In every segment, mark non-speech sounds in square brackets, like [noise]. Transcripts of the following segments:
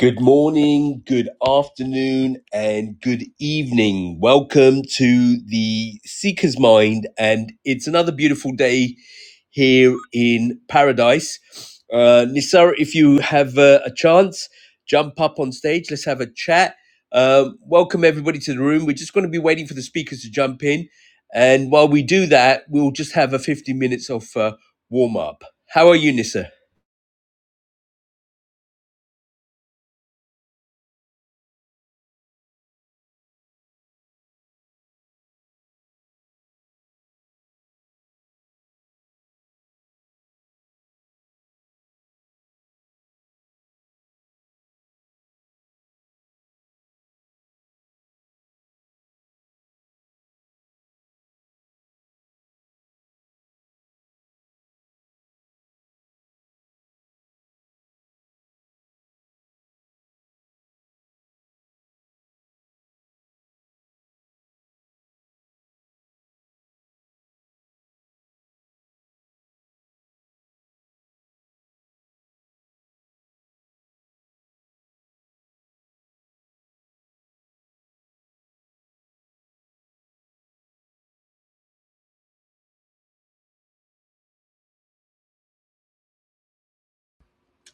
Good morning, good afternoon, and good evening. Welcome to the Seeker's Mind, and it's another beautiful day here in paradise. Uh, Nisar, if you have uh, a chance, jump up on stage. Let's have a chat. Um, welcome everybody to the room. We're just going to be waiting for the speakers to jump in, and while we do that, we'll just have a 50 minutes of uh, warm up. How are you, Nisar?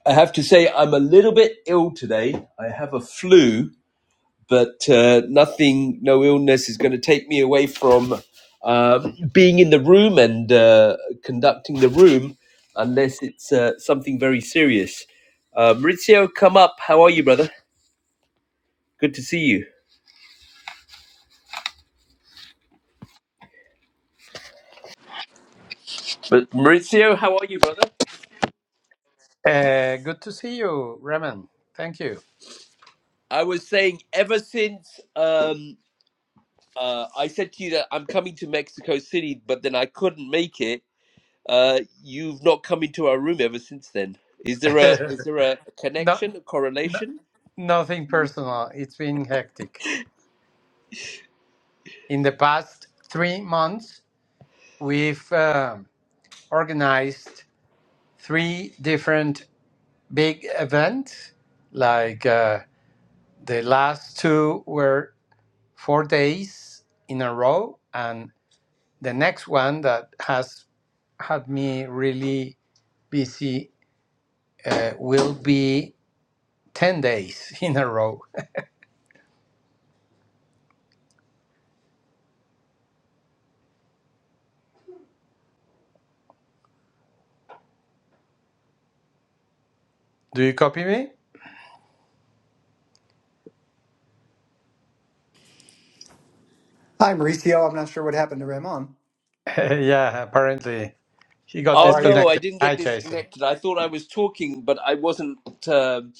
I have to say I'm a little bit ill today. I have a flu, but uh, nothing, no illness is going to take me away from um, being in the room and uh, conducting the room, unless it's uh, something very serious. Uh, Maurizio, come up. How are you, brother? Good to see you. But Maurizio, how are you, brother? Uh, good to see you, Raman. Thank you. I was saying ever since um, uh, I said to you that I'm coming to Mexico City, but then I couldn't make it Uh, you've not come into our room ever since then. Is there a is there a No, connection, a no, correlation? nothing personal. It's been hectic. In the past three months, we've um organized three different big events. Like uh, the last two were four days in a row, and the next one that has had me really busy uh, will be ten days [laughs] in a row. [laughs] Do you copy me? Hi, Mauricio. I'm not sure what happened to Ramon. [laughs] Yeah, apparently he got How Oh are you? no, I disconnected. didn't Hi, get Jason. disconnected. I thought I was talking, but I wasn't um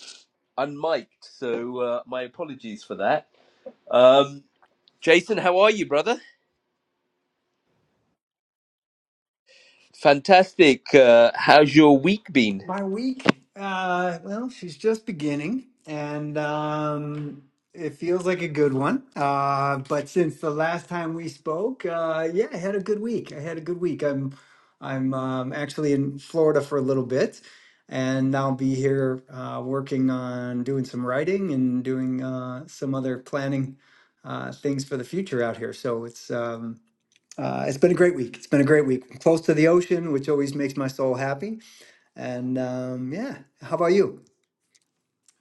unmiked. So uh, my apologies for that. Um, Jason, how are you, brother? Fantastic. Uh, how's your week been? My week, uh, well, she's just beginning, and um, it feels like a good one. Uh, but since the last time we spoke, uh, yeah, I had a good week. I had a good week. I'm, I'm um, actually in Florida for a little bit, and I'll be here uh, working on doing some writing and doing uh, some other planning uh, things for the future out here. So it's um, Uh, it's been a great week. It's been a great week. I'm close to the ocean, which always makes my soul happy. And um, yeah, how about you?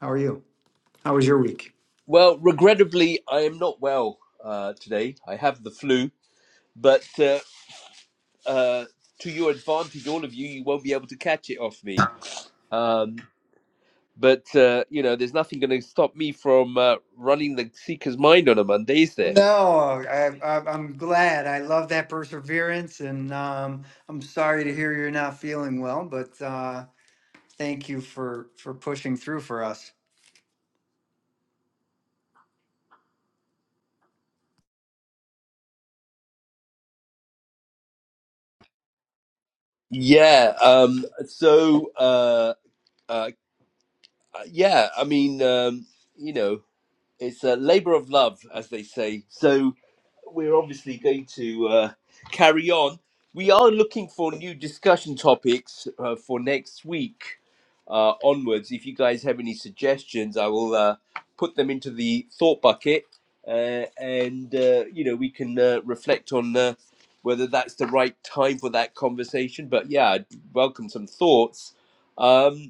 How are you? How was your week? Well, regrettably, I am not well uh, today. I have the flu, but uh, uh, to your advantage, all of you, you won't be able to catch it off me. Um, But uh, you know, there's nothing going to stop me from uh, running the seeker's mind on a Monday, is there? No, I, I, I'm glad. I love that perseverance, and um, I'm sorry to hear you're not feeling well. But uh, thank you for for pushing through for us. Yeah. Um, so uh, uh, yeah, I mean, um, you know. it's a labor of love, as they say. So we're obviously going to uh, carry on. We are looking for new discussion topics uh, for next week uh, onwards. If you guys have any suggestions, I will uh, put them into the thought bucket, uh, and uh, you know we can uh, reflect on uh, whether that's the right time for that conversation. But yeah, I'd welcome some thoughts. Um,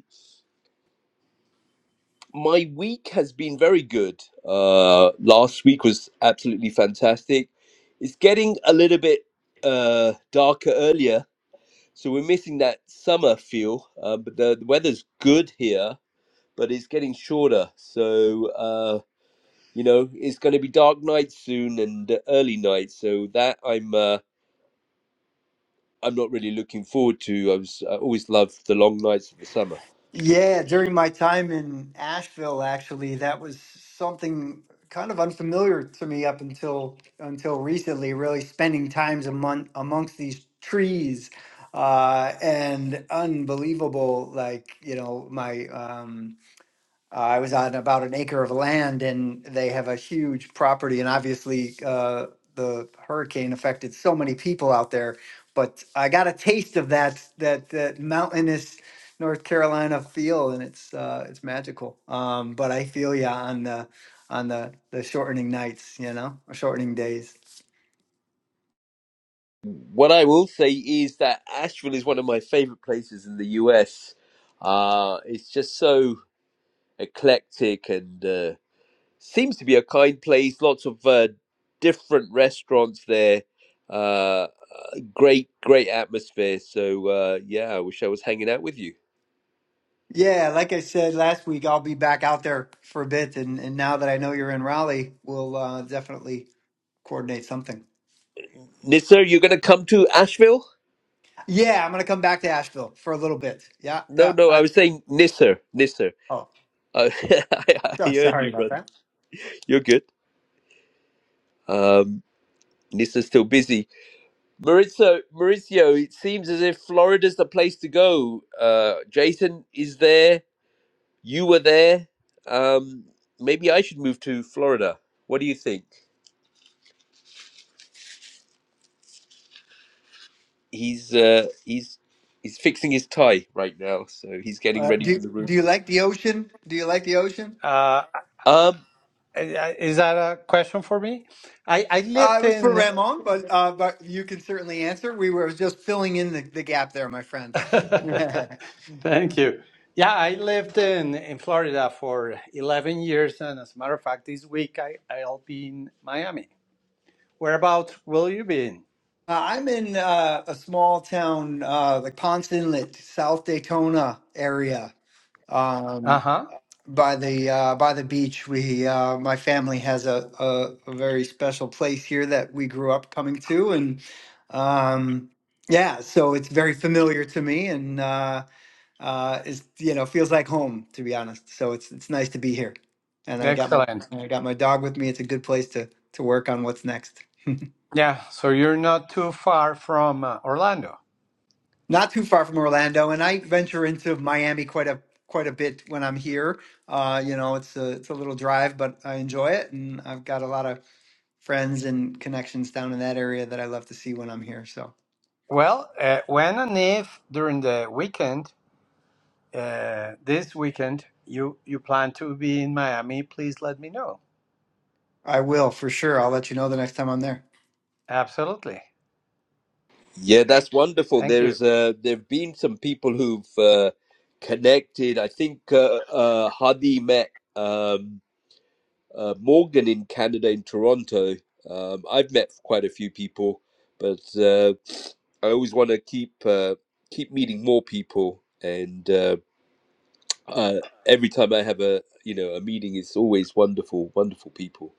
my week has been very good. Uh, last week was absolutely fantastic. It's getting a little bit uh, darker earlier, so we're missing that summer feel. Uh, but the, the weather's good here, but it's getting shorter. So uh, you know, it's going to be dark nights soon and uh, early nights. So that I'm uh, I'm not really looking forward to. I was I always loved the long nights of the summer. Yeah, during my time in Asheville, actually, that was something kind of unfamiliar to me up until until recently, really spending times among amongst these trees. Uh, and unbelievable, like, you know, my um uh, I was on about an acre of land and they have a huge property and obviously uh, the hurricane affected so many people out there. But I got a taste of that that that mountainous North Carolina feel and it's uh, it's magical. Um, but I feel ya on the on the the shortening nights, you know, or shortening days. what I will say is that Asheville is one of my favorite places in the US. Uh, it's just so eclectic and uh, seems to be a kind place. Lots of uh, different restaurants there. Uh, great, great atmosphere. So uh, yeah, I wish I was hanging out with you. Yeah, like I said last week, I'll be back out there for a bit, and, and now that I know you're in Raleigh, we'll uh, definitely coordinate something. Nisser, you're gonna come to Asheville? Yeah, I'm gonna come back to Asheville for a little bit. Yeah, No, yeah. no, I I, was saying Nisser, Nisser. oh, Uh, [laughs] I, I oh, heard sorry you, about brother. that. You're good. Um, Nisser's still busy. Maurizio, Maurizio, it seems as if Florida's the place to go. Uh, Jason is there. You were there. Um, maybe I should move to Florida. What do you think? He's uh, he's he's fixing his tie right now, so he's getting Uh, ready for do the room. Do you like the ocean? Do you like the ocean? Uh, Um, I- I- is that a question for me? I, I Uh, lived it was for in. Ramon, but uh, but you can certainly answer. We were just filling in the, the gap there, my friend. [laughs] [laughs] uh, Thank you. Yeah, I lived in, in Florida for 11 years. And as a matter of fact, this week I, I'll be in Miami. Whereabouts will you be in? I'm in uh, a small town, uh, like Ponce Inlet, South Daytona area. Um, Uh huh. by the uh, by the beach. We uh, my family has a, a a very special place here that we grew up coming to, and um, yeah, so it's very familiar to me, and uh, uh, it's you know feels like home to be honest. So it's it's nice to be here, and I got my Excellent. I got my dog with me. It's a good place to to work on what's next. [laughs] Yeah, so you're not too far from uh, Orlando. Not too far from Orlando, and I venture into Miami quite a quite a bit when I'm here. Uh, you know, it's a it's a little drive, but I enjoy it, and I've got a lot of friends and connections down in that area that I love to see when I'm here. So Well, uh, when and if during the weekend uh, this weekend you you plan to be in Miami, please let me know. I will for sure. I'll let you know the next time I'm there. Absolutely. yeah, that's wonderful. Thank you. There's uh, there've been some people who've uh, connected. I think uh, uh, Hadi met. Um, uh, Morgan in Canada, in Toronto. Um, I've met quite a few people, but uh, I always want to keep uh, keep meeting more people. And uh, uh, every time I have a you know a meeting, it's always wonderful, wonderful people.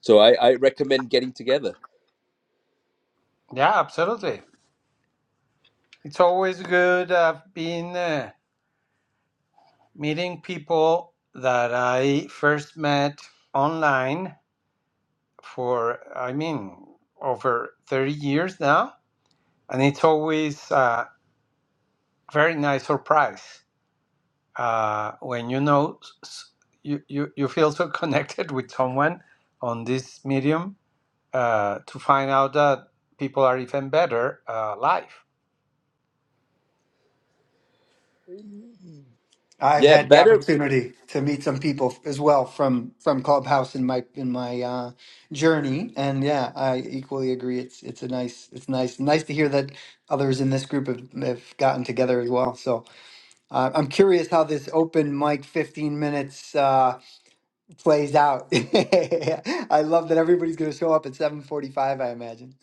So I, I recommend getting together. Yeah, absolutely. It's always good. I've been uh, meeting people that I first met online for, I mean, over 30 years now. And it's always a very nice surprise uh, when you know s- s- you, you, you feel so [laughs] connected with someone on this medium uh, to find out that people are even better uh, live. I've Yeah, had the better opportunity to meet some people as well from from Clubhouse in my in my uh, journey, and yeah, I equally agree. It's it's a nice it's nice nice to hear that others in this group have, have gotten together as well. So uh, I'm curious how this open mic 15 minutes uh, plays out. [laughs] I love that everybody's going to show up at 7:45. I imagine.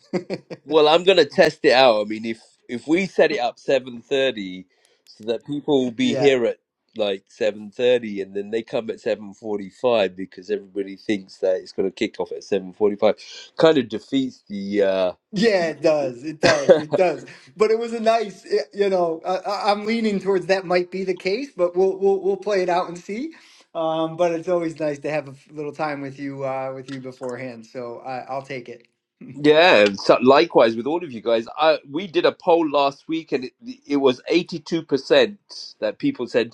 Well, I'm gonna test it out. I mean, if if we set it up 7:30, so that people will [laughs] be yeah, here at like 7:30, and then they come at 7:45 because everybody thinks that it's gonna kick off at 7:45, kind of defeats the. uh Yeah, it does. It does. [laughs] It does. But it was a nice, eh, you know, I, I- I'm leaning towards that might be the case, but we'll we'll we'll play it out and see. Um, but it's always nice to have a f- little time with you uh, with you beforehand. So I, I'll take it. Yeah, and so likewise with all of you guys. I we did a poll last week, and it, it was 82% that people said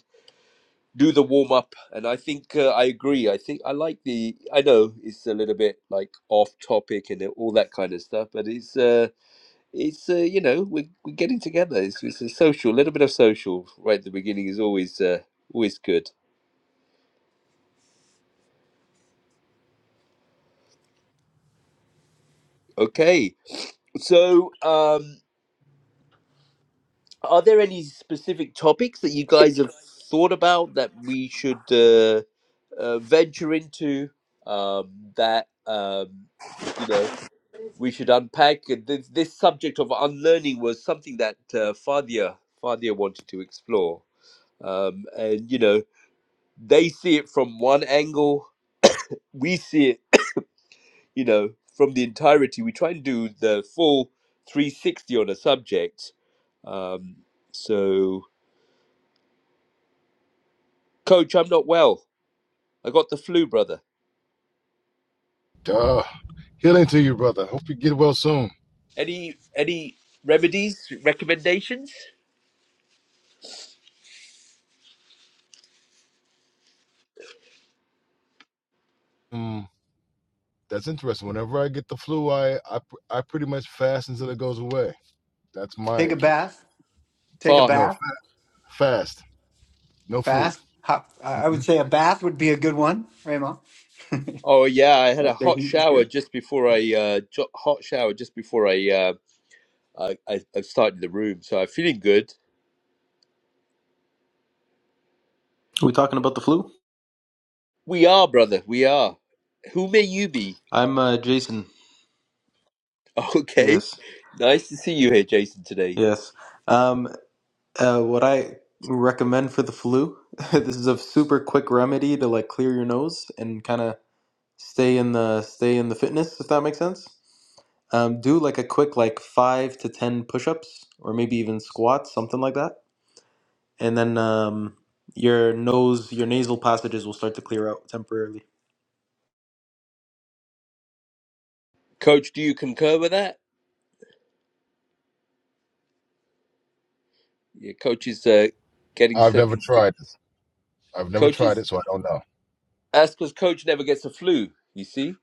do the warm up, and I think uh, I agree. I think I like the. I know it's a little bit like off topic and all that kind of stuff, but it's uh, it's uh, you know we're we're getting together. It's it's a social, a little bit of social right at the beginning is always uh, always good. Okay, so um, are there any specific topics that you guys have thought about that we should uh, uh, venture into um, that um, you know? we should unpack it. this, this subject of unlearning was something that uh, Fadia Fadia wanted to explore, um, and you know they see it from one angle, we see it you know from the entirety. We try and do the full 360 on a subject. Um, so, Coach, I'm not well. I got the flu, brother. Duh. Healing to you, brother. Hope you get well soon. Any any remedies recommendations? Mm, that's interesting. Whenever I get the flu, I, I I pretty much fast until it goes away. That's my Take a cure. bath. Take a No, Fast. bath. fast. No food. Fast. Hot. I I hmm would say a bath would be a good one, Raymond. Oh yeah, I had a hot shower just before I uh, jo- hot shower just before I, uh, I I I started the room, so I'm feeling good. Are we talking about the flu? We are, brother. We are. Who may you be? I'm uh, Jason. [laughs] Okay, Yes, nice to see you here, Jason. Today, yes. Um, uh, what I recommend for the flu, [laughs] this is a super quick remedy to like clear your nose and kind of stay in the stay in the fitness, if that makes sense. Um, do like a quick like five to ten push-ups or maybe even squats, something like that, and then um, your nose, your nasal passages will start to clear out temporarily. Coach, do you concur with that? Yeah, Coach is uh, getting I've set. never tried this. I've [clears throat] never Coach tried is it, so I don't know. that's because Coach never gets a flu. You see,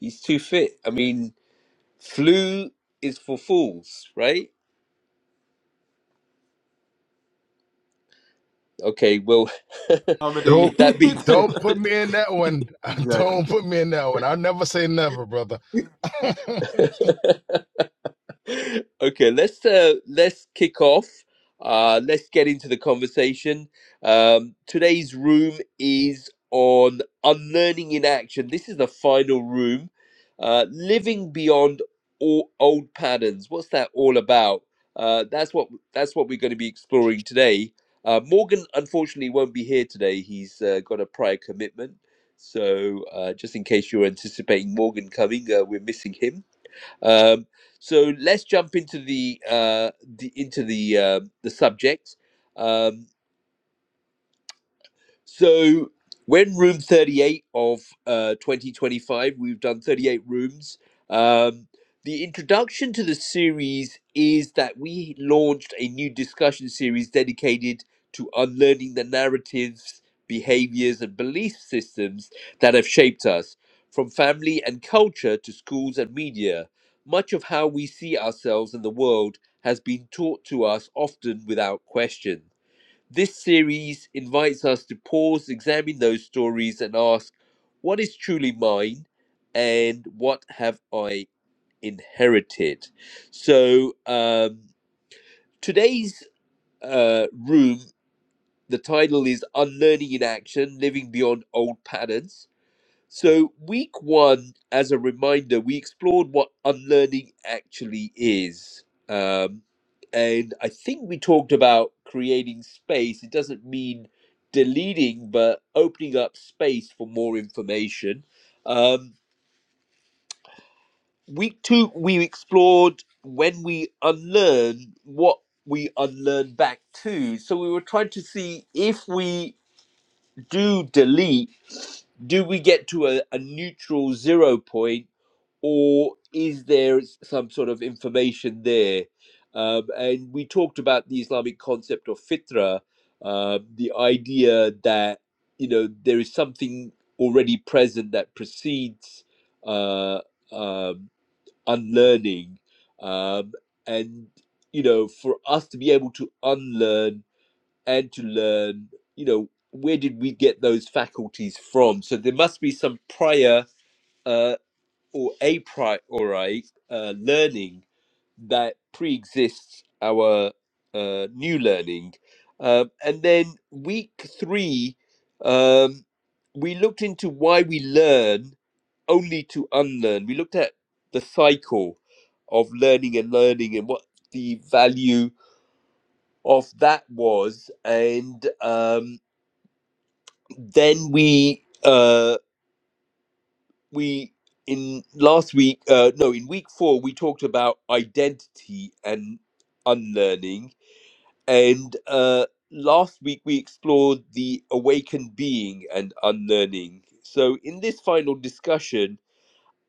he's too fit. I mean, flu is for fools, right? Okay, well, [laughs] Don't Comedy. with [laughs] that being said. don't put exactly. me in that one. [laughs] Don't put me in that one. I'll never say never, brother. [laughs] Okay, let's uh, let's kick off. Uh, let's get into the conversation. Um, today's room is on unlearning in action. This is the final room. Uh, living beyond all old patterns. What's that all about? Uh, that's what that's what we're going to be exploring today. Uh, Morgan unfortunately won't be here today. He's uh, got a prior commitment. So uh, just in case you're anticipating Morgan coming, uh, we're missing him. Um, so let's jump into the, uh, the into the uh, the subject. Um, so when room 38 of uh, 2025. We've done 38 rooms. Um, the introduction to the series is that we launched a new discussion series dedicated to unlearning the narratives, behaviors, and belief systems that have shaped us, from family and culture to schools and media. Much of how we see ourselves and the world has been taught to us often without question. This series invites us to pause, examine those stories, and ask what is truly mine and what have I inherited. So, um, today's uh, room, the title is Unlearning in Action Living Beyond Old Patterns so, week one, as a reminder, we explored what unlearning actually is. Um, and I think we talked about creating space. It doesn't mean deleting, but opening up space for more information. Um, week two, we explored when we unlearn what we unlearn back to. So, we were trying to see if we do delete, do we get to a, a neutral zero point? or is there some sort of information there? Um, and we talked about the Islamic concept of fitra, uh, the idea that you know there is something already present that precedes uh, um, unlearning, um, and you know for us to be able to unlearn and to learn, you know where did we get those faculties from? So there must be some prior uh, or a priori uh, learning that pre-exists our uh, new learning. Um, and then week three, um, we looked into why we learn only to unlearn. We looked at the cycle of learning and learning and what the value of that was. And um, then we uh, we in last week uh no in week four we talked about identity and unlearning and uh last week we explored the awakened being and unlearning so in this final discussion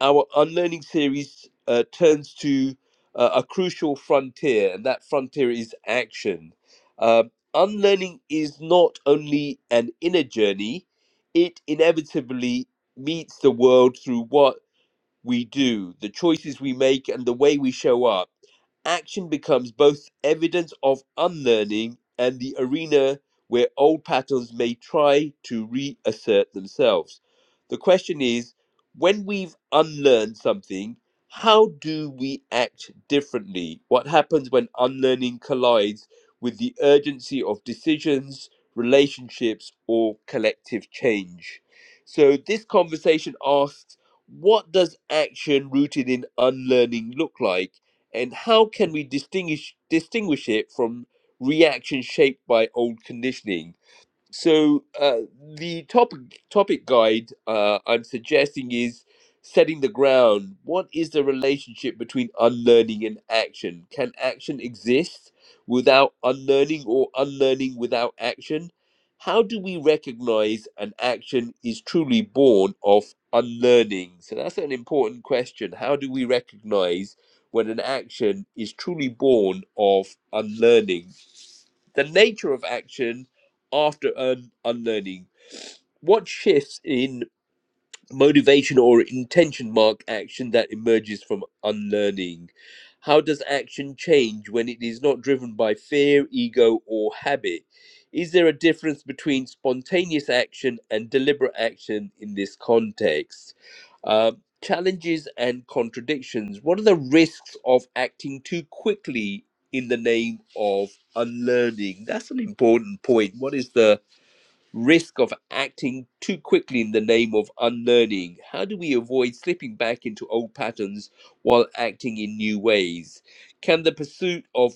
our unlearning series uh, turns to uh, a crucial frontier and that frontier is action Um unlearning is not only an inner journey it inevitably meets the world through what we do, the choices we make, and the way we show up, action becomes both evidence of unlearning and the arena where old patterns may try to reassert themselves. The question is when we've unlearned something, how do we act differently? What happens when unlearning collides with the urgency of decisions, relationships, or collective change? So, this conversation asks what does action rooted in unlearning look like and how can we distinguish distinguish it from reaction shaped by old conditioning so uh, the topic topic guide uh, I'm suggesting is setting the ground. What is the relationship between unlearning and action? Can action exist without unlearning, or unlearning without action? How do we recognize an action is truly born of unlearning? So that's an important question. How do we recognize when an action is truly born of unlearning? the nature of action after an unlearning. What shifts in motivation or intention mark action that emerges from unlearning. How does action change when it is not driven by fear, ego, or habit? Is there a difference between spontaneous action and deliberate action in this context? Uh, challenges and contradictions. What are the risks of acting too quickly in the name of unlearning? That's an important point. What is the risk of acting too quickly in the name of unlearning? How do we avoid slipping back into old patterns while acting in new ways? Can the pursuit of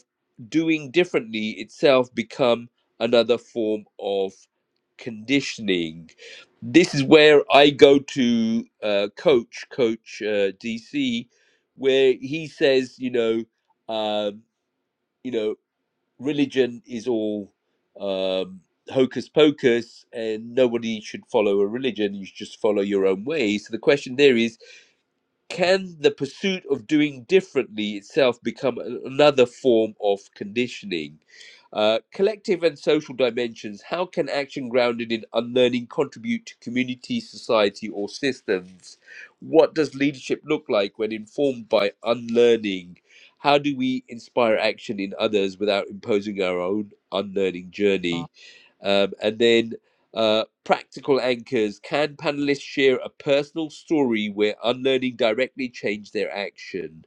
doing differently itself become another form of conditioning? This is where I go to uh, coach, coach uh, DC, where he says, you know, um, you know, religion is all um, hocus pocus and nobody should follow a religion. You should just follow your own way. So the question there is can the pursuit of doing differently itself become a- another form of conditioning? Uh, collective and social dimensions. How can action grounded in unlearning contribute to community, society, or systems? What does leadership look like when informed by unlearning? How do we inspire action in others without imposing our own unlearning journey? Um, and then uh, practical anchors can panelists share a personal story where unlearning directly changed their action?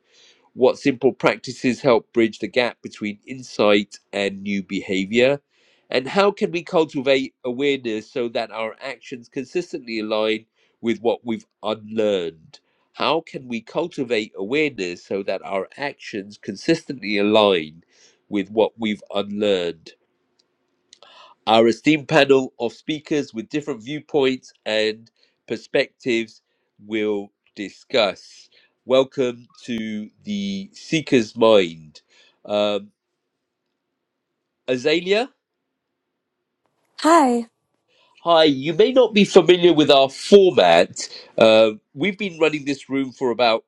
What simple practices help bridge the gap between insight and new behavior? And how can we cultivate awareness so that our actions consistently align with what we've unlearned? How can we cultivate awareness so that our actions consistently align with what we've unlearned? our esteemed panel of speakers with different viewpoints and perspectives will discuss. Welcome to the Seeker's Mind. Um, Azalea, Hi. Hi, you may not be familiar with our format. Uh, we've been running this room for about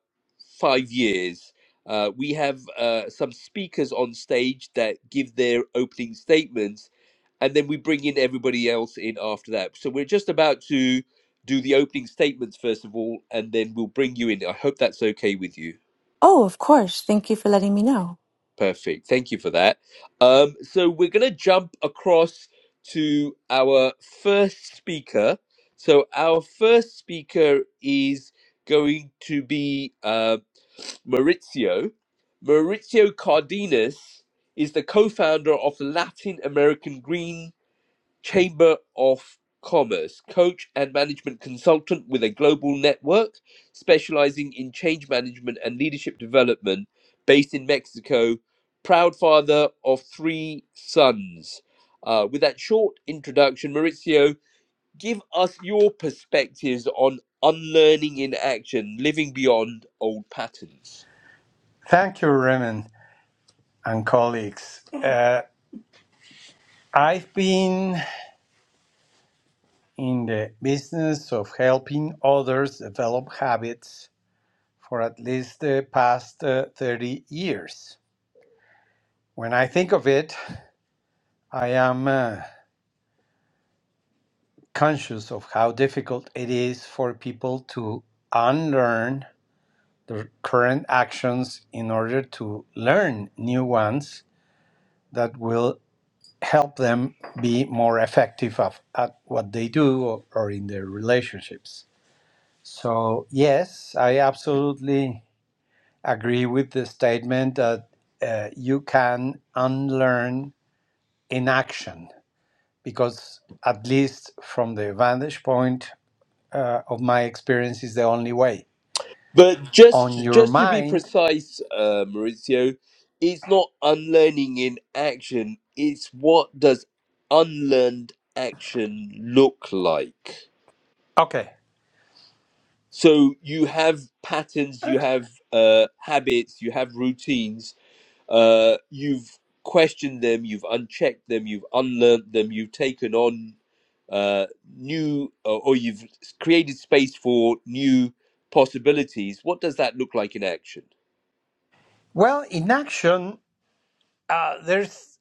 five years. Uh, we have uh, some speakers on stage that give their opening statements, and then we bring in everybody else in after that. So we're just about to do the opening statements first of all, and then we'll bring you in. I hope that's okay with you. Oh, of course. Thank you for letting me know. Perfect. Thank you for that. Um, so we're going to jump across to our first speaker. So our first speaker is going to be uh, Maurizio. Maurizio Cardenas is the co-founder of Latin American Green Chamber of Commerce, coach and management consultant with a global network specializing in change management and leadership development, based in Mexico, proud father of three sons. Uh, with that short introduction, Maurizio, give us your perspectives on unlearning in action, living beyond old patterns. Thank you, Raymond and colleagues. Uh, I've been in the business of helping others develop habits for at least the past uh, 30 years. When I think of it, I am uh, conscious of how difficult it is for people to unlearn their current actions in order to learn new ones that will help them be more effective of, at what they do or, or in their relationships. So, yes, I absolutely agree with the statement that uh, you can unlearn inaction because, at least from the vantage point uh, of my experience, is the only way. But On just your just to be mind, precise, uh, Maurizio, it's not unlearning in action. It's what does unlearned action look like? okay. So you have patterns, you have uh, habits, you have routines. Uh, you've questioned them, you've unchecked them, you've unlearned them, you've taken on uh, new, or or you've created space for new possibilities. What does that look like in action? Well, inaction, uh, there's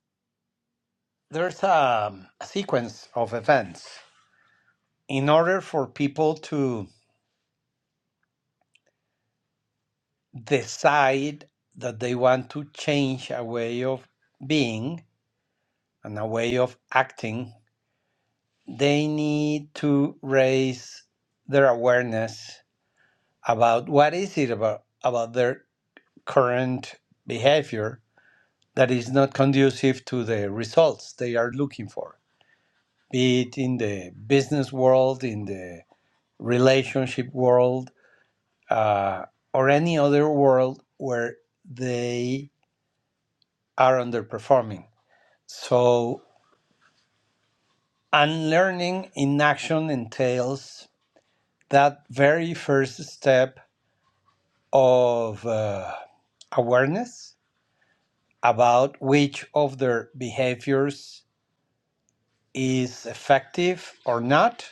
there's a, a sequence of events in order for people to decide that they want to change a way of being and a way of acting, they need to raise their awareness about what is it about, about their current behavior that is not conducive to the results they are looking for, be it in the business world, in the relationship world, uh, or any other world where they are underperforming So, unlearning in action entails that very first step of uh, awareness about which of their behaviors is effective or not,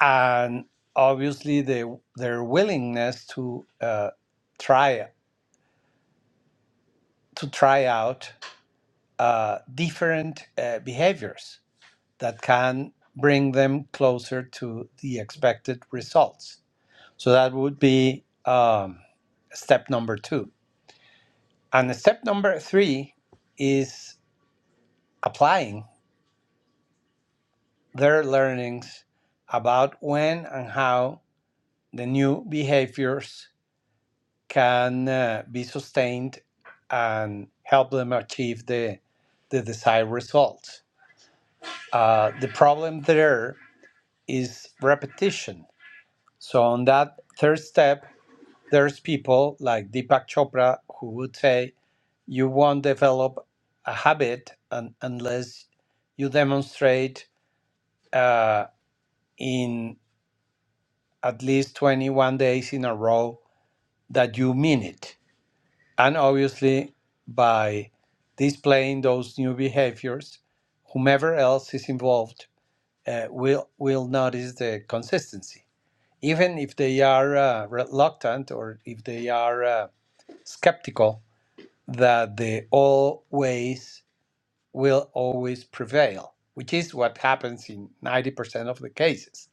and obviously the, their willingness to uh, try to try out uh, different uh, behaviors that can bring them closer to the expected results So that would be um, step number two. And step number three is applying their learnings about when and how the new behaviors can uh, be sustained and help them achieve the, the desired results. Uh, the problem there is repetition. So, on that third step, there's people like Deepak Chopra who would say, you won't develop a habit un- unless you demonstrate uh, in at least 21 days in a row that you mean it. And obviously, by displaying those new behaviors, whomever else is involved uh, will, will notice the consistency. Even if they are uh, reluctant or if they are uh, skeptical that the old ways will always prevail, which is what happens in 90% of the cases.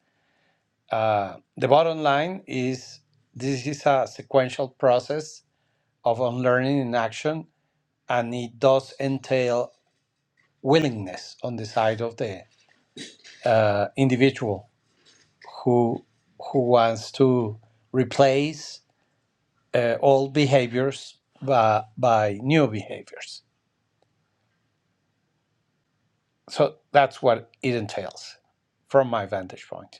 Uh, the bottom line is this is a sequential process of unlearning in action, and it does entail willingness on the side of the uh, individual who who wants to replace uh, old behaviors by, by new behaviors. So that's what it entails from my vantage point.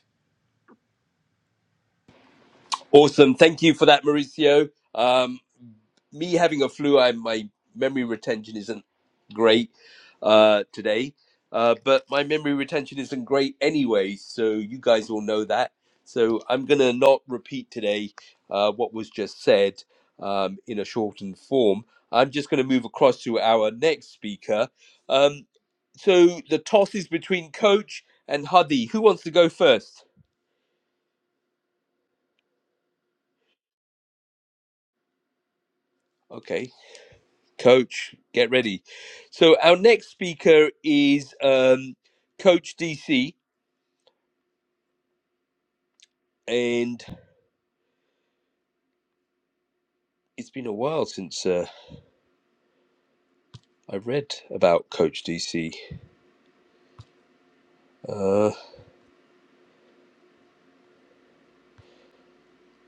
Awesome. Thank you for that, Mauricio. Um, me having a flu, I, my memory retention isn't great uh, today, uh, but my memory retention isn't great anyway, so you guys all know that. So I'm going to not repeat today uh, what was just said um, in a shortened form. I'm just going to move across to our next speaker. Um, so the toss is between Coach and Hadi. Who wants to go first? Okay. Coach, get ready. So our next speaker is um, Coach DC, and it's been a while since uh, I read about Coach DC. Uh,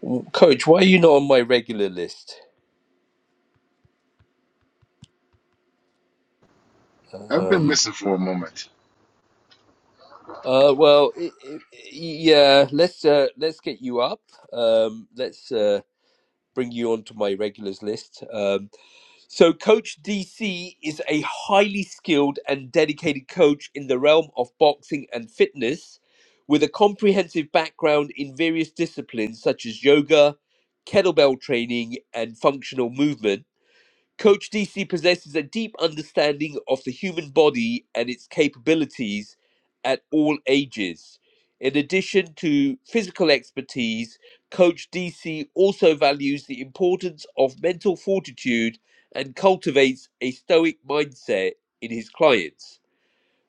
w- Coach, why are you not on my regular list? I've been Um, missing for a moment. uh, well, i i yeah, let's uh, let's get you up. Um, let's uh, bring you onto my regulars list. Um, So, Coach DC is a highly skilled and dedicated coach in the realm of boxing and fitness with a comprehensive background in various disciplines such as yoga, kettlebell training, and functional movement. Coach DC possesses a deep understanding of the human body and its capabilities at all ages. In addition to physical expertise, Coach DC also values the importance of mental fortitude and cultivates a stoic mindset in his clients.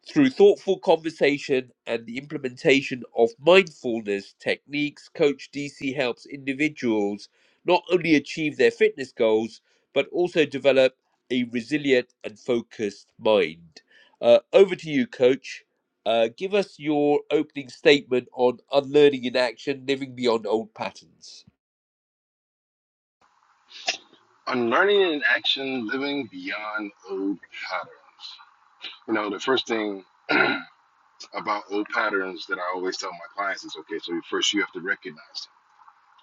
Through thoughtful conversation and the implementation of mindfulness techniques, Coach DC helps individuals not only achieve their fitness goals, but also develop a resilient and focused mind. Uh, over to you, Coach. Uh, give us your opening statement on unlearning in action, living beyond old patterns. On learning in action, living beyond old patterns. You know, the first thing [clears throat] about old patterns that I always tell my clients is okay, so first you have to recognize it.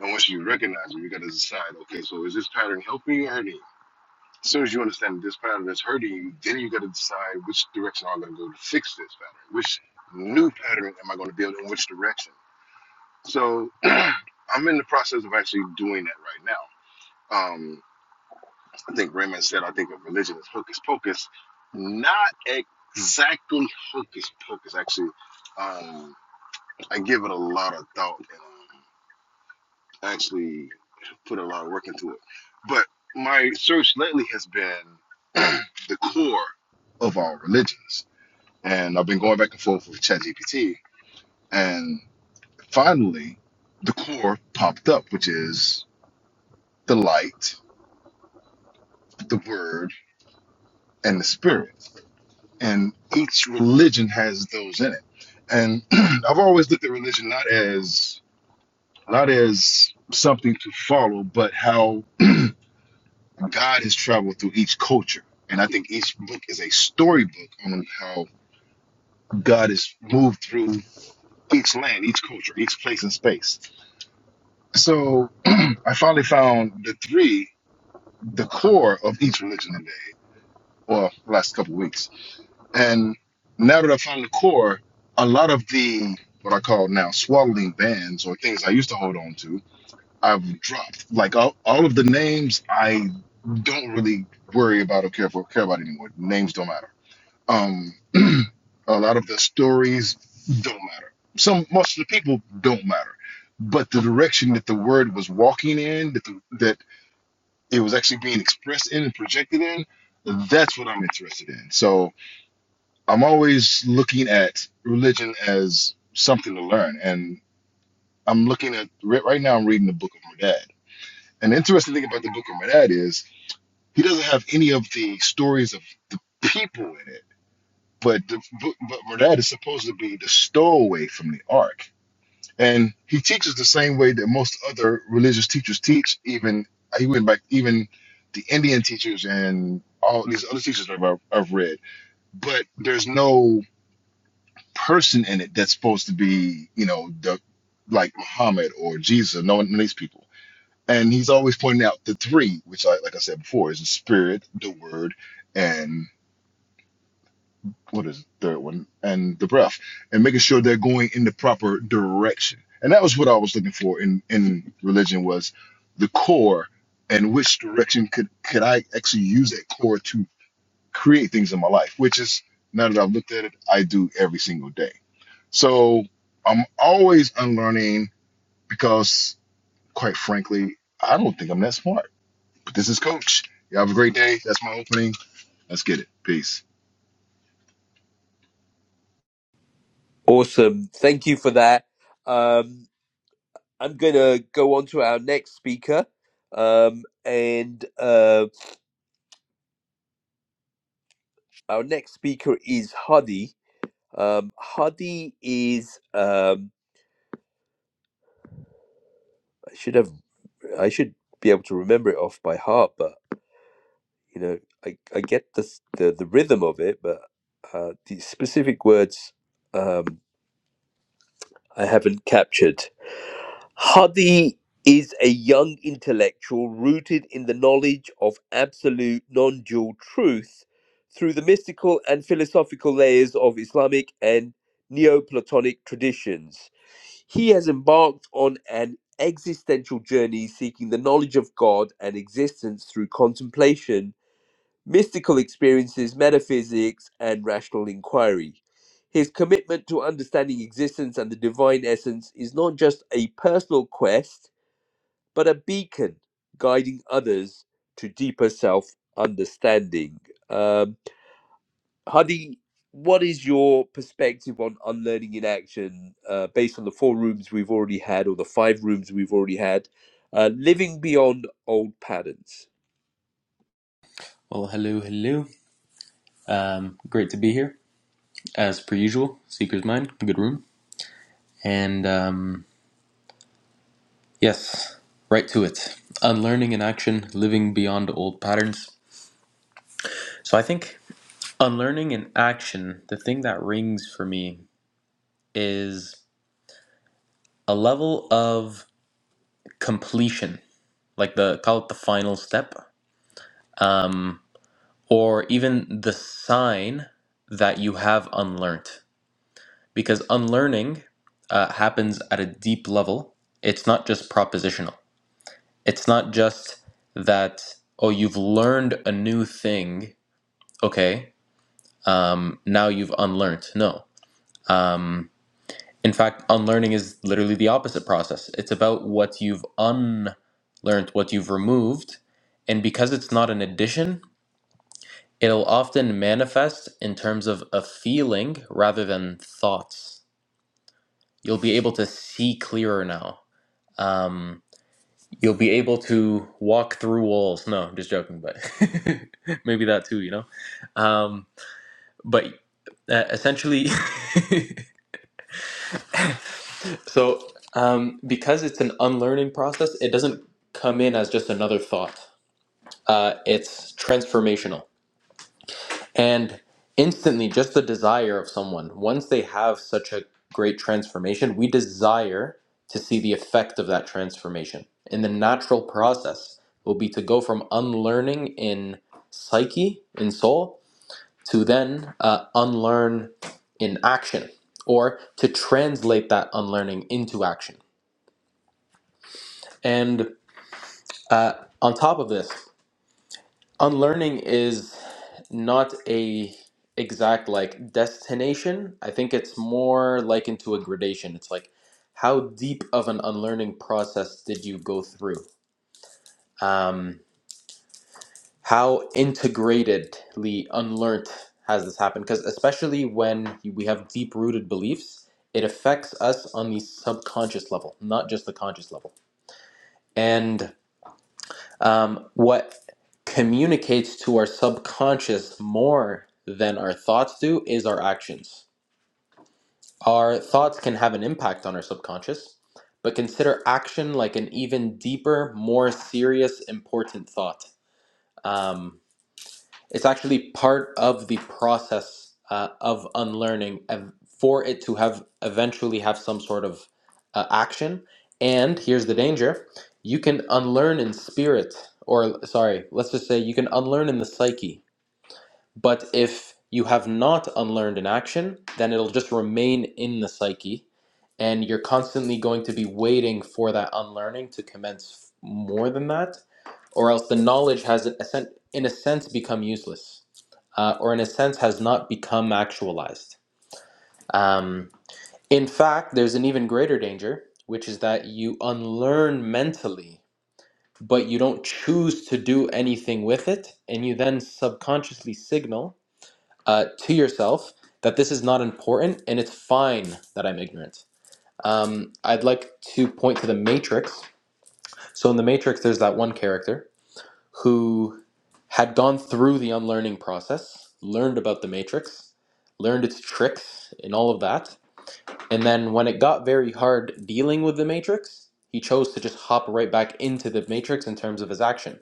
And once you recognize it, you got to decide, okay, so is this pattern helping you or hurting you? As soon as you understand this pattern is hurting you, then you got to decide which direction I'm going to go to fix this pattern. Which new pattern am I going to build in which direction? So [clears throat] I'm in the process of actually doing that right now. Um, I think Raymond said, I think of religion as hocus pocus. Not exactly hocus pocus, actually. Um, I give it a lot of thought and um, actually put a lot of work into it. But my search lately has been [clears throat] the core of our religions. And I've been going back and forth with ChatGPT. And finally, the core popped up, which is the light, the word, and the spirit. And each religion has those in it. And [clears throat] I've always looked at religion not as not as something to follow, but how God has traveled through each culture. And I think each book is a storybook on how God has moved through each land, each culture, each place and space. So [clears throat] I finally found the three, the core of each religion today, or last couple of weeks. And now that I found the core, a lot of the what I call now swaddling bands or things I used to hold on to, I've dropped. Like all, all of the names I don't really worry about or care, for, care about anymore. Names don't matter Um, [clears throat] a lot of the stories don't matter. Some most of the people don't matter, but the direction that the word was walking in, that the, that it was actually being expressed in and projected in, that's what I'm interested in. So I'm always looking at religion as something to learn, and I'm looking at right right now. I'm reading the Book of Medad. An interesting thing about the Book of Medad is he doesn't have any of the stories of the people in it But the, but, but Burdett is supposed to be the stowaway from the ark, and he teaches the same way that most other religious teachers teach. Even he went back, even the Indian teachers and all these other teachers that I've, I've read. But there's no person in it that's supposed to be, you know, the like Muhammad or Jesus, or no one these people. And he's always pointing out the three, which, I, like I said before, is the spirit, the word, what is the third one and the breath and making sure they're going in the proper direction and that was what i was looking for in in religion was the core and which direction could could i actually use that core to create things in my life which is now that i've looked at it i do every single day so i'm always unlearning because quite frankly i don't think i'm that smart but this is coach you have a great day that's my opening let's get it peace Awesome. Thank you for that. Um, I'm going to go on to our next speaker. Um, and Um, Our next speaker is Hadi. Um, Hadi is um, I should have I should be able to remember it off by heart, but you know I, I get the, the the rhythm of it, but uh, the specific words um, I haven't captured. Hadi is a young intellectual rooted in the knowledge of absolute non dual truth through the mystical and philosophical layers of Islamic and Neoplatonic traditions. He has embarked on an existential journey seeking the knowledge of God and existence through contemplation, mystical experiences, metaphysics, and rational inquiry. His commitment to understanding existence and the divine essence is not just a personal quest, but a beacon guiding others to deeper self understanding. Um, Hadi, what is your perspective on unlearning in action uh, based on the four rooms we've already had or the five rooms we've already had? Uh, living beyond old patterns. Well, hello, hello. Um, great to be here. as per usual, Seeker's Mind, good room. And um, yes, right to it. Unlearning in action, living beyond old patterns. So I think unlearning in action, the thing that rings for me is a level of completion, like the call it the final step, um, or even the sign that you have unlearned. Because unlearning uh, happens at a deep level, it's not just propositional It's not just that, oh, you've learned a new thing. Okay. Um, now you've unlearned. No. Um, in fact, unlearning is literally the opposite process. It's about what you've unlearned, what you've removed. And because it's not an addition, it'll often manifest in terms of a feeling rather than thoughts. You'll be able to see clearer now. Um, You'll be able to walk through walls. No, I'm just joking, but [laughs] maybe that too, you know? Um, but uh, essentially, [laughs] so um, because it's an unlearning process, it doesn't come in as just another thought. Uh, it's transformational And instantly, just the desire of someone, once they have such a great transformation, we desire to see the effect of that transformation. And the natural process will be to go from unlearning in psyche, in soul, to then uh, unlearn in action, or to translate that unlearning into action. And uh, on top of this, Unlearning is not a exact like destination. I think it's more like into a gradation. It's like how deep of an unlearning process did you go through? Um, how integratedly unlearned has this happened? Because especially when we have deep rooted beliefs, it affects us on the subconscious level, not just the conscious level. And um, what communicates to our subconscious more than our thoughts do is our actions. Our thoughts can have an impact on our subconscious, but consider action like an even deeper, more serious, important thought. Um, it's actually part of the process uh, of unlearning ev- for it to have eventually have some sort of uh, action. And here's the danger: you can unlearn in spirit, or sorry, let's just say you can unlearn in the psyche. But if you have not unlearned in action, then it'll just remain in the psyche, and you're constantly going to be waiting for that unlearning to commence more than that or else the knowledge has, in a sen- in a sense, become useless, uh, or in a sense, has not become actualized. Um, in fact, there's an even greater danger, which is that you unlearn mentally, but you don't choose to do anything with it, and you then subconsciously signal uh, to yourself that this is not important and it's fine that I'm ignorant. Um, I'd like to point to the Matrix. So in the Matrix, there's that one character who had gone through the unlearning process, learned about the matrix, learned its tricks and all of that. And then when it got very hard dealing with the matrix, he chose to just hop right back into the matrix in terms of his action.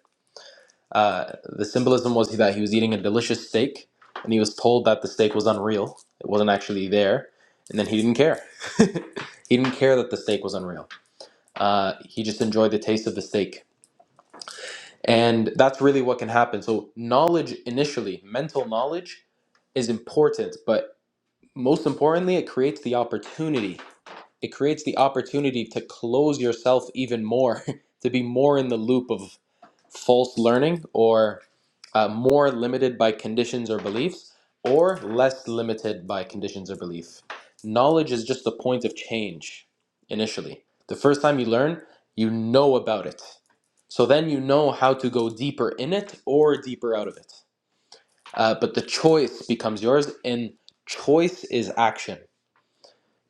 Uh, the symbolism was that he was eating a delicious steak and he was told that the steak was unreal. It wasn't actually there. And then he didn't care. [laughs] he didn't care that the steak was unreal. Uh, he just enjoyed the taste of the steak and that's really what can happen. So, knowledge initially, mental knowledge is important, but most importantly, it creates the opportunity. It creates the opportunity to close yourself even more, [laughs] to be more in the loop of false learning or uh, more limited by conditions or beliefs or less limited by conditions or belief knowledge is just the point of change initially the first time you learn you know about it so then you know how to go deeper in it or deeper out of it uh, but the choice becomes yours and choice is action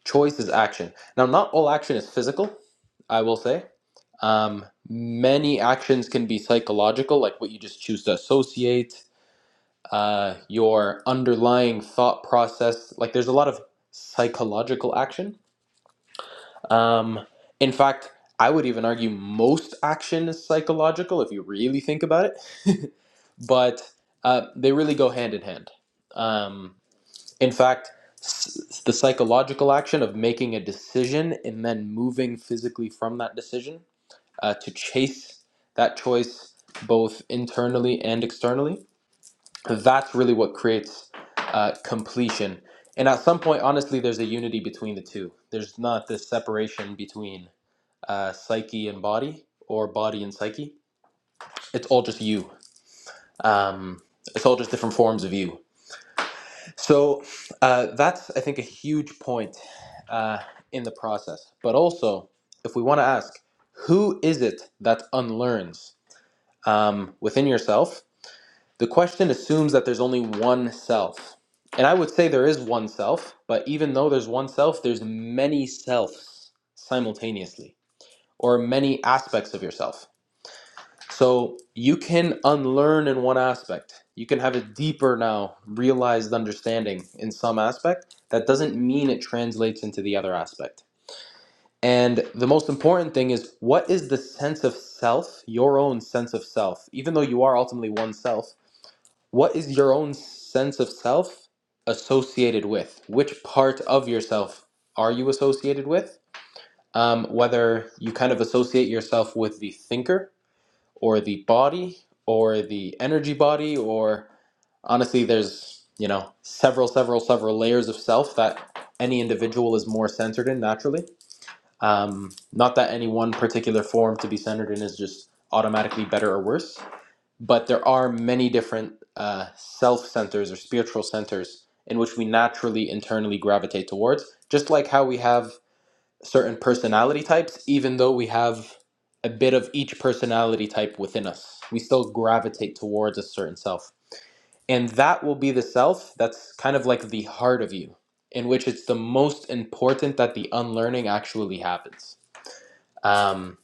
Choice is action. Now, not all action is physical, I will say. Um, many actions can be psychological, like what you just choose to associate, uh, your underlying thought process. Like, there's a lot of psychological action. Um, in fact, I would even argue most action is psychological if you really think about it, but uh, they really go hand in hand. Um, in fact, the psychological action of making a decision and then moving physically from that decision uh, to chase that choice both internally and externally, that's really what creates uh, completion. And at some point, honestly, there's a unity between the two. There's not this separation between uh, psyche and body or body and psyche. It's all just you. Um, it's all just different forms of you. So uh, that's, I think, a huge point uh, in the process. But also, if we want to ask, who is it that unlearns um, within yourself? The question assumes that there's only one self. And I would say there is one self, but even though there's one self, there's many selves simultaneously, or many aspects of yourself. So you can unlearn in one aspect. You can have a deeper now realized understanding in some aspect. That doesn't mean it translates into the other aspect. And the most important thing is what is the sense of self, your own sense of self, even though you are ultimately one self, what is your own sense of self associated with? Which part of yourself are you associated with? Um, whether you kind of associate yourself with the thinker or the body or the energy body or honestly there's you know several several several layers of self that any individual is more centered in naturally um, not that any one particular form to be centered in is just automatically better or worse but there are many different uh, self centers or spiritual centers in which we naturally internally gravitate towards just like how we have certain personality types, even though we have a bit of each personality type within us. We still gravitate towards a certain self. And that will be the self that's kind of like the heart of you, in which it's the most important that the unlearning actually happens. Um,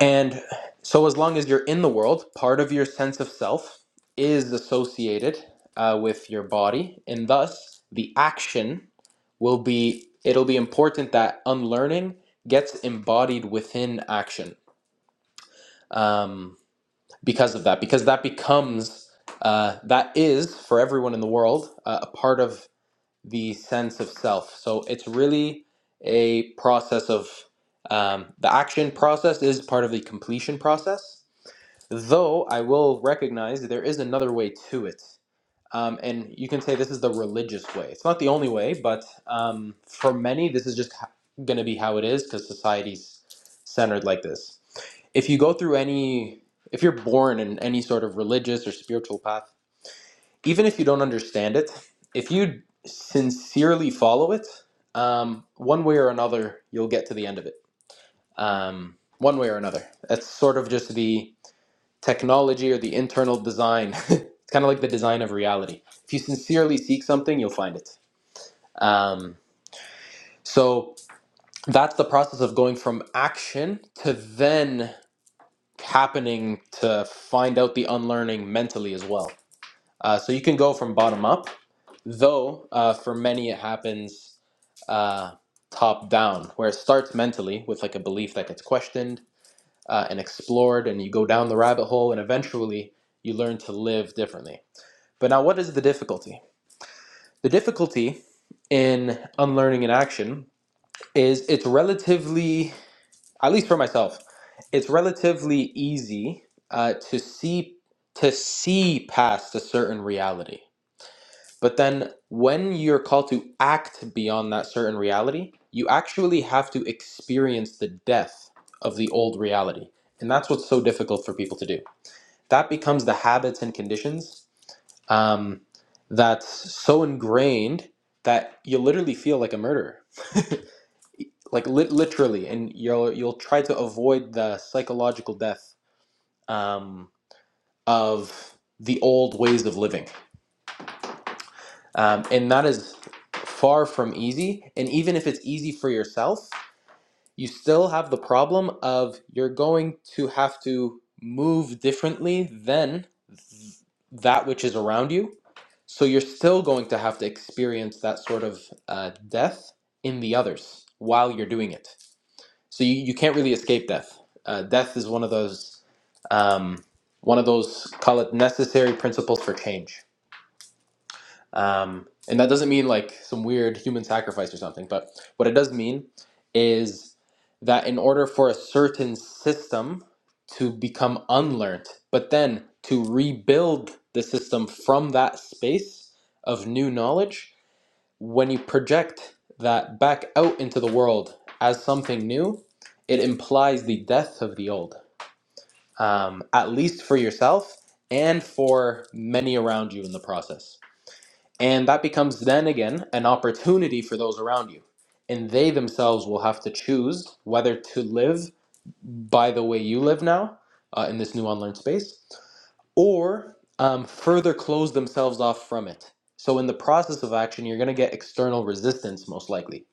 and so, as long as you're in the world, part of your sense of self is associated uh, with your body, and thus the action will be. It'll be important that unlearning gets embodied within action um, because of that, because that becomes uh, that is for everyone in the world uh, a part of the sense of self. So it's really a process of um, the action process is part of the completion process Though I will recognize there is another way to it. Um, and you can say this is the religious way. It's not the only way, but um, for many, this is just going to be how it is because society's centered like this. If you go through any, if you're born in any sort of religious or spiritual path, even if you don't understand it, if you sincerely follow it, um, one way or another, you'll get to the end of it. Um, one way or another. That's sort of just the technology or the internal design. [laughs] it's kind of like the design of reality. If you sincerely seek something, you'll find it. Um, so that's the process of going from action to then happening to find out the unlearning mentally as well. Uh, so you can go from bottom up, though uh, for many it happens uh, top down, where it starts mentally with like a belief that gets questioned uh, and explored, and you go down the rabbit hole, and eventually you learn to live differently. But now, what is the difficulty? The difficulty in unlearning in action is it's relatively, at least for myself, it's relatively easy uh, to see to see past a certain reality. But then, when you're called to act beyond that certain reality, you actually have to experience the death of the old reality, and that's what's so difficult for people to do. That becomes the habits and conditions um, that's so ingrained that you literally feel like a murderer, like lit literally, and you'll you'll try to avoid the psychological death um, of the old ways of living, um, and that is far from easy. And even if it's easy for yourself, you still have the problem of you're going to have to move differently than that which is around you So you're still going to have to experience that sort of uh, death in the others while you're doing it. So you, you can't really escape death. Uh, death is one of those um, one of those call it necessary principles for change. Um, and that doesn't mean like some weird human sacrifice or something, but what it does mean is that in order for a certain system to become unlearned, but then to rebuild the system from that space of new knowledge, when you project that back out into the world as something new, it implies the death of the old, um, at least for yourself and for many around you in the process. And that becomes then again an opportunity for those around you. And they themselves will have to choose whether to live by the way you live now uh, in this new online space or um, further close themselves off from it. So, in the process of action, you're going to get external resistance most likely.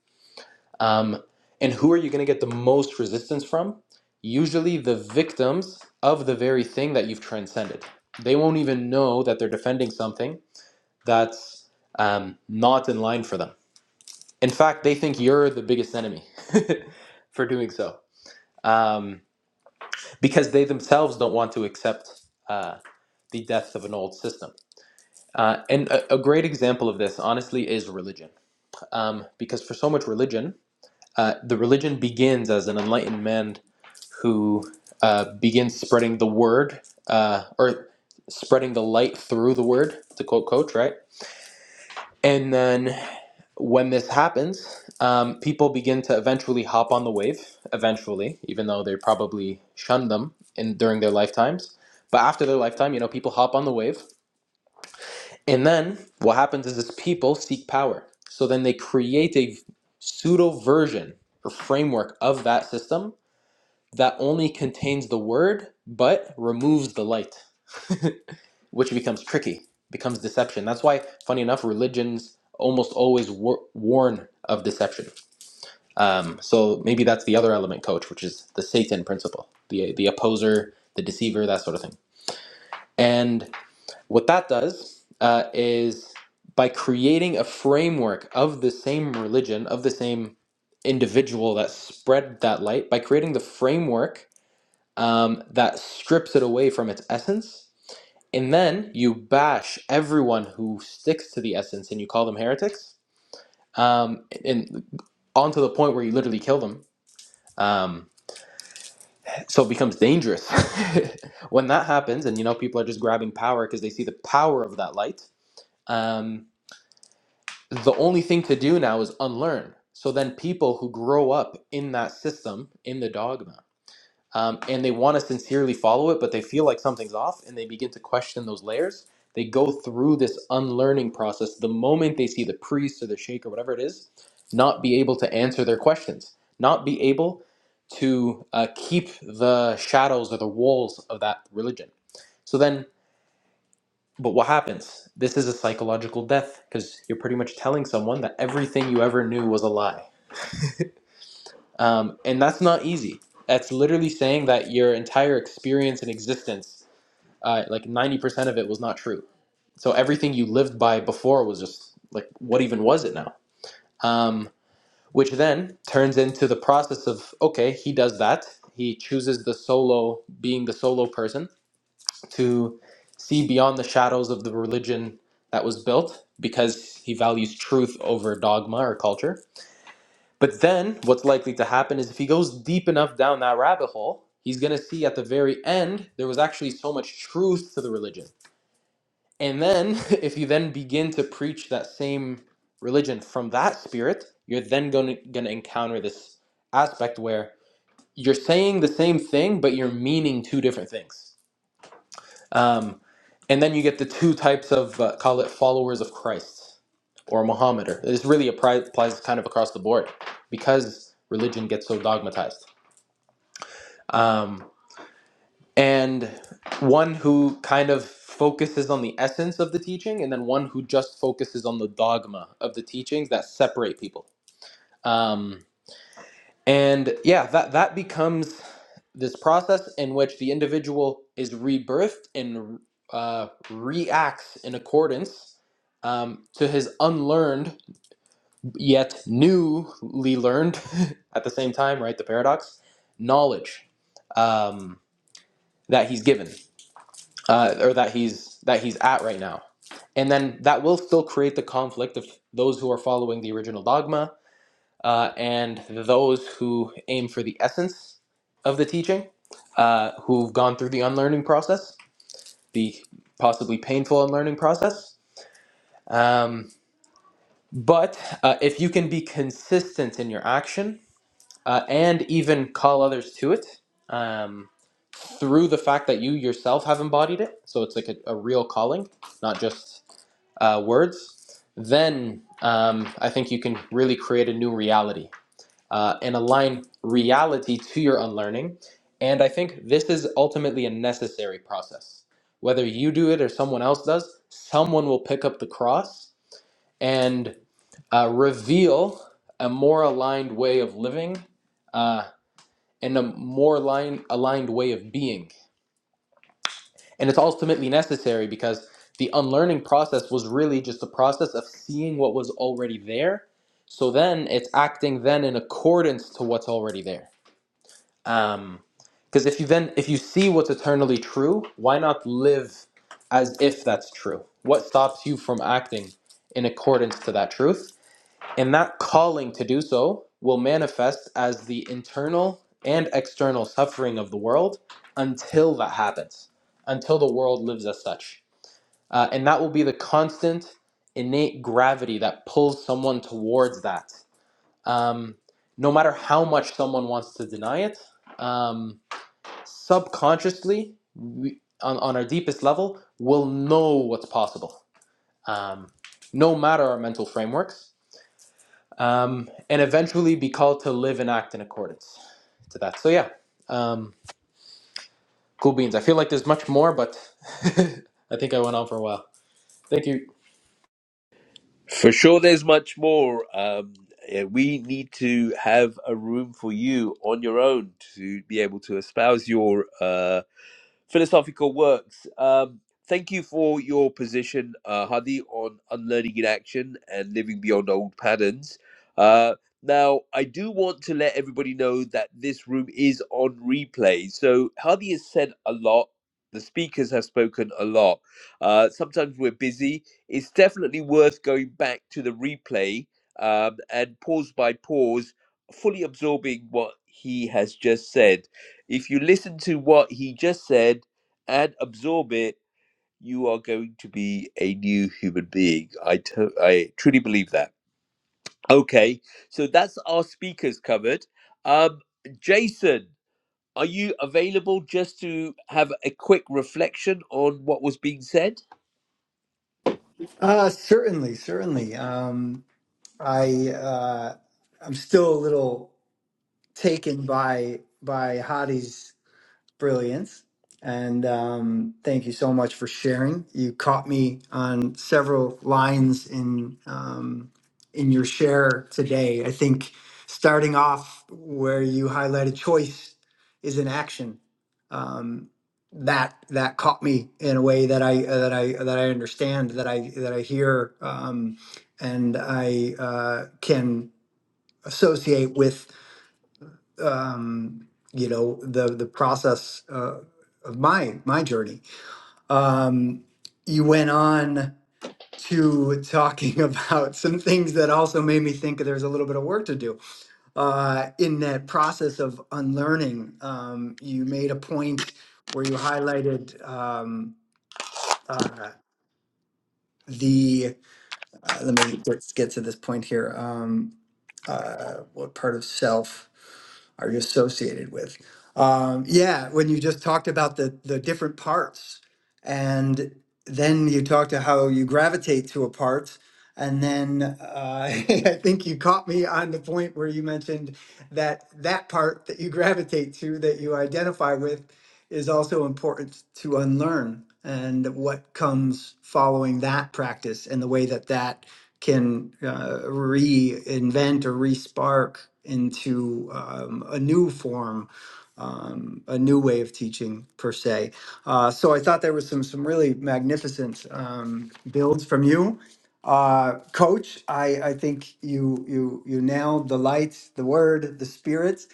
Um, and who are you going to get the most resistance from? Usually, the victims of the very thing that you've transcended. They won't even know that they're defending something that's um, not in line for them. In fact, they think you're the biggest enemy [laughs] for doing so um, because they themselves don't want to accept uh, the death of an old system. Uh, and a, a great example of this, honestly, is religion. Um, because for so much religion, uh, the religion begins as an enlightened man who uh, begins spreading the word uh, or spreading the light through the word, to quote Coach, right? And then when this happens, um, people begin to eventually hop on the wave, eventually, even though they probably shunned them in during their lifetimes. But after their lifetime, you know, people hop on the wave. And then what happens is this people seek power. So then they create a pseudo version or framework of that system that only contains the word but removes the light which becomes tricky, becomes deception. That's why, funny enough, religions almost always war- warn of deception. Um, so maybe that's the other element, coach, which is the Satan principle, the the opposer, the deceiver, that sort of thing. And what that does uh, is by creating a framework of the same religion, of the same individual that spread that light, by creating the framework um, that strips it away from its essence, and then you bash everyone who sticks to the essence and you call them heretics um, and on to the point where you literally kill them um, so it becomes dangerous [laughs] when that happens and you know people are just grabbing power because they see the power of that light um, the only thing to do now is unlearn so then people who grow up in that system in the dogma um, and they want to sincerely follow it, but they feel like something's off and they begin to question those layers. They go through this unlearning process the moment they see the priest or the sheikh or whatever it is not be able to answer their questions, not be able to uh, keep the shadows or the walls of that religion. So then, but what happens? This is a psychological death because you're pretty much telling someone that everything you ever knew was a lie um, and that's not easy. That's literally saying that your entire experience and existence, uh, like 90% of it was not true. So everything you lived by before was just like, what even was it now? Um, which then turns into the process of, okay, he does that. He chooses the solo, being the solo person, to see beyond the shadows of the religion that was built because he values truth over dogma or culture but then what's likely to happen is if he goes deep enough down that rabbit hole, he's going to see at the very end there was actually so much truth to the religion. And then [laughs] if you then begin to preach that same religion from that spirit, you're then going to, going to encounter this aspect where you're saying the same thing but you're meaning two different things. Um, and then you get the two types of uh, call it followers of Christ or Mohammedan. This really appri- applies kind of across the board because religion gets so dogmatized. Um, and one who kind of focuses on the essence of the teaching, and then one who just focuses on the dogma of the teachings that separate people. Um, And yeah, that that becomes this process in which the individual is rebirthed and uh, reacts in accordance um, to his unlearned yet newly learned [laughs] at the same time, right? The paradox knowledge um, that he's given uh, or that he's that he's at right now, and then that will still create the conflict of those who are following the original dogma uh, and those who aim for the essence of the teaching, uh, who've gone through the unlearning process, the possibly painful unlearning process. Um, but uh, if you can be consistent in your action uh, and even call others to it um, through the fact that you yourself have embodied it, so it's like a, a real calling, not just uh, words, then um, I think you can really create a new reality uh, and align reality to your unlearning. And I think this is ultimately a necessary process. Whether you do it or someone else does, someone will pick up the cross and uh, reveal a more aligned way of living uh, and a more aligned, aligned way of being. And it's ultimately necessary because the unlearning process was really just a process of seeing what was already there. So then it's acting then in accordance to what's already there um because if you then if you see what's eternally true why not live as if that's true what stops you from acting in accordance to that truth and that calling to do so will manifest as the internal and external suffering of the world until that happens until the world lives as such uh, and that will be the constant innate gravity that pulls someone towards that um, no matter how much someone wants to deny it um, subconsciously we, on, on our deepest level we will know what's possible um, no matter our mental frameworks um, and eventually be called to live and act in accordance to that so yeah um, cool beans i feel like there's much more but [laughs] i think i went on for a while thank you For sure, there's much more. Um, yeah, we need to have a room for you on your own to be able to espouse your uh, philosophical works. Um, thank you for your position, uh, Hadi, on unlearning in action and living beyond old patterns. Uh, now, I do want to let everybody know that this room is on replay. So, Hadi has said a lot. The speakers have spoken a lot. Uh, sometimes we're busy. It's definitely worth going back to the replay um, and pause by pause, fully absorbing what he has just said. If you listen to what he just said and absorb it, you are going to be a new human being. I to- I truly believe that. Okay, so that's our speakers covered. Um, Jason, are you available just to have a quick reflection on what was being said? Uh, certainly, certainly. Um, I uh, I'm still a little taken by by Hadi's brilliance. And um, thank you so much for sharing. You caught me on several lines in um, in your share today. I think starting off where you highlighted choice is an action. Um, that that caught me in a way that I uh, that I that I understand that I that I hear um, and I uh, can associate um, you know the the process uh, of my my journey. Um, you went on to talking [laughs] about some things that also made me think there's a little bit of work to do uh, in that process of unlearning. Um, you made a point where you highlighted um, uh, the uh, let me let's get to this point here. Um, uh, what part of self are you associated with? Um, yeah, when you just talked about the the different parts, and then you talked to how you gravitate to a part, and then uh, [laughs] I think you caught me on the point where you mentioned that that part that you [laughs] gravitate to that you identify with is also important to unlearn and what comes following that practice and the way that that can uh, reinvent or respark into um, a new form um, a new way of teaching per se uh, so i thought there was some some really magnificent um, builds from you uh, coach I, I think you you you nailed the lights the word the spirit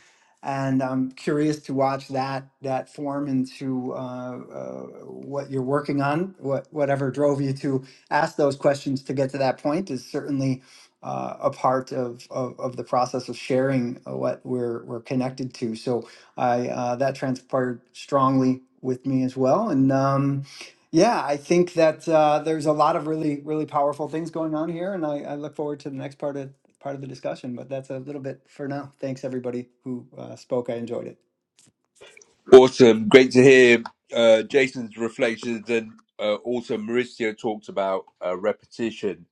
and I'm curious to watch that that form into uh, uh, what you're working on. What whatever drove you to ask those questions to get to that point is certainly uh, a part of, of of the process of sharing uh, what we're we're connected to. So I uh, that transpired strongly with me as well, and. Um, yeah, I think that uh, there's a lot of really, really powerful things going on here, and I, I look forward to the next part of part of the discussion, but that's a little bit for now. Thanks everybody who uh, spoke. I enjoyed it. Awesome. Great to hear uh, Jason's reflections. And uh, also, Mauricio talked about uh, repetition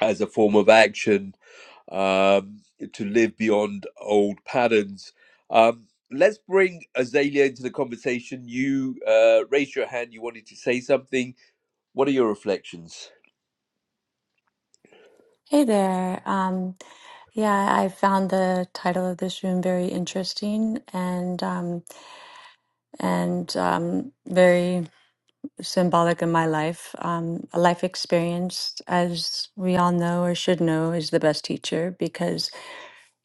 as a form of action um, to live beyond old patterns. Um, let's bring Azalea into the conversation. You uh, raised your hand, you wanted to say something. What are your reflections? Hey there. Um, yeah, I found the title of this room very interesting and um, and um, very symbolic in my life. Um, a life experience, as we all know or should know, is the best teacher because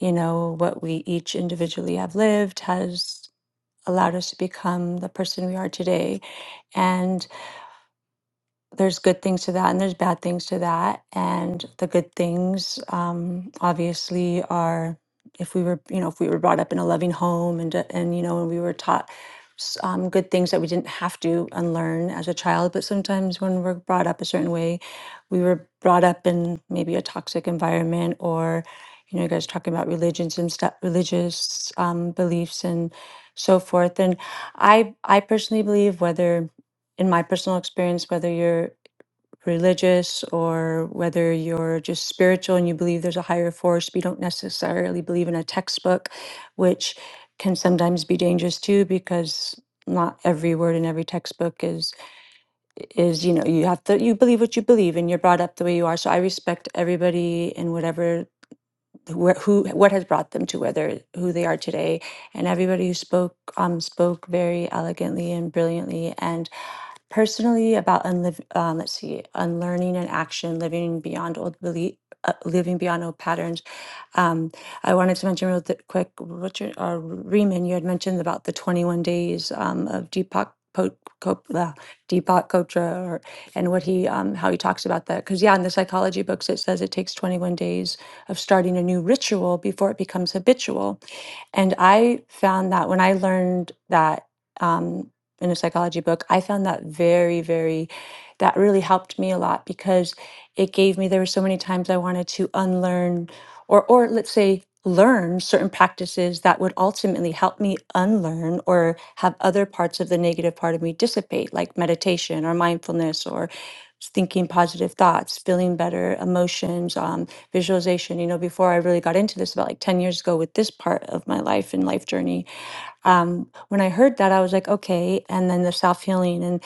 you know what we each individually have lived has allowed us to become the person we are today. And there's good things to that and there's bad things to that and the good things um, obviously are if we were you know if we were brought up in a loving home and uh, and you know and we were taught s- um, good things that we didn't have to unlearn as a child but sometimes when we're brought up a certain way we were brought up in maybe a toxic environment or you know you guys talking about religions and stuff religious um, beliefs and so forth and i i personally believe whether in my personal experience whether you're religious or whether you're just spiritual and you believe there's a higher force, but you don't necessarily believe in a textbook, which can sometimes be dangerous too because not every word in every textbook is is you know you have to you believe what you believe and you're brought up the way you are so i respect everybody and whatever who, who what has brought them to whether who they are today and everybody who spoke um spoke very elegantly and brilliantly and Personally, about unliv- um, let's see, unlearning and action, living beyond old belief, uh, living beyond old patterns. Um, I wanted to mention real th- quick, Richard uh, Riemann, you had mentioned about the 21 days um, of Deepak. Po- Kop- uh, Deepak Kotra, or, and what he, um, how he talks about that. Because yeah, in the psychology books, it says it takes 21 days of starting a new ritual before it becomes habitual. And I found that when I learned that um, in a psychology book, I found that very, very, that really helped me a lot because it gave me, there were so many times I wanted to unlearn or, or let's say, learn certain practices that would ultimately help me unlearn or have other parts of the negative part of me dissipate, like meditation or mindfulness or thinking positive thoughts, feeling better, emotions, um, visualization. You know, before I really got into this about like 10 years ago with this part of my life and life journey, um, when I heard that, I was like, okay. And then the self healing and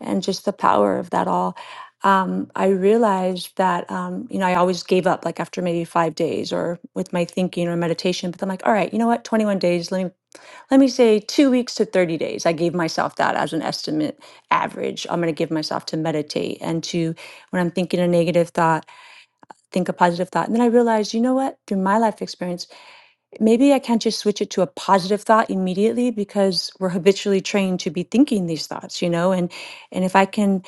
and just the power of that all. Um, I realized that um, you know I always gave up like after maybe five days or with my thinking or meditation. But I'm like, all right, you know what? 21 days. Let me let me say two weeks to 30 days. I gave myself that as an estimate average. I'm going to give myself to meditate and to, when I'm thinking a negative thought, think a positive thought. And then I realized, you know what? Through my life experience, maybe I can't just switch it to a positive thought immediately because we're habitually trained to be thinking these thoughts, you know, and and if I can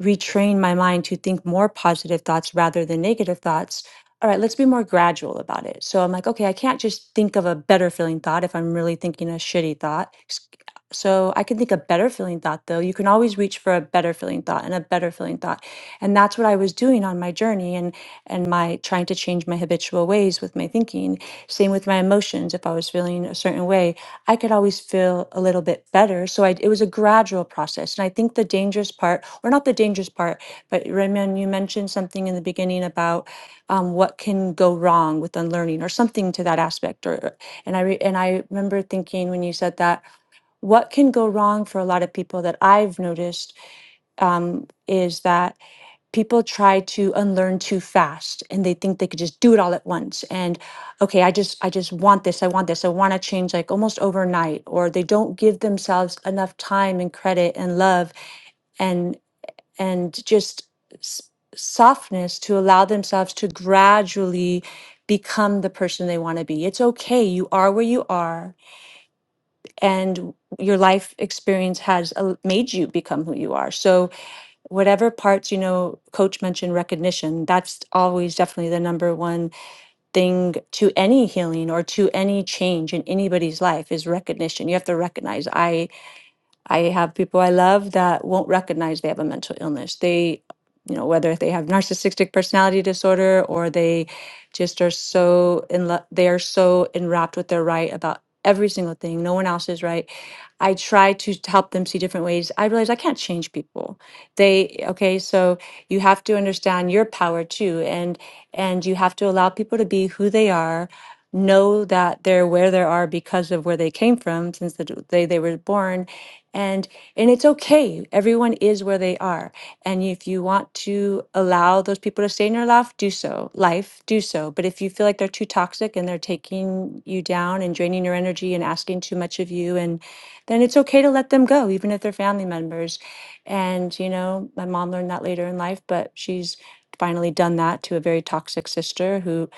retrain my mind to think more positive thoughts rather than negative thoughts, all right, let's be more gradual about it. So I'm like, okay, I can't just think of a better feeling thought if I'm really thinking a shitty thought. S- So I can think a better feeling thought though. You can always reach for a better feeling thought and a better feeling thought. And that's what I was doing on my journey and and my trying to change my habitual ways with my thinking same with my emotions. If I was feeling a certain way, I could always feel a little bit better. So I, it was a gradual process. And I think the dangerous part, or not the dangerous part, but Raymond, you mentioned something in the beginning about um, what can go wrong with unlearning, or something to that aspect. Or and I re, and I remember thinking when you said that, what can go wrong for a lot of people that I've noticed um, is that people try to unlearn too fast and they think they could just do it all at once and okay i just i just want this i want this i want to change like almost overnight or they don't give themselves enough time and credit and love and and just s- softness to allow themselves to gradually become the person they want to be it's okay you are where you are and your life experience has uh, made you become who you are so whatever parts you know coach mentioned recognition that's always definitely the number one thing to any healing or to any change in anybody's life is recognition you have to recognize I. I have people I love that won't recognize they have a mental illness. They, you know, whether they have narcissistic personality disorder or they just are so in love, they are so enwrapped with their right about every single thing. No one else is right. I try to help them see different ways. I realize I can't change people. They, okay, so you have to understand your power too. And, and you have to allow people to be who they are. Know that they're where they are because of where they came from, since the day they were born, and and it's okay everyone is where they are and if you want to allow those people to stay in your life do so life do so but if you feel like they're too toxic and they're taking you down and draining your energy and asking too much of you and then it's okay to let them go even if they're family members and you know my mom learned that later in life but she's finally done that to a very toxic sister who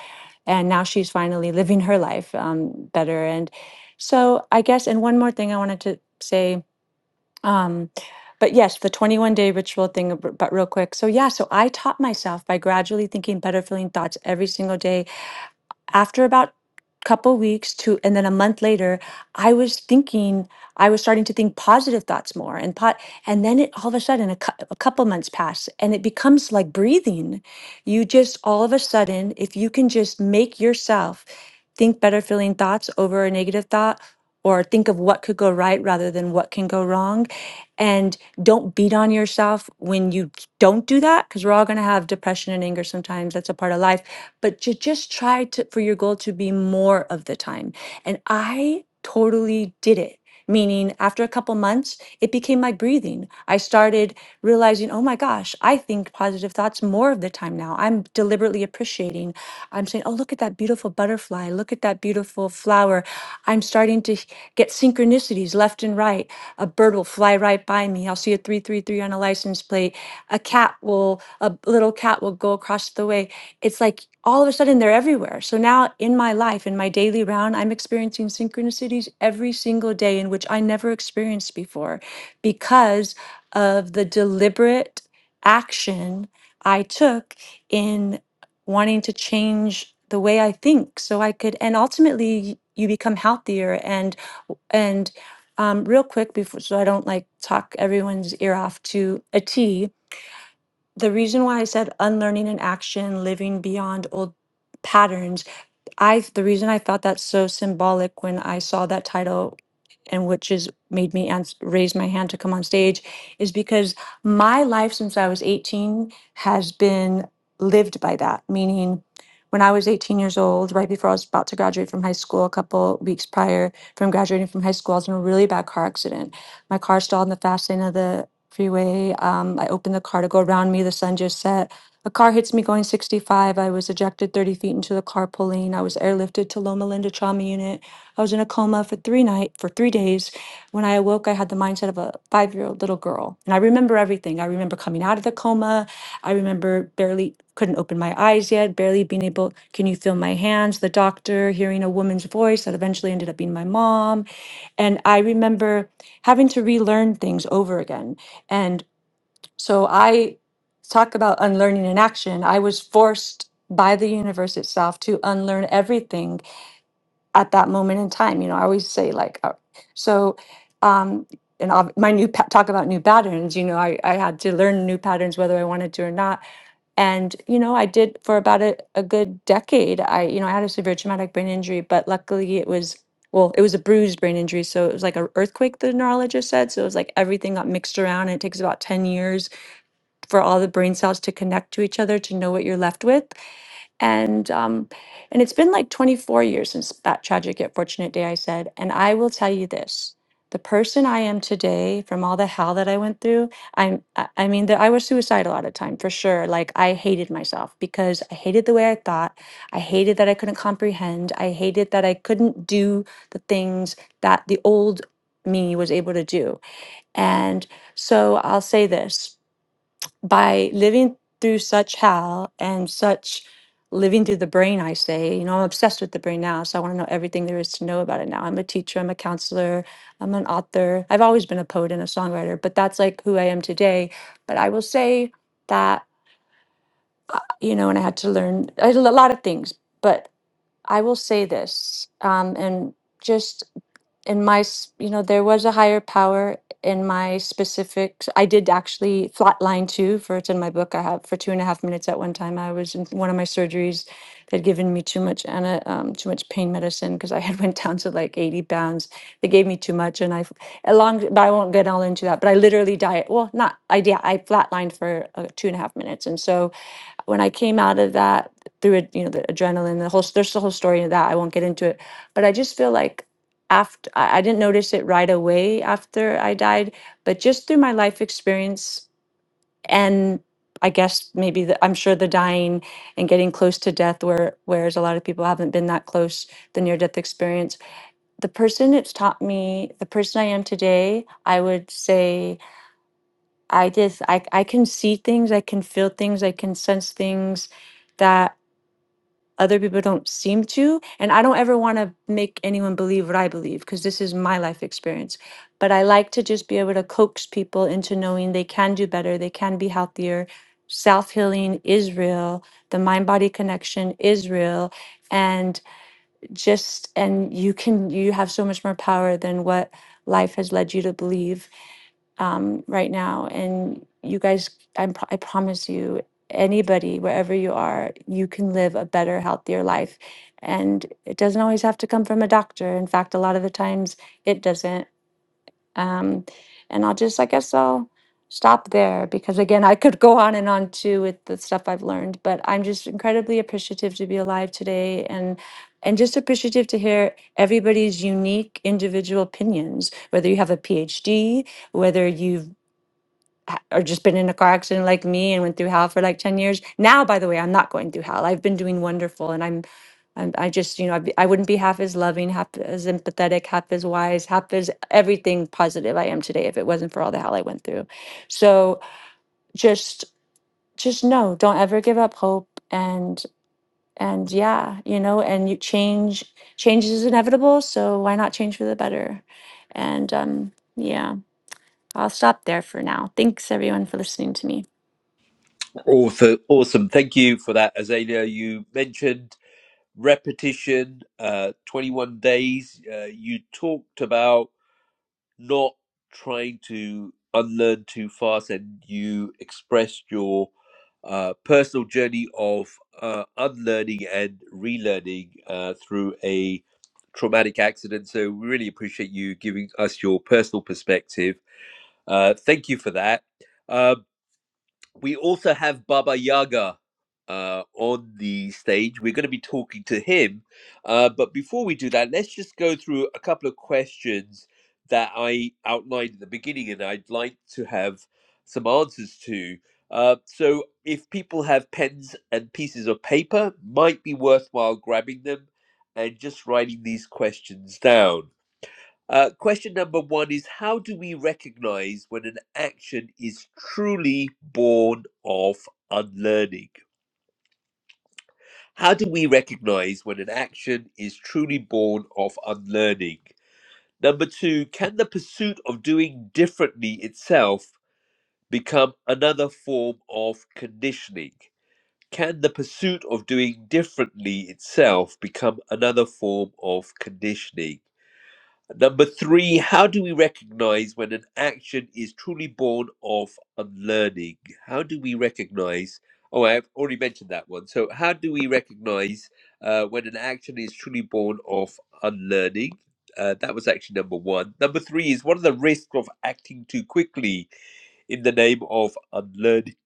and now she's finally [laughs] living her life um, better and so i guess and one more thing i wanted to say um, but yes, the 21 day ritual thing, ab- but real quick. So, yeah, so I taught myself by gradually thinking better feeling thoughts every single day after about couple weeks to and then a month later i was thinking i was starting to think positive thoughts more and pot and then it all of a sudden a, cou- a couple months pass and it becomes like breathing you just all of a sudden if you can just make yourself think better feeling thoughts over a negative thought or think of what could go right rather than what can go wrong and don't beat on yourself when you don't do that because we're all going to have depression and anger sometimes that's a part of life but to just try to for your goal to be more of the time. And I totally did it. Meaning, after a couple months, it became my breathing. I started realizing, oh my gosh, I think positive thoughts more of the time now. I'm deliberately appreciating. I'm saying, oh, look at that beautiful butterfly. Look at that beautiful flower. I'm starting to get synchronicities left and right. A bird will fly right by me. I'll see a 333 on a license plate. A cat will, a little cat will go across the way it's like all of a sudden they're everywhere. So now in my life, in my daily round, I'm experiencing synchronicities every single day in which I never experienced before because of the deliberate action I took in wanting to change the way I think so I could and ultimately you become healthier and and um, real quick before so I don't like talk everyone's ear off to a T the reason why I said unlearning in action, living beyond old patterns I the reason I thought that's so symbolic when I saw that title and which is made me ans- raise my hand to come on stage is because my life since I was 18 has been lived by that meaning when I was 18 years old right before I was about to graduate from high school a couple weeks prior from graduating from high school I was in a really bad car accident my car stalled in the fast lane of the freeway um, I opened the car to go around me the sun just set a car hits me going 65. I was ejected 30 feet into the carpool lane. I was airlifted to Loma Linda Trauma Unit. I was in a coma for three night for three days. When I awoke, I had the mindset of a five year old little girl, and I remember everything. I remember coming out of the coma. I remember barely couldn't open my eyes yet, barely being able. Can you feel my hands? The doctor hearing a woman's voice that eventually ended up being my mom, and I remember having to relearn things over again. So I talk about unlearning in action. I was forced by the universe itself to unlearn everything at that moment in time. You know, I always say like, uh, so, um, and ob- my new pa- talk about new patterns. You know, I, I had to learn new patterns whether I wanted to or not. And you know, I did for about a, a good decade. I you know I had a severe traumatic brain injury, but luckily it was well, it was a bruised brain injury, so it was like an earthquake. The neurologist said so. It was like everything got mixed around, and it takes about ten years for all the brain cells to connect to each other to know what you're left with. And um, and it's been like 24 years since that tragic yet fortunate day I said. And I will tell you this: the person I am today, from all the hell that I went through, I'm. I I mean, that I was suicidal at a time for sure. Like I hated myself because I hated the way I thought. I hated that I couldn't comprehend. I hated that I couldn't do the things that the old me was able to do. And so I'll say this by living through such hell and such living through the brain, I say, you know, I'm obsessed with the brain now. So I want to know everything there is to know about it now. I'm a teacher, I'm a counselor, I'm an author. I've always been a poet and a songwriter, but that's like who I am today. But I will say that, uh, you know, and I had to learn I did a lot of things, but I will say this um, and just in my s- you know there was a higher power in my specific i did actually flatline too for it's in my book i have for two and a half minutes at one time i was in one of my surgeries they'd given me too much ana, um, too much pain medicine because i had [laughs] went down to like 80 pounds they gave me too much and i f- along but i won't get all into that but i literally diet well not i yeah i flatlined for uh, two and a half minutes and so when I came out of that through it, you know, the adrenaline, the whole there's the whole story of that. I won't get into it, but I just feel like after I, I didn't notice it right away after I died, but just through my life experience and I guess maybe the, I'm sure the dying and getting close to death, where whereas a lot of people haven't been that close, the near death experience. The person it's taught me, the person I am today, I would say I just I I can see things, I can feel things, I can sense things that other people don't seem to and i don't ever want to make anyone believe what i believe because this is my life experience but i like to just be able to coax people into knowing they can do better they can be healthier self-healing is real the mind body connection is real and just and you can you have so much more power than what life has led you to believe um, right now and you guys I'm, pro- i promise you anybody wherever you are you can live a better healthier life and it doesn't always have to come from a doctor in fact a lot of the times it doesn't um, and I'll just, I guess I'll stop there because again, I could go on and on too with the stuff I've learned, but I'm just incredibly appreciative to be alive today and and just appreciative to hear everybody's unique individual opinions, whether you have a PhD, whether you've ha- or just been in a car accident like me and went through hell for like 10 years now by the way i'm not going through hell i've been doing wonderful and i'm, I'm i just you know I'd be, i wouldn't be half as loving half as empathetic half as wise half as everything positive i am today if it wasn't for all the hell i went through so just just no don't ever give up hope and and yeah you know and you change change is inevitable so why not change for the better and um yeah i'll stop there for now thanks everyone for listening to me Awesome. Awesome. Thank you for that, Azalea. You mentioned repetition, uh, 21 days. Uh, you talked about not trying to unlearn too fast and you expressed your uh, personal journey of uh, unlearning and relearning uh, through a traumatic accident. So we really appreciate you giving us your personal perspective. Uh, thank you for that. Um, we also have Baba Yaga uh, on the stage. We're going to be talking to him. Uh, but before we do that, let's just go through a couple of questions that I outlined at the beginning and I'd like to have some answers to. Uh, so, if people have pens and pieces of paper, might be worthwhile grabbing them and just writing these questions down. Uh, question number one is How do we recognize when an action is truly born of unlearning? How do we recognize when an action is truly born of unlearning? Number two, can the pursuit of doing differently itself become another form of conditioning? Can the pursuit of doing differently itself become another form of conditioning? Number three, how do we recognize when an action is truly born of unlearning? How do we recognize? Oh, I've already mentioned that one. So, how do we recognize uh, when an action is truly born of unlearning? Uh, that was actually number one. Number three is what are the risks of acting too quickly in the name of unlearning?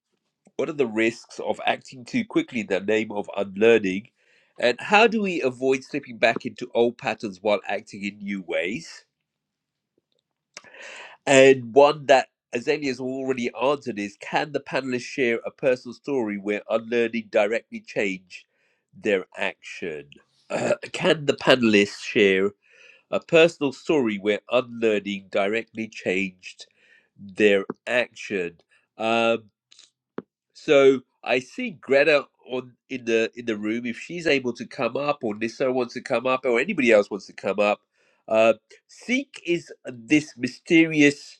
What are the risks of acting too quickly in the name of unlearning? And how do we avoid slipping back into old patterns while acting in new ways? And one that Azalia's already answered is can the panelists share a personal story where unlearning directly changed their action? [clears throat] Uh, can the panelists share a personal story where unlearning directly changed their action? Um, so I see Greta on in the in the room. If she's able to come up, or Nissa wants to come up, or anybody else wants to come up, uh, Seek is this mysterious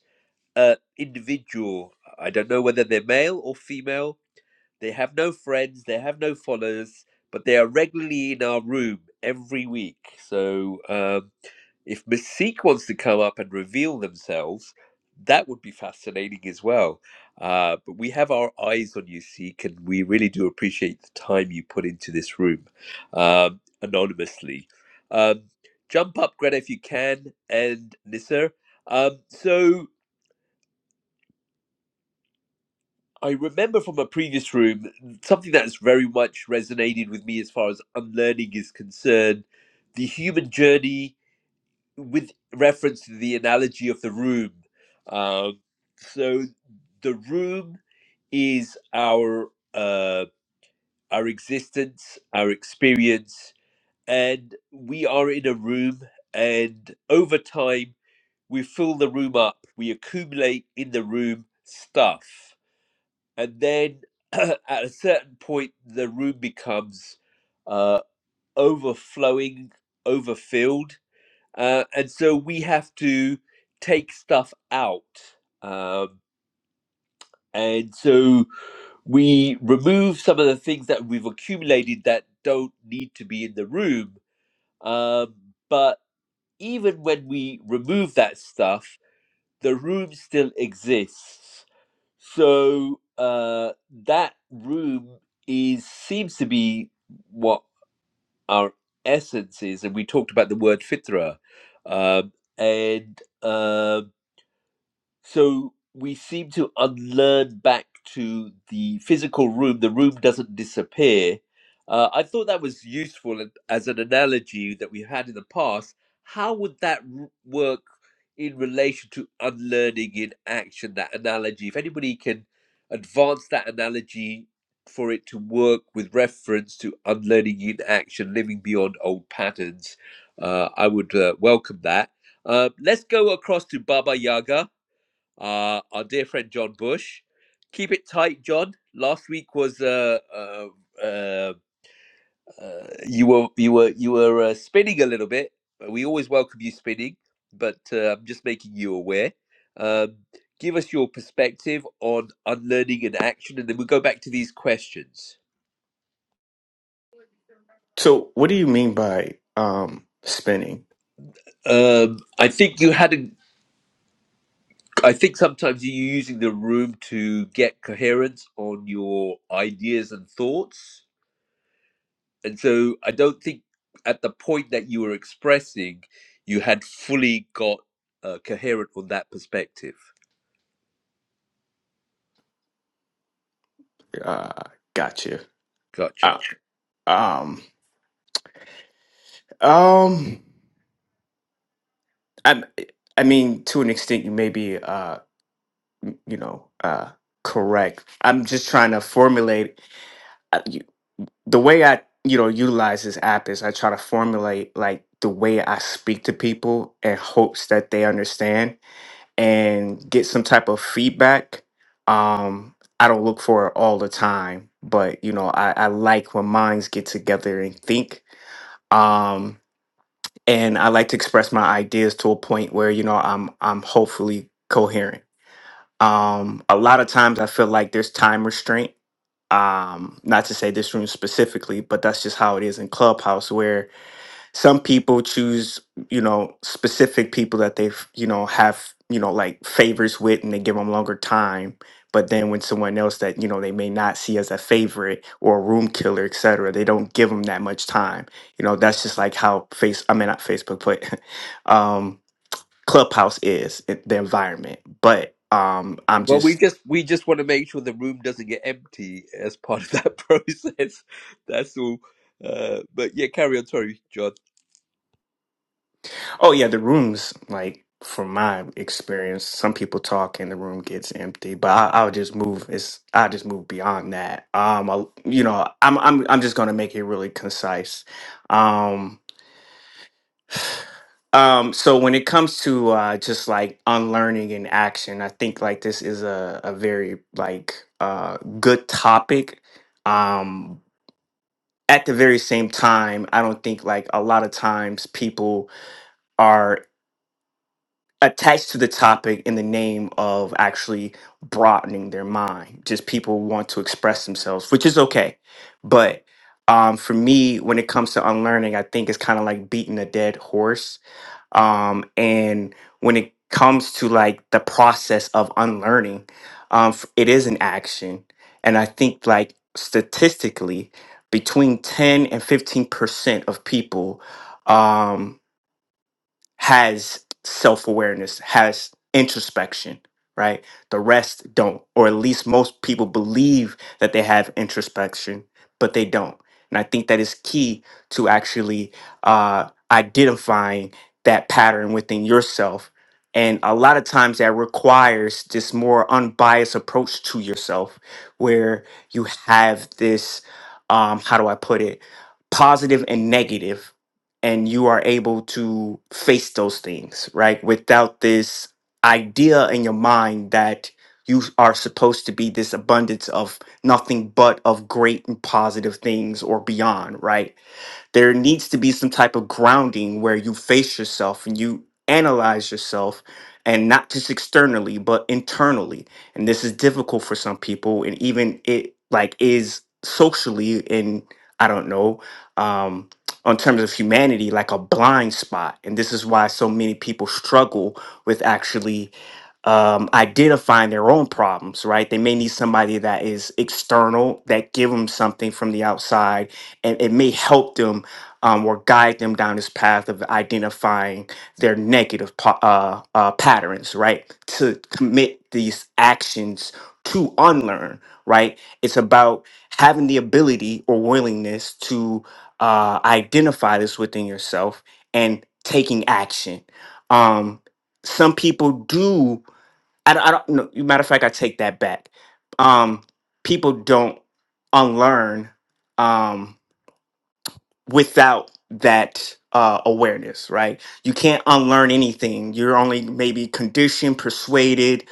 uh, individual. I don't know whether they're male or female. They have no friends, they have no followers, but they are regularly in our room every week. So um, if Mystique wants to come up and reveal themselves, that would be fascinating as well. Uh, but we have our eyes on you, Seek, and we really do appreciate the time you put into this room um, anonymously. Um, jump up, Greta, if you can, and Nisser. Um, so I remember from a previous room something that's very much resonated with me as far as unlearning is concerned the human journey with reference to the analogy of the room. Um, so, the room is our uh, our existence, our experience, and we are in a room. And over time, we fill the room up. We accumulate in the room stuff and then [clears throat] at a certain point the room becomes uh, overflowing overfilled uh, and so we have to take stuff out um, and so we remove some of the things that we've accumulated that don't need to be in the room um, but even when we remove that stuff the room still exists So uh, that room is seems to be what our essence is, and we talked about the word fitra, um, and um so we seem to unlearn back to the physical room. The room doesn't disappear. Uh, I thought that was useful and- as an analogy that we've had in the past. How would that r- work in relation to unlearning in action? That analogy, if anybody can advance that analogy for it to work with reference to unlearning in action, living beyond old patterns, uh, I would uh, welcome that. Uh, let's go across to Baba Yaga uh, our dear friend John Bush. Keep it tight, John. Last week was uh, uh, uh, uh, you were you were you were uh, spinning a little bit. We always welcome you spinning, but uh, I'm just making you aware. Um, give us your perspective on unlearning and action, and then we'll go back to these questions. So, what do you mean by um spinning? Um, I think you hadn't. I think sometimes you're using the room to get coherence on your ideas and thoughts and so I don't think at the point that you were expressing, you had fully got uh, coherent on that perspective. Uh, gotcha. Gotcha. Uh, um, um, I, I mean, to an extent, you may be, uh, you know, uh, correct. I'm just trying to formulate uh, you, the way I, you know, utilize this app is I try to formulate like the way I speak to people in hopes that they understand. and get some type of feedback. Um, I don't look for it all the time, but you know, I, I like when minds get together and think. Um, and I like to express my ideas to a point where you know I'm I'm hopefully coherent. Um, a lot of times I feel like there's time restraint. Um, not to say this room specifically, but that's just how it is in Clubhouse, where some people choose you know specific people that they've you know have you know like favors with and they give them longer time but then when someone else that you know they may not see as a favorite or a room killer et cetera, they don't give them that much time you know that's just like how face i mean not facebook but [laughs] um clubhouse is it- the environment but um i'm Well, just we just we just want to make sure the room doesn't get empty as part of that [laughs] process. That's all. Uh, but yeah, carry on. Sorry, John. Oh yeah, the rooms like from my experience, some people talk and the room gets empty. But I, I'll just move. It's I'll just move beyond that. Um, I, you know, I'm I'm I'm just gonna make it really concise. Um, [sighs] um. So when it comes to uh, just like unlearning in action, I think like this is a a very like uh good topic. Um. At the very same time, I don't think like a lot of times people are. attached to the topic in the name of actually broadening their mind. Just people want to express themselves, which is okay. But um, for me, when it comes to unlearning, I think it's kind of like beating a dead horse. Um, and when it comes to like the process of unlearning, um, f- it is an action. And I think like statistically, between 10 and 15% of people um, has self awareness, has introspection, right? The rest don't, or at least most people believe that they have introspection, but they don't. And I think that is key to actually uh, identifying that pattern within yourself. And a lot of times that requires this more unbiased approach to yourself, where you have this, um, how do I put it, positive and negative and you are able to face those things, right? Without this idea in your mind that you are supposed to be this abundance of nothing but of great and positive things or beyond, right? There needs to be some type of grounding where you face yourself and you analyze yourself and not just externally but internally. And this is difficult for some people and even it like is socially in I don't know um on terms of humanity like a blind spot and this is why so many people struggle with actually um, identifying their own problems, right? They may need somebody that is external that give them something from the outside, and it may help them um, or guide them down this path of identifying their negative pa- uh, uh, patterns, right? To commit these actions to unlearn, right? It's about having the ability or willingness to uh, identify this within yourself and taking action. Um, some people do I don't, I don't know. Matter of fact, I take that back. Um, people don't unlearn um, without that uh, awareness, right? You can't unlearn anything. You're only maybe conditioned, persuaded,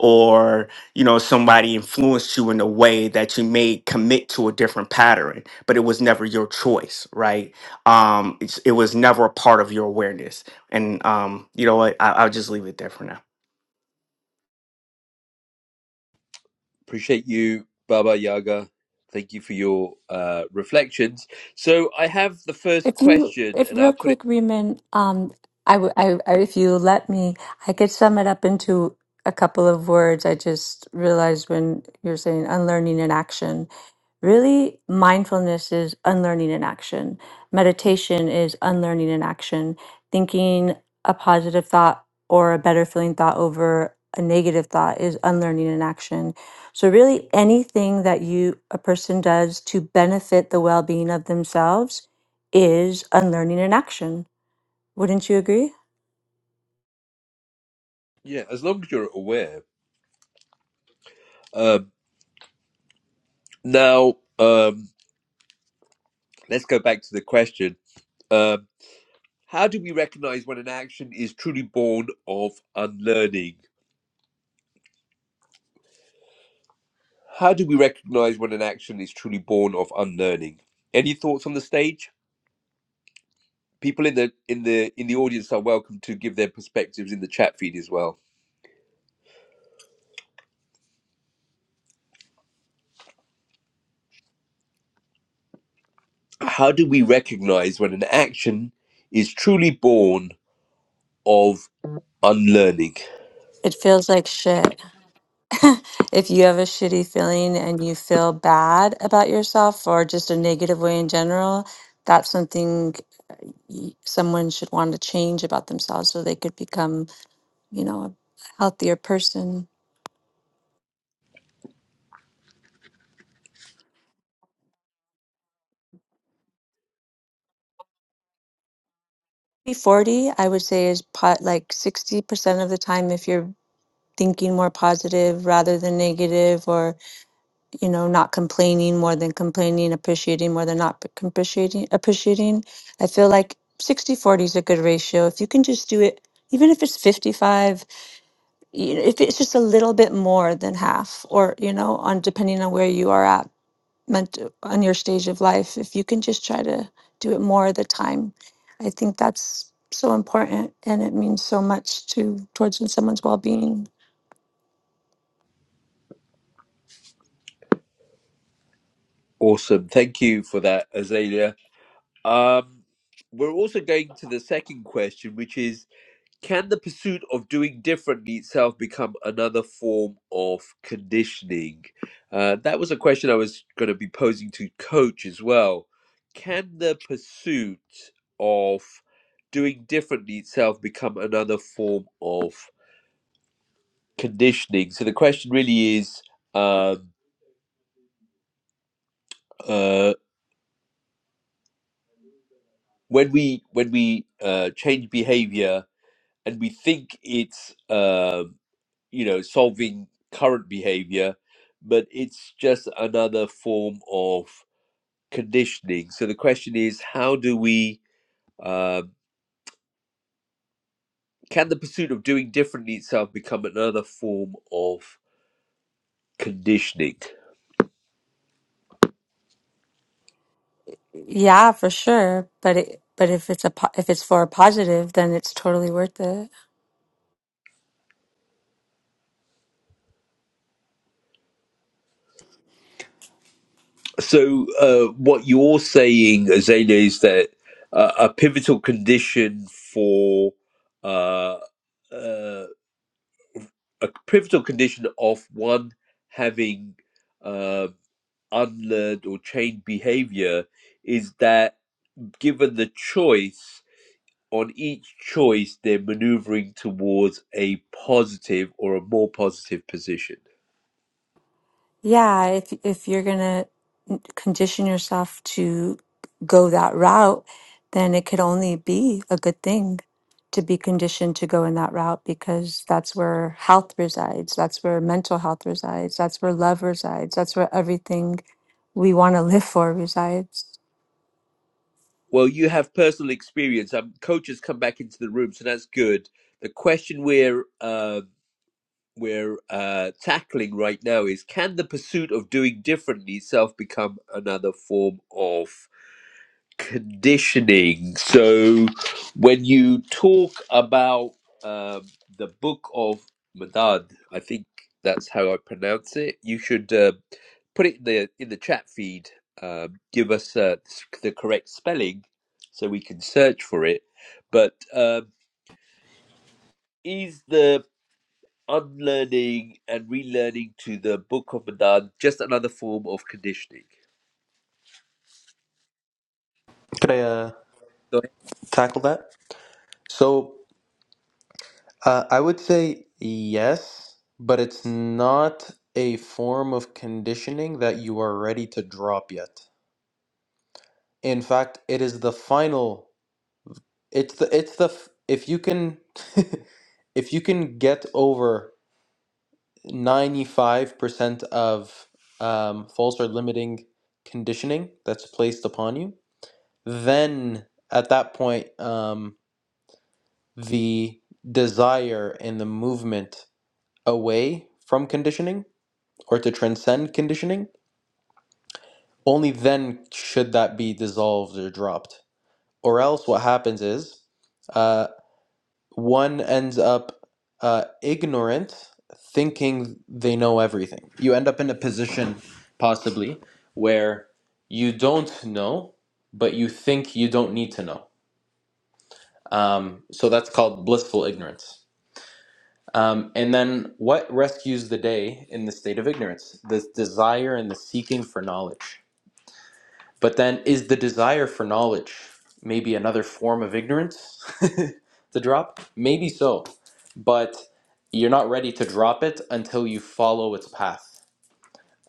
or you know somebody influenced you in a way that you may commit to a different pattern, but it was never your choice, right? Um, it's, it was never a part of your awareness. And um, you know what? I, I'll just leave it there for now. Appreciate you, Baba Yaga. Thank you for your uh, reflections. So I have the first If you, question, if and real I'll put it. quick, Reman, um, I, w- I, I, if you let me, I could sum it up into a couple of words. I just realized when you're saying unlearning in action. Really, mindfulness is unlearning in action. Meditation is unlearning in action. Thinking a positive thought or a better feeling thought over a negative thought is unlearning in action. So really anything that you a person does to benefit the well-being of themselves is unlearning in action. Wouldn't you agree? Yeah, as long as you're aware. Um, now, um, let's go back to the question Um, how do we recognize when an action is truly born of unlearning? How do we recognize when an action is truly born of unlearning? Any thoughts on the stage? People in the in the in the audience are welcome to give their perspectives in the chat feed as well. How do we recognize when an action is truly born of unlearning? It feels like shit. [laughs] if you have a shitty feeling and you feel bad about yourself or just a negative way in general, that's something y- someone should want to change about themselves so they could become, you know, a healthier person. 40, I would say, is po- like 60% of the time if you're thinking more positive rather than negative, or you know, not complaining more than complaining, appreciating more than not p- appreciating, appreciating. I feel like 60 40 is a good ratio. If you can just do it, even if it's 55, you know, if it's just a little bit more than half, or, you know, on depending on where you are at meant on your stage of life, if you can just try to do it more of the time, I think that's so important and it means so much to towards someone's well being. Awesome. Thank you for that, Azalea. Um, we're also going to the second question, which is Can the pursuit of doing differently itself become another form of conditioning? Uh, that was a question I was going to be posing to Coach as well. Can the pursuit of doing differently itself become another form of conditioning? So the question really is um, uh, when we when we uh, change behavior and we think it's um, you know solving current behavior but it's just another form of conditioning so the question is how do we um can the pursuit of doing differently itself become another form of conditioning Yeah, for sure. But it, but if it's a po- if it's for a positive, then it's totally worth it. so uh, what you're saying azalea is that uh, a pivotal condition for uh, uh, a pivotal condition of one having uh, unlearned or changed behavior is that given the choice, on each choice, they're maneuvering towards a positive or a more positive position. Yeah, if if you're gonna condition yourself to go that route, then it could only be a good thing to be conditioned to go in that route because that's where health resides, that's where mental health resides, that's where love resides, that's where everything we want to live for resides. Well, you have personal experience. Um, coaches come back into the room, so that's good. The question we're uh, we're uh, tackling right now is: Can the pursuit of doing differently itself become another form of conditioning. So, when you talk about um, the book of Madad, I think that's how I pronounce it. You should uh, put it in the in the chat feed. Um, give us uh, s- the correct spelling so we can search for it. But um, is the unlearning and relearning to the book of Madad just another form of conditioning? Could I uh, tackle that? so uh, i would say yes but it's not a form of conditioning that you are ready to drop yet In fact, it is the final. It's the it's the f- if you can [laughs] if you can get over 95% of um, false or limiting conditioning that's placed upon you, then at that point um, the desire and the movement away from conditioning or to transcend conditioning, only then should that be dissolved or dropped. Or else what happens is uh, one ends up uh, ignorant, thinking they know everything. You end up in a position, possibly, where you don't know, but you think you don't need to know. Um, so that's called blissful ignorance. Um, and then what rescues the day in the state of ignorance? This desire and the seeking for knowledge. But then, is the desire for knowledge maybe another form of ignorance [laughs] to drop? Maybe so. But you're not ready to drop it until you follow its path.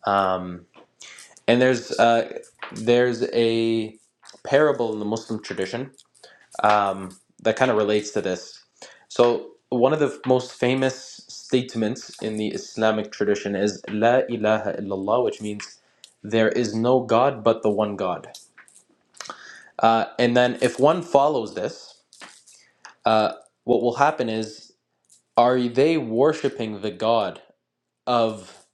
Um, and there's, uh, there's a parable in the Muslim tradition um, that kind of relates to this. So, one of the most famous statements in the Islamic tradition is La ilaha illallah, which means there is no God but the one God Uh, and then if one follows this, uh, what will happen is, are they worshiping the God of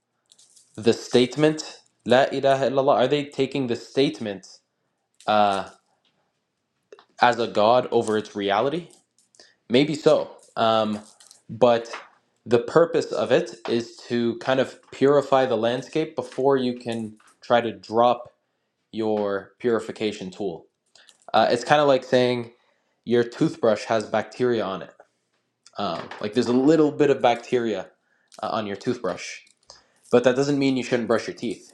the statement, La ilaha illallah? Are they taking the statement uh, as a God over its reality? Maybe so. Um, but the purpose of it is to kind of purify the landscape before you can try to drop your purification tool. Uh, it's kind of like saying your toothbrush has bacteria on it Um, like there's a little bit of bacteria uh, on your toothbrush, but that doesn't mean you shouldn't brush your teeth.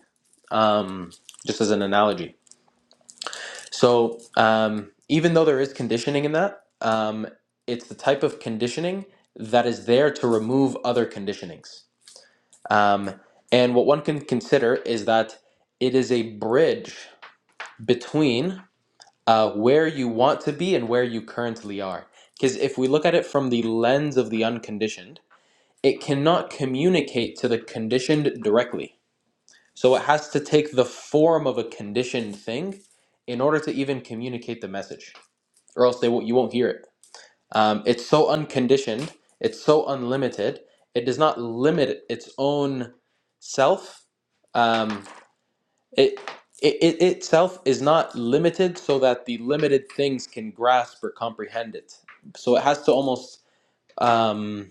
Um, just as an analogy. So um, even though there is conditioning in that, um, it's the type of conditioning that is there to remove other conditionings. Um, and what one can consider is that it is a bridge between uh, where you want to be and where you currently are. Because if we look at it from the lens of the unconditioned, it cannot communicate to the conditioned directly. So it has to take the form of a conditioned thing in order to even communicate the message, or else they won't, you won't hear it. Um, it's so unconditioned, it's so unlimited, it does not limit its own self. Um, it, it, it itself is not limited so that the limited things can grasp or comprehend it. So it has to almost um,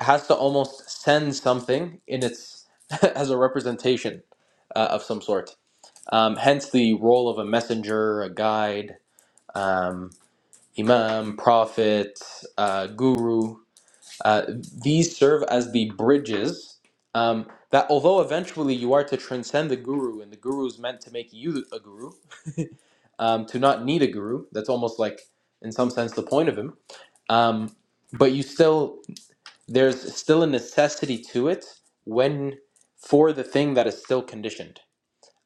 has to almost send something in its [laughs] as a representation uh, of some sort. Um, hence the role of a messenger, a guide, um, imam, prophet, uh, guru. Uh, these serve as the bridges um, that, although eventually you are to transcend the guru, and the guru is meant to make you a guru, um, to not need a guru. That's almost like, in some sense, the point of him. Um, but you still there's still a necessity to it when for the thing that is still conditioned.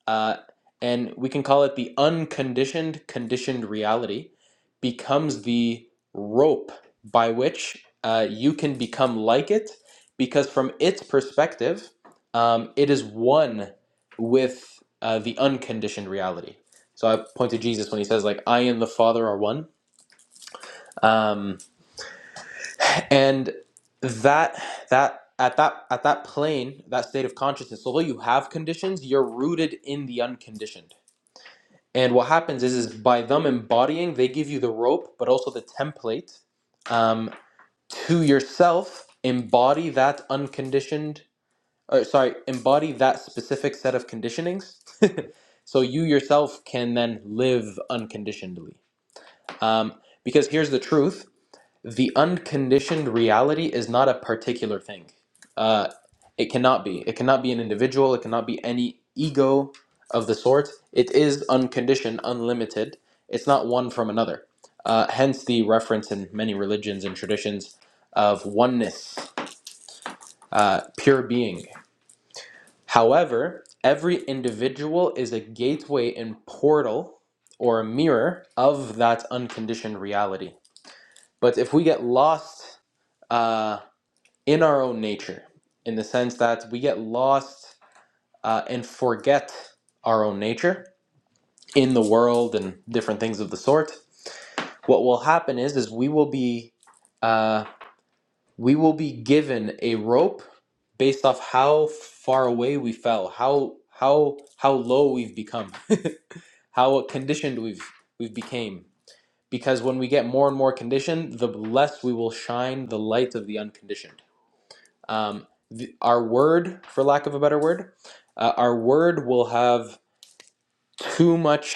Uh, and we can call it the unconditioned conditioned reality becomes the rope by which uh, you can become like it because from its perspective, um, it is one with uh, the unconditioned reality. So I point to Jesus when he says like, I and the Father are one. Um, and that that at that at that plane that state of consciousness although you have conditions you're rooted in the unconditioned and what happens is is by them embodying they give you the rope but also the template um, to yourself embody that unconditioned or sorry embody that specific set of conditionings [laughs] so you yourself can then live unconditionally um, because here's the truth the unconditioned reality is not a particular thing. Uh, it cannot be. It cannot be an individual. It cannot be any ego of the sort. It is unconditioned, unlimited. It's not one from another. Uh, hence the reference in many religions and traditions of oneness, uh, pure being. However, every individual is a gateway and portal or a mirror of that unconditioned reality. But if we get lost, uh, in our own nature, in the sense that we get lost uh, and forget our own nature in the world and different things of the sort. What will happen is, is we will be, uh, we will be given a rope based off how far away we fell, how how how low we've become, how conditioned we've we've became. Because when we get more and more conditioned, the less we will shine the light of the unconditioned. Um, the, our word, for lack of a better word, uh, our word will have too much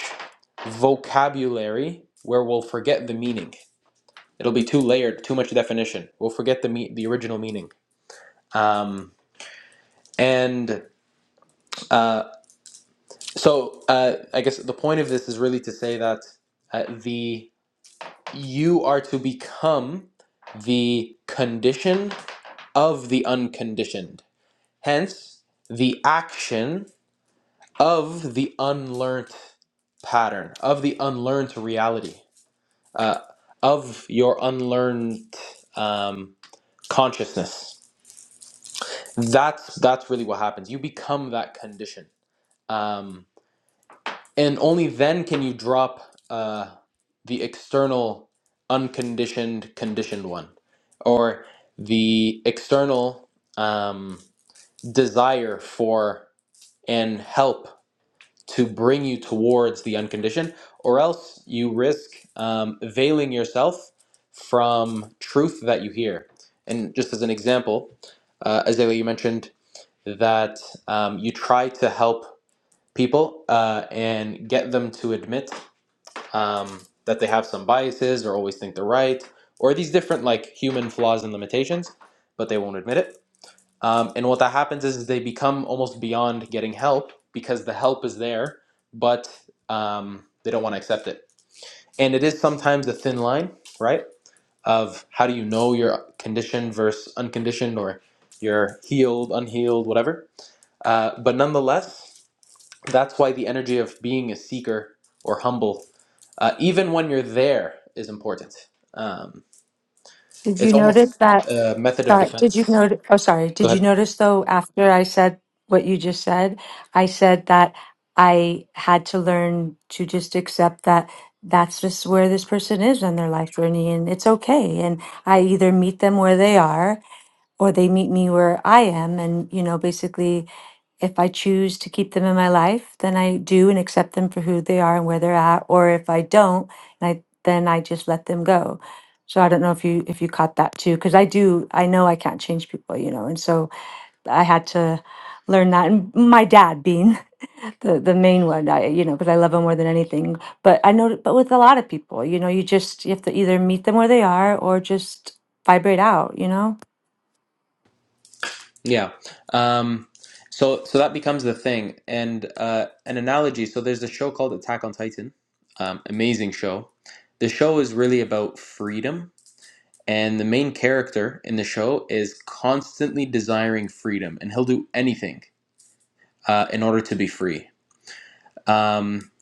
vocabulary where we'll forget the meaning. It'll be too layered, too much definition. We'll forget the me- the original meaning. Um, and uh, so uh, I guess the point of this is really to say that uh, the you are to become the condition of the unconditioned. Hence, the action of the unlearned pattern, of the unlearned reality, uh, of your unlearned um, consciousness. That's that's really what happens. You become that condition, um, and only then can you drop uh, the external unconditioned conditioned one, or the external um, desire for and help to bring you towards the unconditioned, or else you risk um, veiling yourself from truth that you hear. And just as an example, uh, Azalea, you mentioned that um, you try to help people uh, and get them to admit um, that they have some biases or always think they're right or these different like human flaws and limitations, but they won't admit it um, and what that happens is, is they become almost beyond getting help because the help is there, but um, they don't want to accept it. And it is sometimes a thin line, right? Of how do you know your are conditioned versus unconditioned or you're healed, unhealed, whatever. Uh, but nonetheless, that's why the energy of being a seeker or humble, uh, even when you're there, is important. Um, Did it's you notice almost that? a method of Sorry, did you defense. notice? Oh, sorry. Go Did you ahead. notice though, after I said what you just said, I said that I had to learn to just accept that that's just where this person is on their life journey and it's okay. And I either meet them where they are or they meet me where I am. And, you know, basically if I choose to keep them in my life, then I do and accept them for who they are and where they're at. Or if I don't, I, then I just let them go. So I don't know if you if you caught that too, because I do. I know I can't change people, you know, and so I had to learn that. And my dad being [laughs] the the main one, I you know, because I love him more than anything. But I know, but with a lot of people, you know, you just you have to either meet them where they are or just vibrate out, you know Yeah. Um, so so that becomes the thing. And uh, an analogy. So there's a show called Attack on Titan. Um, amazing show. The show is really about freedom, and the main character in the show is constantly desiring freedom, and he'll do anything uh, in order to be free. Um,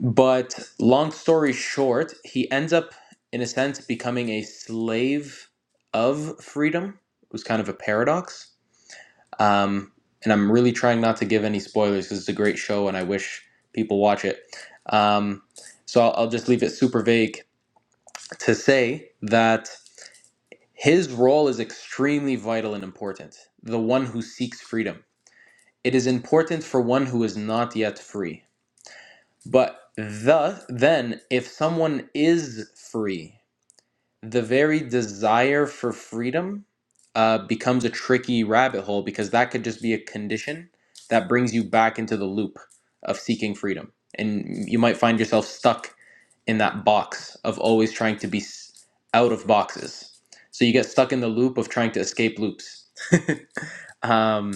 but long story short, he ends up, in a sense, becoming a slave of freedom. It was kind of a paradox Um, and I'm really trying not to give any spoilers because it's a great show and I wish people watch it. Um, so I'll, I'll just leave it super vague to say that his role is extremely vital and important. The one who seeks freedom. It is important for one who is not yet free. But the, then, if someone is free, the very desire for freedom uh, becomes a tricky rabbit hole because that could just be a condition that brings you back into the loop of seeking freedom. And you might find yourself stuck in that box of always trying to be s- out of boxes. So you get stuck in the loop of trying to escape loops. Um,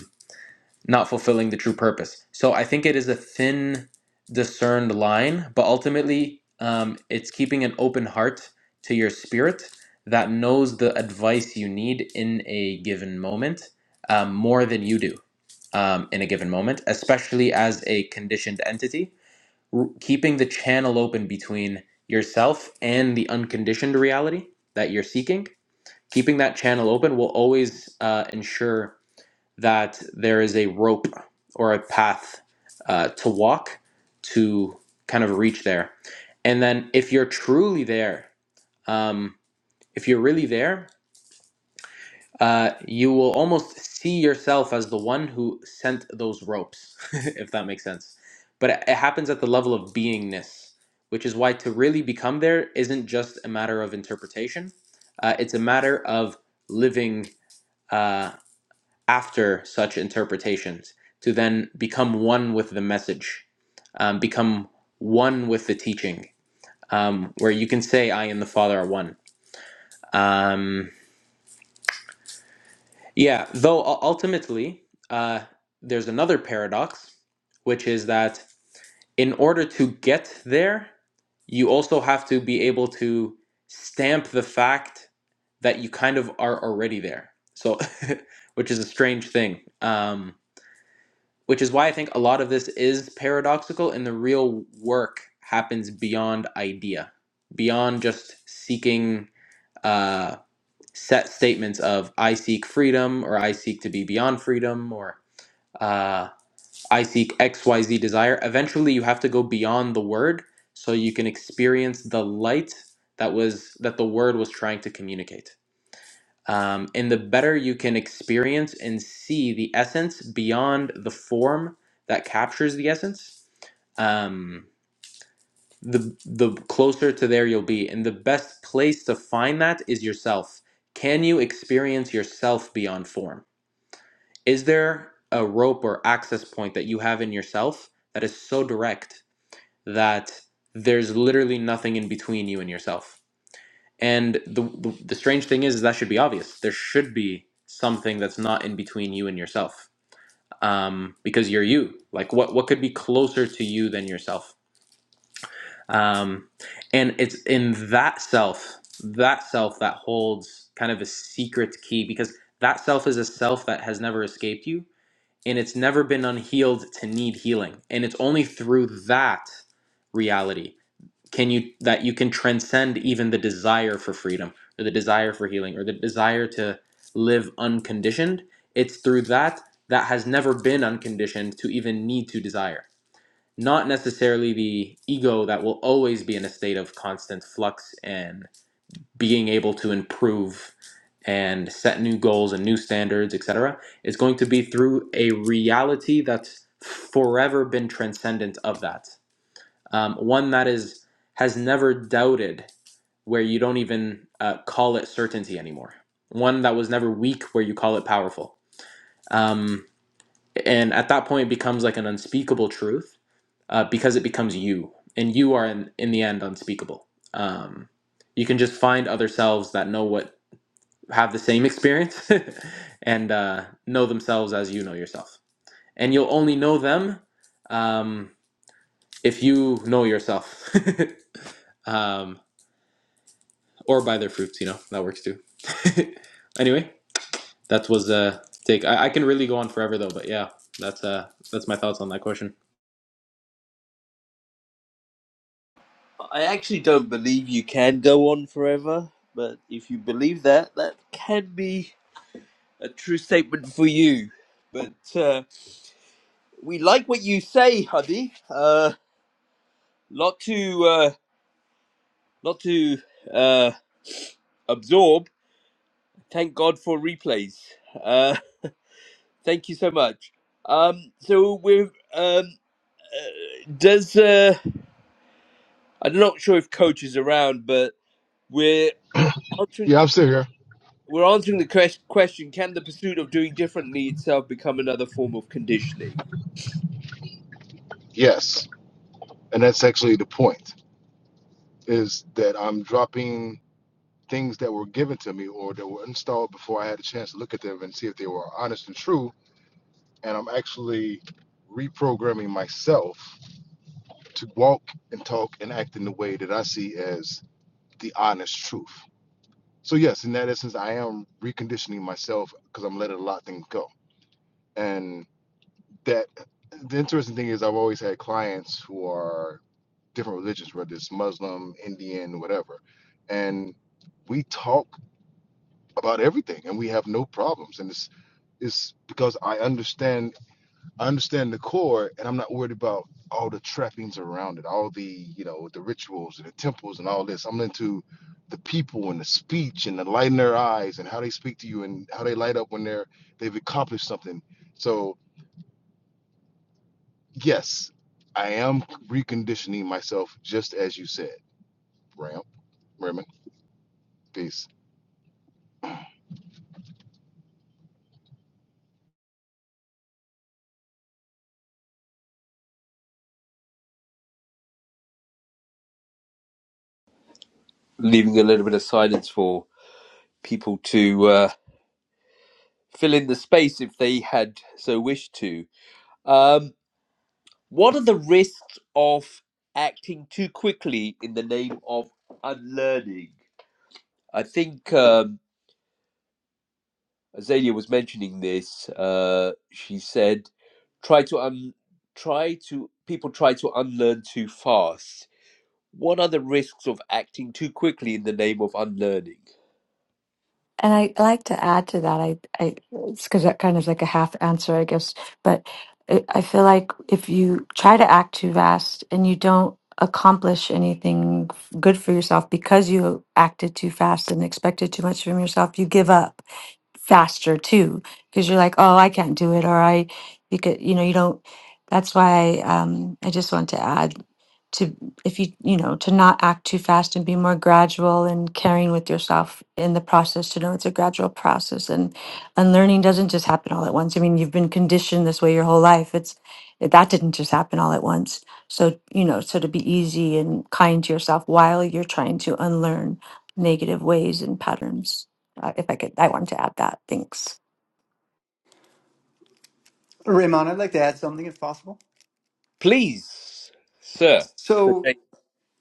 not fulfilling the true purpose. So I think it is a thin, discerned line, but ultimately, um, it's keeping an open heart to your spirit that knows the advice you need in a given moment um, more than you do um, in a given moment, especially as a conditioned entity, r- keeping the channel open between yourself and the unconditioned reality that you're seeking. Keeping that channel open will always uh, ensure that there is a rope or a path uh, to walk to kind of reach there. And then if you're truly there, um, if you're really there, uh, you will almost see yourself as the one who sent those ropes, [laughs] if that makes sense. But it it happens at the level of beingness, which is why to really become there isn't just a matter of interpretation. Uh, it's a matter of living uh, after such interpretations to then become one with the message, um, become one with the teaching, um, where you can say, I and the Father are one. Um, yeah, though u- ultimately, uh, there's another paradox, which is that in order to get there, you also have to be able to stamp the fact that you kind of are already there. So, [laughs] which is a strange thing. Um, which is why I think a lot of this is paradoxical, and the real work happens beyond idea, beyond just seeking uh, set statements of "I seek freedom" or "I seek to be beyond freedom" or uh, "I seek X Y Z desire." Eventually, you have to go beyond the word so you can experience the light that was that the word was trying to communicate um, and the better you can experience and see the essence beyond the form that captures the essence um, the the closer to there you'll be and the best place to find that is yourself can you experience yourself beyond form is there a rope or access point that you have in yourself that is so direct that there's literally nothing in between you and yourself and the, the the strange thing is, is that should be obvious. There should be something that's not in between you and yourself, um, because you're you. Like what what could be closer to you than yourself? Um, and it's in that self, that self that holds kind of a secret key, because that self is a self that has never escaped you, and it's never been unhealed to need healing, and it's only through that reality can you that you can transcend even the desire for freedom or the desire for healing or the desire to live unconditioned it's through that that has never been unconditioned to even need to desire not necessarily the ego that will always be in a state of constant flux and being able to improve and set new goals and new standards etc is going to be through a reality that's forever been transcendent of that um, one that is has never doubted where you don't even uh, call it certainty anymore one that was never weak where you call it powerful um, and at that point it becomes like an unspeakable truth uh, because it becomes you and you are in, in the end unspeakable um, you can just find other selves that know what have the same experience [laughs] and uh, know themselves as you know yourself and you'll only know them um, if you know yourself [laughs] um, or buy their fruits. You know that works too. [laughs] anyway, that was a take. I, I can really go on forever though, but yeah, that's uh that's my thoughts on that question. I actually don't believe you can go on forever, but if you believe that, that can be a true statement for you. But uh, we like what you say, Hubby. Uh, lot to uh, lot to uh, absorb. Thank God for replays. Uh, thank you so much. Um, so we're um, does uh, I'm not sure if coach is around, but we're answering. yeah i'm still here We're answering the ques- question Can the pursuit of doing differently itself become another form of conditioning? yes and that's actually the point is that i'm dropping things that were given to me or that were installed before i had a chance to look at them and see if they were honest and true and i'm actually reprogramming myself to walk and talk and act in the way that i see as the honest truth so yes in that essence i am reconditioning myself because i'm letting a lot of things go and that the interesting thing is i've always had clients who are different religions, whether it's Muslim, Indian, whatever. And we talk about everything and we have no problems. And it's it's because I understand I understand the core and I'm not worried about all the trappings around it, all the, you know, the rituals and the temples and all this. I'm into the people and the speech and the light in their eyes and how they speak to you and how they light up when they're they've accomplished something. So yes, I am reconditioning myself just as you said, Ram. Raymond. Peace. Leaving a little bit of silence for people to uh, fill in the space if they had so wished to. Um, what are the risks of acting too quickly in the name of unlearning? I think um, Azalea was mentioning this. Uh, she said, try to un- try to people try to unlearn too fast What are the risks of acting too quickly in the name of unlearning? And I like to add to that. I, I, it's because that kind of like a half answer, I guess. But I I feel like if you try to act too fast and you don't accomplish anything f- good for yourself because you acted too fast and expected too much from yourself, you give up faster too because you're like, oh, I can't do it, or I, you could, you know, you don't. That's why um, I just want to add to if you you know to not act too fast and be more gradual and caring with yourself in the process to know it's a gradual process and and learning doesn't just happen all at once i mean you've been conditioned this way your whole life it's that didn't just happen all at once so you know so to be easy and kind to yourself while you're trying to unlearn negative ways and patterns uh, if i could i wanted to add that thanks Raymond, I'd like to add something if possible. Please, sir. So Okay.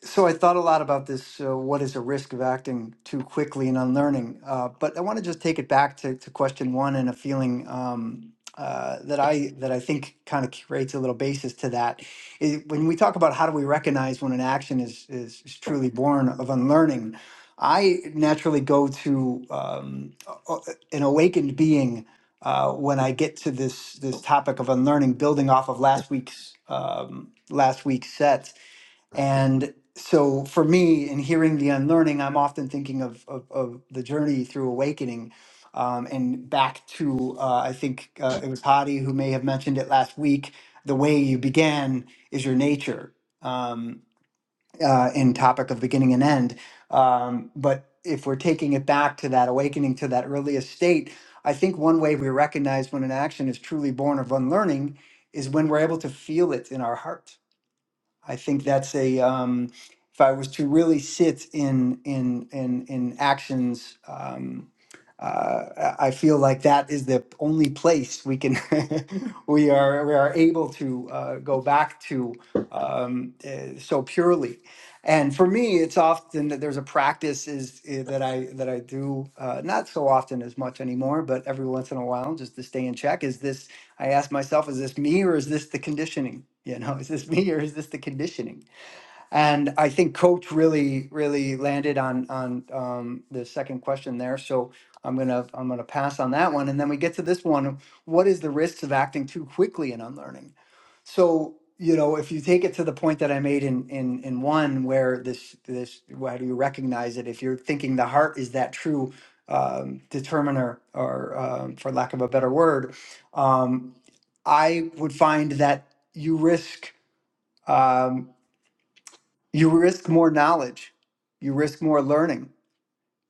So I thought a lot about this. Uh, what is a risk of acting too quickly and unlearning? Uh, but I want to just take it back to, to question one and a feeling um, uh, that I that I think kind of creates a little basis to that. Is when we talk about how do we recognize when an action is is, is truly born of unlearning, I naturally go to um, a- a- an awakened being uh, when I get to this this topic of unlearning, building off of last week's um, last week's set and so for me, in hearing the unlearning, I'm often thinking of, of, of the journey through awakening um, and back to, uh, I think uh, it was Hadi who may have mentioned it last week. The way you began is your nature um, uh, in topic of beginning and end. Um, but if we're taking it back to that awakening, to that earliest state, I think one way we recognize when an action is truly born of unlearning is when we're able to feel it in our heart I think that's a um, if I was to really sit in in in in actions, um, uh, I I feel like that is the only place we can [laughs] we are we are able to uh, go back to um, uh, so purely. And for me, it's often that there's a practice is uh, that I that I do uh, not so often as much anymore, but every once in a while, just to stay in check, is this I asked myself, is this me or is this the conditioning? [laughs] You know, is this me or is this the conditioning? And I think coach really, really landed on on um, the second question there. So I'm gonna I'm gonna pass on that one, and then we get to this one. What is the risks of acting too quickly in unlearning? So, you know, if you take it to the point that I made in in in one where this this how do you recognize it? If you're thinking the heart is that true um, determiner, or um, for lack of a better word, um, I would find that you risk um, you risk more knowledge, you risk more learning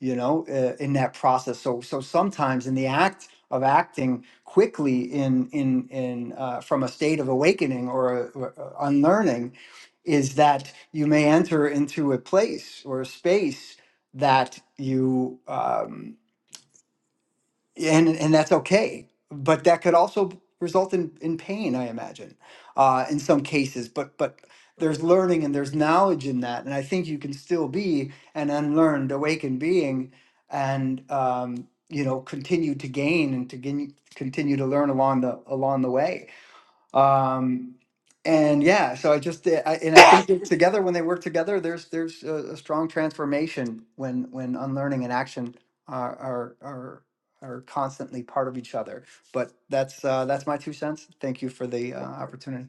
you know uh, in that process so so sometimes in the act of acting quickly in in in uh, from a state of awakening or, a, or a unlearning is that you may enter into a place or a space that you um, and and that's okay but that could also result in in pain i imagine uh in some cases but but there's learning and there's knowledge in that and i think you can still be an unlearned awakened being and um you know continue to gain and to gain, continue to learn along the along the way um, and yeah, so I just eh, I, and I think that together when they work together, there's there's a, a strong transformation when when unlearning and action are are are are constantly part of each other. But that's uh, that's my two cents. Thank you for the uh, opportunity.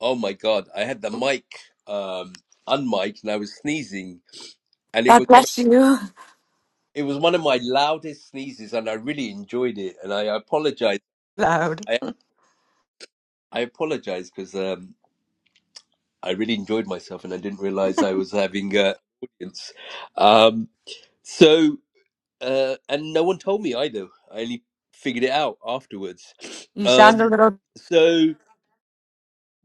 Oh my God! I had the mic um, unmiked and I was sneezing, and it was god one of, bless you it was one of my loudest sneezes, and I really enjoyed it. And I apologize. [laughs] loud I I apologize because um, I really enjoyed myself, and I didn't realize I was having uh, audience. Um, so uh, and no one told me either. I only figured it out afterwards. you sound a Um, little so.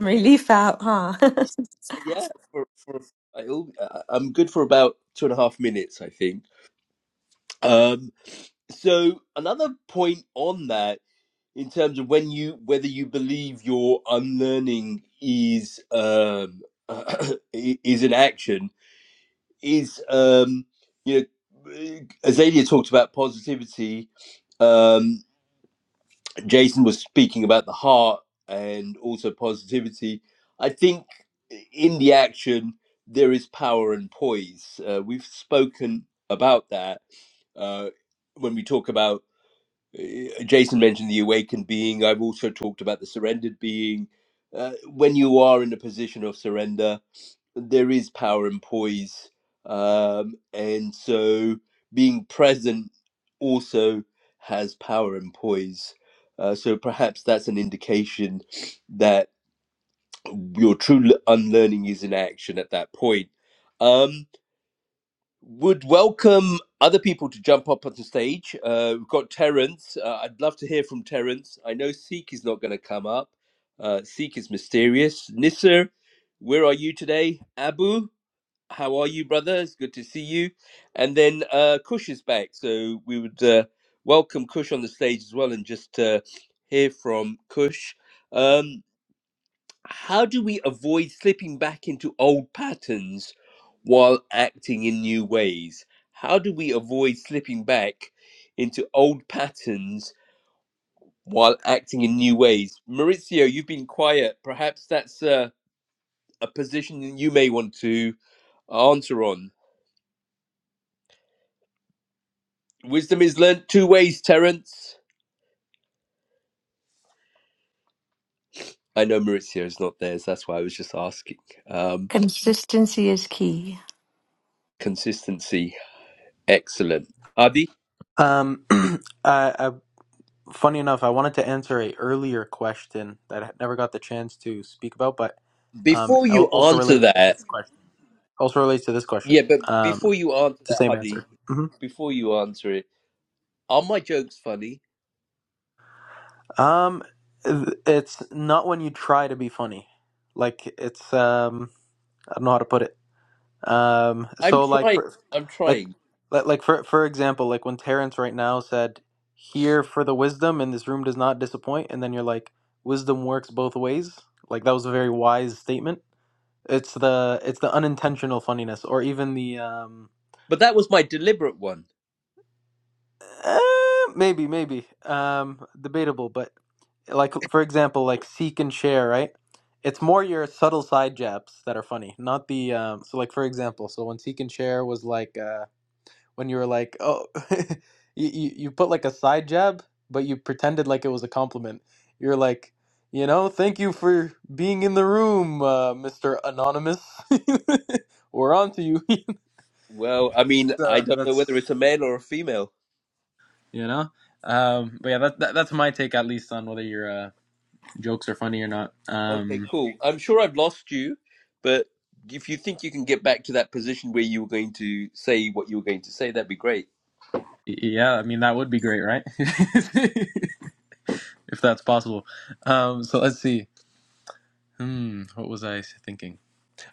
relief out huh Yeah, for for I, al- I- I'm good for about two and a half minutes, I think. Um, so another point on that, in terms of when you whether you believe your unlearning is um [clears throat] i- is an action is um you know Azalia talked about positivity. Um, Jason was speaking about the heart and also positivity. I think in the action, there is power and poise. Uh, we've spoken about that uh, when we talk about, uh, Jason mentioned the awakened being. I've also talked about the surrendered being. Uh, when you are in a position of surrender, there is power and poise um, and so being present also has power and poise uh, so perhaps that's an indication that your true l- unlearning is in action at that point um, would welcome other people to jump up on the stage uh, we've got terence uh, i'd love to hear from terence i know seek is not going to come up uh, seek is mysterious nisser where are you today abu how are you, brother? It's good to see you. And then uh, Kush is back, so we would uh, welcome Kush on the stage as well, and just uh, hear from Kush. Um, how do we avoid slipping back into old patterns while acting in new ways? How do we avoid slipping back into old patterns while acting in new ways? Maurizio, you've been quiet. Perhaps that's uh, a position you may want to answer on. Wisdom is learnt two ways, Terence. I know Maurizio is not there, so that's why I was just asking. [laughs] Um, consistency is key consistency, excellent. Hadi, Um, [clears throat] I, I, funny enough, I wanted to answer a earlier question that I never got the chance to speak about, but um, it before al- you also answer relates to that, this question. Also relates to this question. yeah, but Um, before you answer it's the that, same Hadi, answer. hmm before you answer it, are my jokes funny? Um, th- it's not when you try to be funny. Like it's um, I don't know how to put it. Um, I'm so like trying, for I'm like trying, like like for for example, like when Terence right now said, "Here for the wisdom," and this room does not disappoint, and then you're like, "Wisdom works both ways." Like that was a very wise statement. It's the it's the unintentional funniness, or even the um, but that was my deliberate one. eh, maybe maybe um debatable, but like for example, like seek and share, right? It's more your subtle side jabs that are funny, not the um. So like for example, so when seek and share was like uh when you were like, "Oh, [laughs] you, you you put like a side jab, but you pretended like it was a compliment." You're like, you know, thank you for being in the room, uh, Mister Anonymous. [laughs] we're on to you. [laughs] Well, I mean, I so don't know whether that's it's a male or a female. you know, um, but yeah, that, that that's my take at least on whether your uh, jokes are funny or not. Okay, Um, cool. I'm sure I've lost you, but if you think you can get back to that position where you were going to say what you were going to say, that'd be great. y- yeah, I mean that would be great, right? [laughs] if that's possible. Um, so let's see. Hmm, what was I thinking?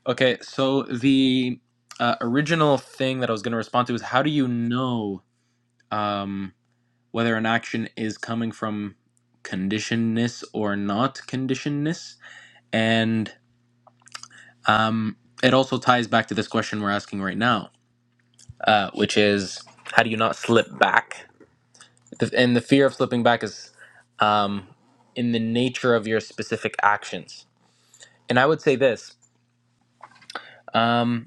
Okay, so the uh, original thing that I was going to respond to is how do you know um, whether an action is coming from conditionedness or not conditionedness? And um, it also ties back to this question we're asking right now, uh, which is how do you not slip back? The, and the fear of slipping back is um, in the nature of your specific actions. And I would say this. Um,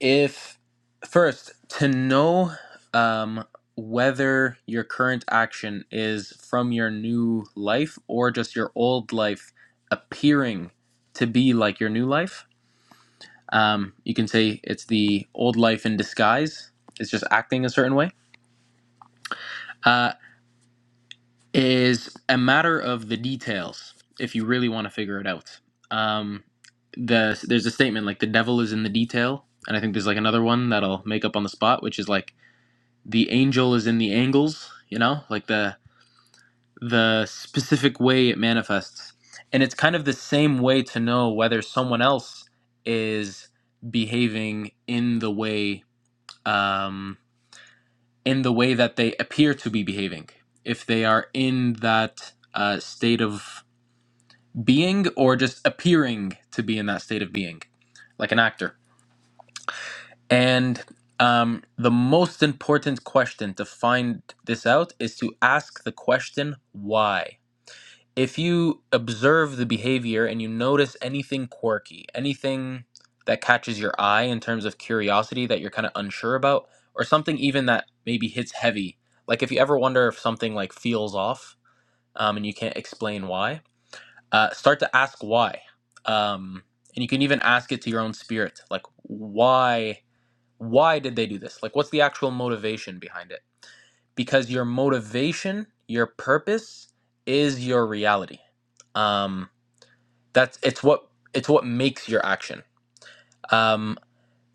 if first to know um, whether your current action is from your new life or just your old life appearing to be like your new life um, you can say it's the old life in disguise it's just acting a certain way uh, is a matter of the details if you really want to figure it out um, the, there's a statement like the devil is in the detail and i think there's like another one that'll make up on the spot which is like the angel is in the angles, you know, like the the specific way it manifests. And it's kind of the same way to know whether someone else is behaving in the way um, in the way that they appear to be behaving. If they are in that uh, state of being or just appearing to be in that state of being, like an actor. And um, the most important question to find this out is to ask the question why. If you observe the behavior and you notice anything quirky, anything that catches your eye in terms of curiosity that you're kind of unsure about, or something even that maybe hits heavy, like if you ever wonder if something like feels off um, and you can't explain why, uh, start to ask why. Um, and you can even ask it to your own spirit, like why why did they do this? Like, what's the actual motivation behind it? Because your motivation, your purpose, is your reality. Um, that's it's what it's what makes your action. Um,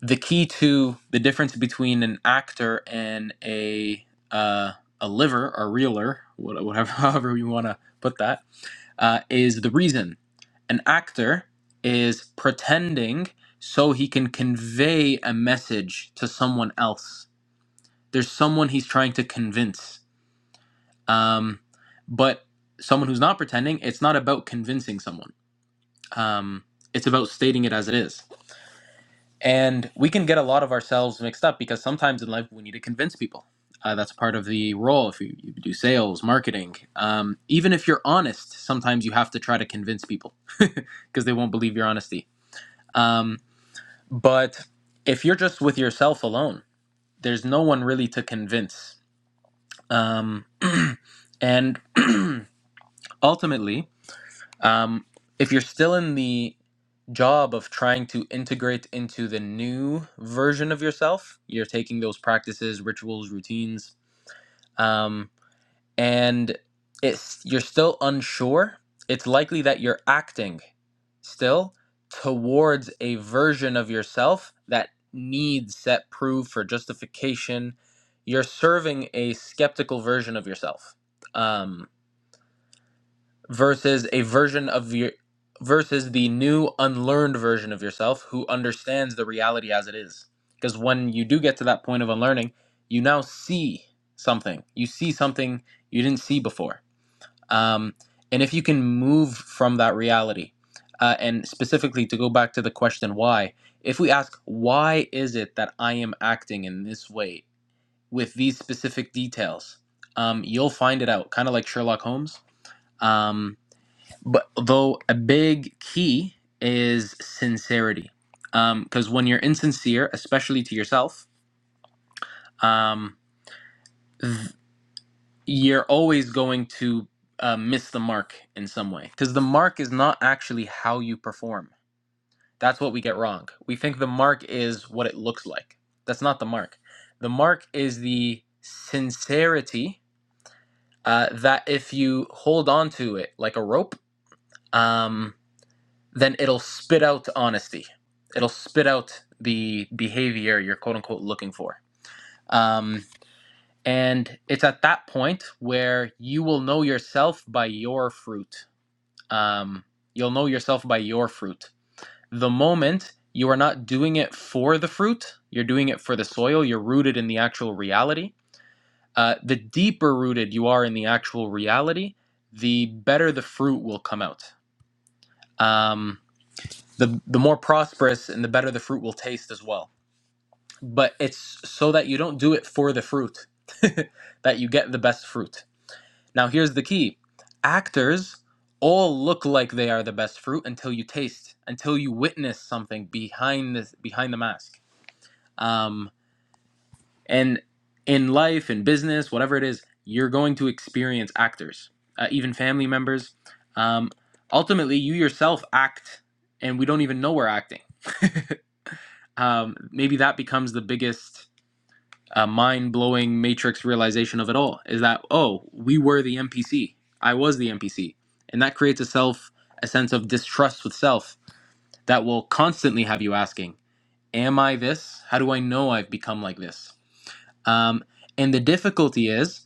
the key to the difference between an actor and a uh, a liver or reeler, whatever, [laughs] however you want to put that, uh, is the reason. An actor is pretending so he can convey a message to someone else there's someone he's trying to convince. Um, but someone who's not pretending, it's not about convincing someone. Um, it's about stating it as it is. And we can get a lot of ourselves mixed up because sometimes in life we need to convince people. Uh, that's part of the role if you, you do sales, marketing. Um, even if you're honest, sometimes you have to try to convince people because they won't believe your honesty. Um, but if you're just with yourself alone, there's no one really to convince. Um, [clears throat] and [clears throat] ultimately, um, if you're still in the job of trying to integrate into the new version of yourself, you're taking those practices, rituals, routines, um, and it's you're still unsure. It's likely that you're acting still towards a version of yourself that needs set proof for justification. You're serving a skeptical version of yourself. Um, versus a version of your versus the new unlearned version of yourself who understands the reality as it is because when you do get to that point of unlearning you now see something you see something you didn't see before um, and if you can move from that reality uh, and specifically to go back to the question why if we ask why is it that i am acting in this way with these specific details um, you'll find it out kind of like sherlock holmes Um, but though a big key is sincerity because when you're insincere especially to yourself um, you're always going to uh, miss the mark in some way because the mark is not actually how you perform that's what we get wrong we think the mark is what it looks like that's not the mark the mark is the sincerity uh, that if you hold on to it like a rope um, then it'll spit out honesty. It'll spit out the behavior you're quote unquote looking for. Um, and it's at that point where you will know yourself by your fruit. Um, you'll know yourself by your fruit. The moment you are not doing it for the fruit, you're doing it for the soil, you're rooted in the actual reality. Uh, the deeper rooted you are in the actual reality, the better the fruit will come out. Um, the the more prosperous and the better the fruit will taste as well. But it's so that you don't do it for the fruit, [laughs] that you get the best fruit. Now here's the key: actors all look like they are the best fruit until you taste, until you witness something behind the behind the mask. Um, and in life, in business, whatever it is, you're going to experience actors, uh, even family members. Um, ultimately, you yourself act, and we don't even know we're acting. [laughs] um, maybe that becomes the biggest uh, mind-blowing matrix realization of it all is that oh we were the npc i was the npc and that creates a self a sense of distrust with self that will constantly have you asking am i this how do i know i've become like this um, and the difficulty is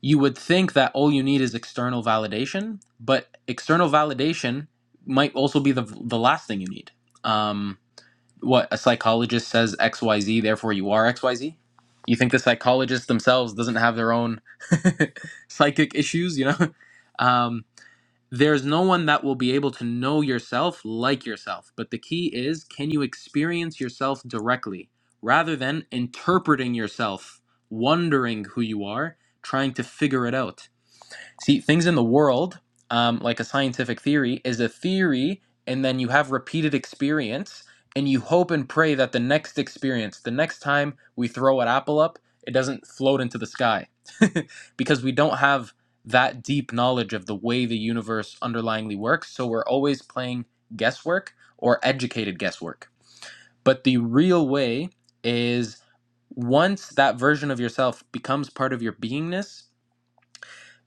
you would think that all you need is external validation but external validation might also be the, the last thing you need Um, what a psychologist says xyz therefore you are xyz you think the psychologists themselves doesn't have their own [laughs] psychic issues you know [laughs] um, there's no one that will be able to know yourself like yourself but the key is can you experience yourself directly rather than interpreting yourself wondering who you are trying to figure it out See, things in the world, um, like a scientific theory, is a theory, and then you have repeated experience, and you hope and pray that the next experience, the next time we throw an apple up, it doesn't float into the sky. [laughs] because we don't have that deep knowledge of the way the universe underlyingly works, so we're always playing guesswork or educated guesswork. But the real way is once that version of yourself becomes part of your beingness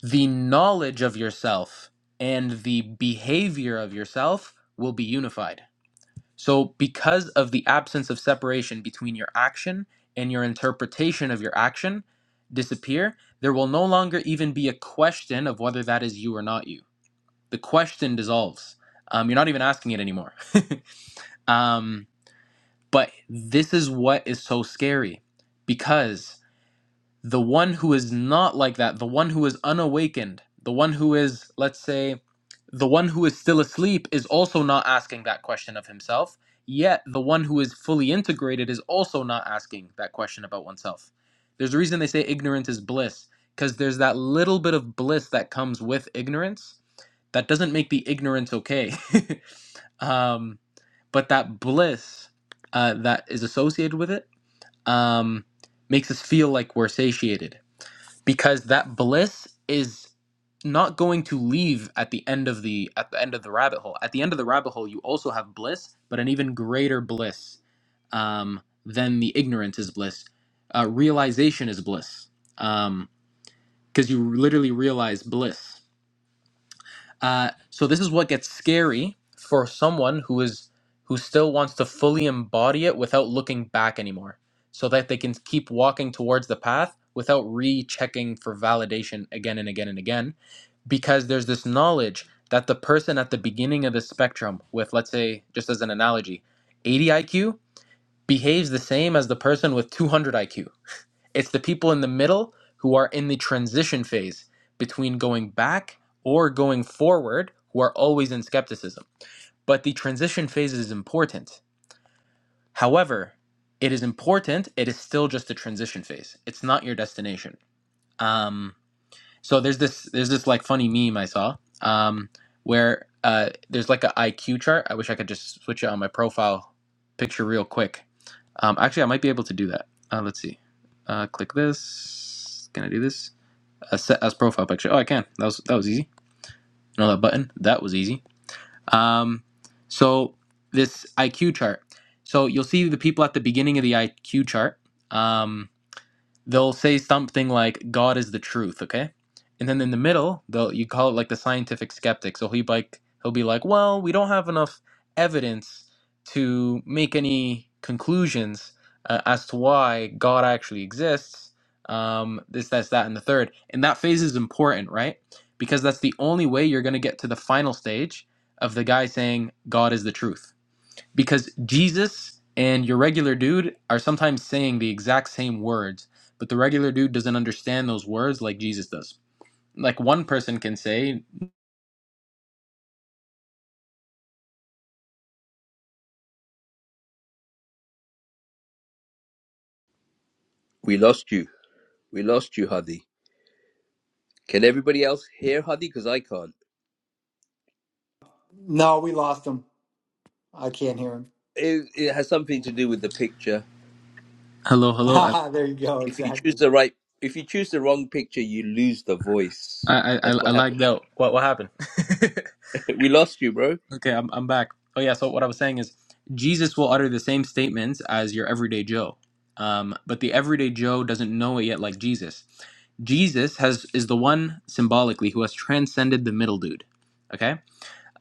the knowledge of yourself and the behavior of yourself will be unified. So, because of the absence of separation between your action and your interpretation of your action disappear, there will no longer even be a question of whether that is you or not you. The question dissolves. Um, you're not even asking it anymore. Um, but this is what is so scary because the one who is not like that, the one who is unawakened, the one who is, let's say, The one who is still asleep is also not asking that question of himself, yet the one who is fully integrated is also not asking that question about oneself. There's a reason they say ignorance is bliss, because there's that little bit of bliss that comes with ignorance. That doesn't make the ignorance okay. [laughs] um, but that bliss uh, that is associated with it um, makes us feel like we're satiated because that bliss is not going to leave at the end of the at the end of the rabbit hole. At the end of the rabbit hole, you also have bliss, but an even greater bliss um, than the ignorance is bliss. Uh, realization is bliss because you literally realize bliss. Uh, so this is what gets scary for someone who is who still wants to fully embody it without looking back anymore, so that they can keep walking towards the path without rechecking for validation again and again and again, because there's this knowledge that the person at the beginning of the spectrum with let's say just as an analogy, 80 IQ behaves the same as the person with 200 IQ it's the people in the middle who are in the transition phase between going back or going forward who are always in skepticism. But the transition phase is important. However, it is important. It is still just a transition phase. It's not your destination. Um, so there's this there's this like funny meme I saw um, where uh, there's like a IQ chart. I wish I could just switch it on my profile picture real quick. Um, actually, I might be able to do that. Uh, let's see. Uh, click this. Can I do this? A set as profile picture. Oh, I can. That was that was easy. You know that button? That was easy. Um, so this IQ chart. So you'll see the people at the beginning of the IQ chart. Um, they'll say something like God is the truth, okay? And then in the middle, they'll you call it like the scientific skeptic. So he like he'll be like, well, we don't have enough evidence to make any conclusions uh, as to why God actually exists. Um, this, that's that, and the third. And that phase is important, right? Because that's the only way you're going to get to the final stage of the guy saying God is the truth because Jesus and your regular dude are sometimes saying the exact same words, but the regular dude doesn't understand those words like Jesus does. Like one person can say, We lost you. We lost you, Hadi. Can everybody else hear Hadi? Because I can't. No, we lost him. I can't hear him. It, it has something to do with the picture. "Hello, hello." I [laughs] there you go. If you choose Exactly. the right, if you choose the wrong picture, you lose the voice. I I, That's I what lagged happened. [laughs] out. What what happened? We lost you, bro. [laughs] okay, I'm I'm back. Oh yeah. So what I was saying is, Jesus will utter the same statements as your everyday Joe, um, but the everyday Joe doesn't know it yet, like Jesus. Jesus has is the one symbolically who has transcended the middle dude. Okay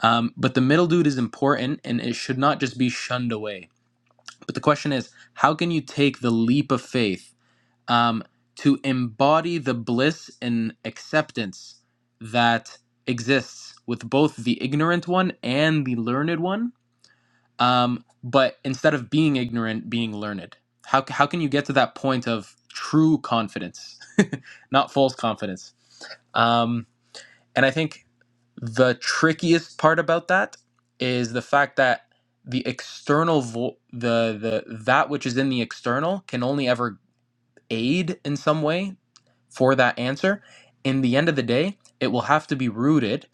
Um, but the middle dude is important and it should not just be shunned away. But the question is, how can you take the leap of faith um, to embody the bliss and acceptance that exists with both the ignorant one and the learned one? Um, but instead of being ignorant, being learned. How, how can you get to that point of true confidence, [laughs] not false confidence? Um, and I think the trickiest part about that is the fact that the external vo- the the that which is in the external can only ever aid in some way for that answer. In the end of the day, it will have to be rooted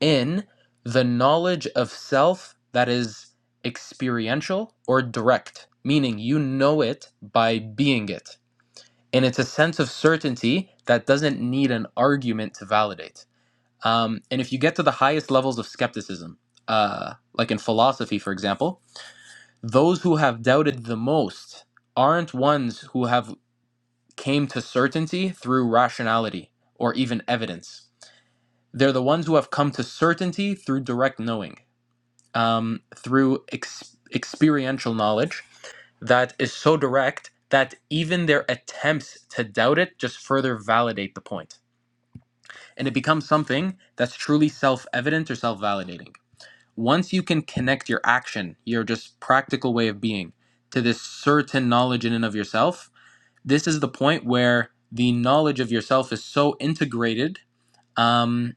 in the knowledge of self that is experiential or direct, meaning you know it by being it. And it's a sense of certainty that doesn't need an argument to validate. Um, and if you get to the highest levels of skepticism, uh, like in philosophy, for example, those who have doubted the most aren't ones who have came to certainty through rationality or even evidence. They're the ones who have come to certainty through direct knowing, um, through ex- experiential knowledge that is so direct that even their attempts to doubt it just further validate the point. And it becomes something that's truly self evident or self validating. once you can connect your action, your just practical way of being, to this certain knowledge in and of yourself, this is the point where the knowledge of yourself is so integrated um,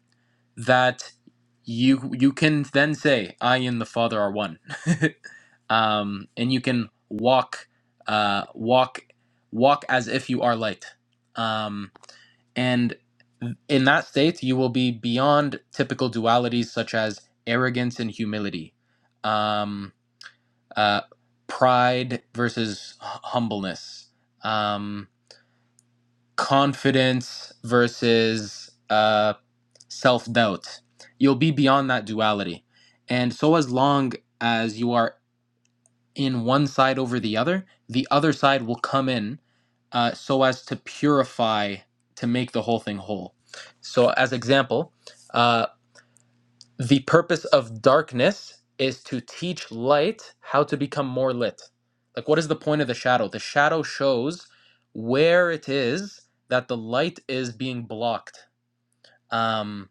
that you you can then say, "I and the Father are one." [laughs] um, and you can walk, uh, walk, walk as if you are light. Um, and in that state, you will be beyond typical dualities such as arrogance and humility, um, uh, pride versus humbleness, um, confidence versus uh, self doubt. You'll be beyond that duality. And so, as long as you are in one side over the other, the other side will come in uh, so as to purify, to make the whole thing whole. So, as example, uh, the purpose of darkness is to teach light how to become more lit. Like, what is the point of the shadow? The shadow shows where it is that the light is being blocked. Um,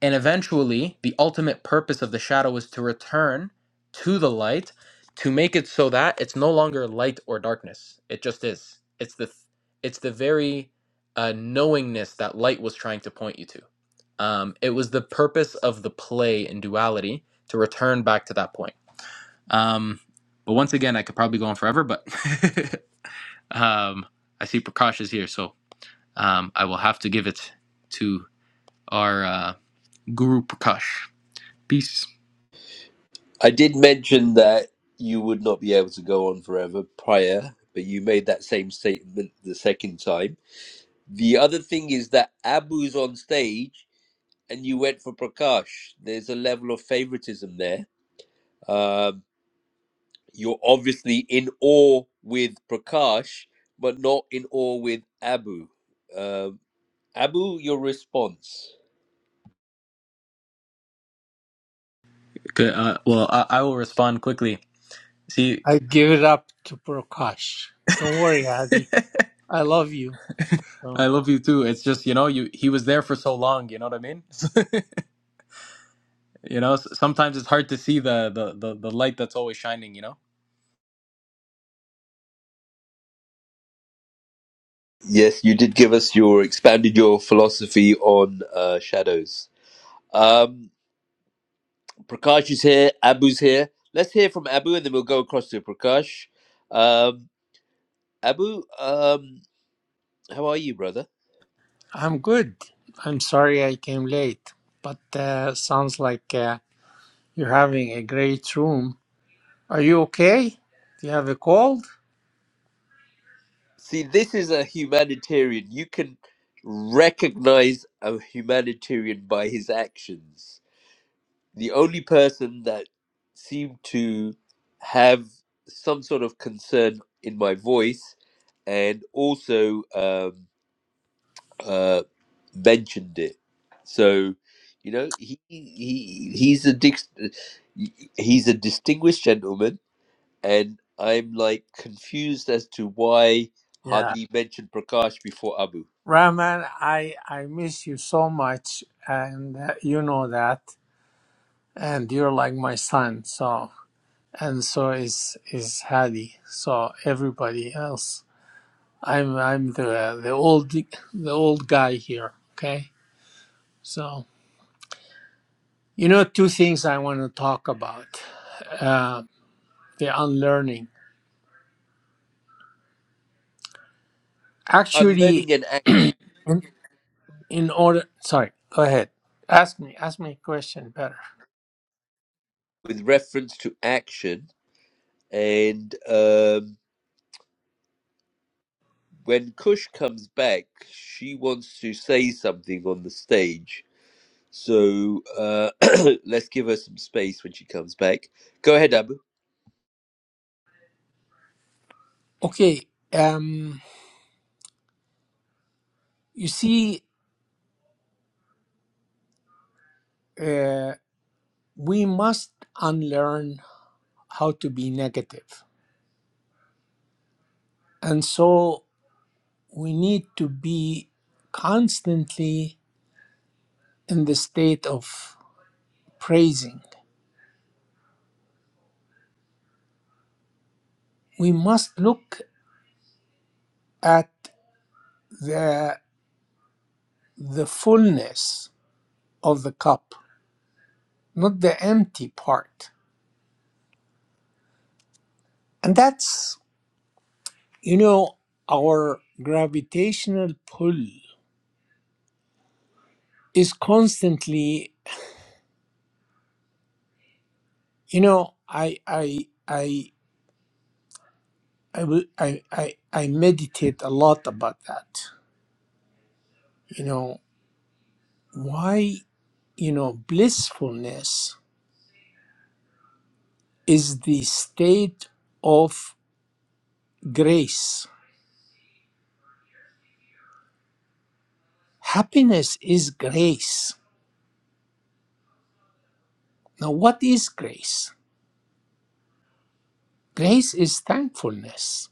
and eventually, the ultimate purpose of the shadow is to return to the light to make it so that it's no longer light or darkness. It just is. It's the it's the very uh, knowingness that light was trying to point you to. Um, it was the purpose of the play in duality to return back to that point. Um, but once again, I could probably go on forever, but [laughs] um, I see Prakash is here, so um, I will have to give it to our uh, Guru Prakash. Peace. I did mention that you would not be able to go on forever prior, but you made that same statement the second time. The other thing is that Abu's on stage and you went for Prakash. There's a level of favoritism there. Um, you're obviously in awe with Prakash, but not in awe with Abu. Um Abu, your response? Good. uh, well, I, I will respond quickly. See, I give it up to Prakash. Don't worry, Adi. I love you. I So love you too. It's just you know, you he was there for so long. You know what I mean? [laughs] you know, s- sometimes it's hard to see the the the, the light that's always shining. You know, Yes, you did give us your expanded your philosophy on uh, shadows. Um, Prakash is here. Abu's here. Let's hear from Abu, and then we'll go across to Prakash. Um, Abu, um, how are you, brother? I'm good. I'm sorry I came late, but uh, sounds like uh, you're having a great room. Are you okay? Do you have a cold? See, this is a humanitarian. You can recognize a humanitarian by his actions. The only person that seemed to have some sort of concern in my voice and also um, uh, mentioned it. So, you know, he, he he's a dic- he's a distinguished gentleman and I'm like confused as to why Yeah, Hadi mentioned Prakash before Abu. Rahman, I I miss you so much, and uh, you know that. And you're like my son, so and so is is Hadi. So everybody else. I'm I'm the the old the old guy here. Okay, so you know two things I want to talk about: uh, the unlearning. I'm Actually, learning an act in, in order, sorry, go ahead. Ask me. Ask me a question better. with reference to action, and um, when Kush comes back, she wants to say something on the stage. So uh, [clears throat] let's give her some space when she comes back. Go ahead, Abu. Okay. Um. You see, uh, we must unlearn how to be negative, and so we need to be constantly in the state of praising we must look at the the fullness of the cup not the empty part and that's you know our gravitational pull is constantly you know i i i i will- i i, I meditate a lot about that you know why you know blissfulness is the state of grace happiness is grace Now, what is grace? Grace is thankfulness.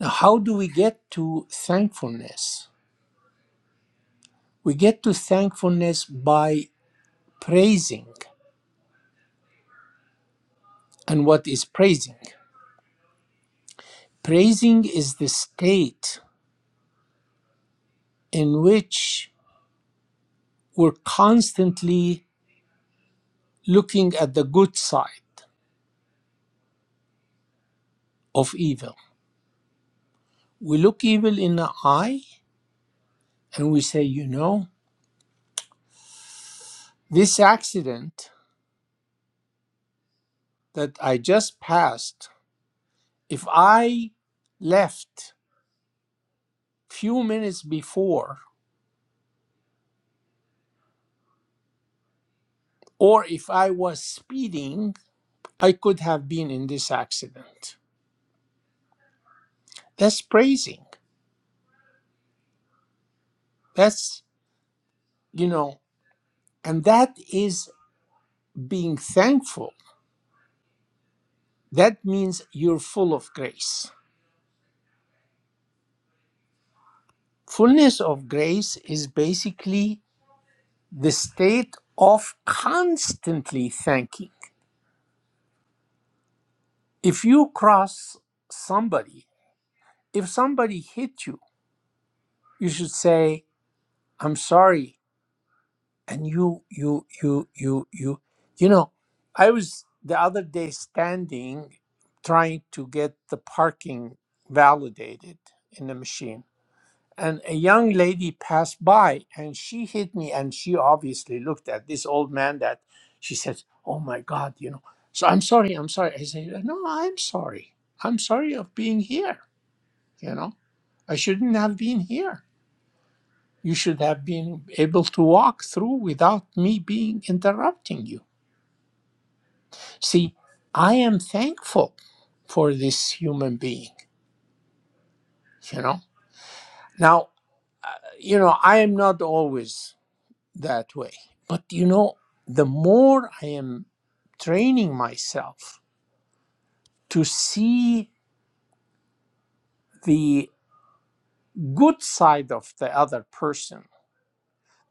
Now, how do we get to thankfulness? We get to thankfulness by praising. And what is praising? Praising is the state in which we're constantly looking at the good side of evil. We look evil in the eye and we say, you know, this accident that I just passed, if I left few minutes before, or if I was speeding, I could have been in this accident. That's praising. That's, you know, and that is being thankful. That means you're full of grace. Fullness of grace is basically the state of constantly thanking. If you cross somebody, if somebody hit you, you should say, I'm sorry and you you you you you you know i was the other day standing trying to get the parking validated in the machine and a young lady passed by and she hit me and she obviously looked at this old man that she said oh my god you know so i'm sorry i'm sorry i said no i'm sorry i'm sorry of being here you know i shouldn't have been here you should have been able to walk through without me being interrupting you. See, I am thankful for this human being, you know. Now, uh, you know, I am not always that way, but you know, the more I am training myself to see the good side of the other person,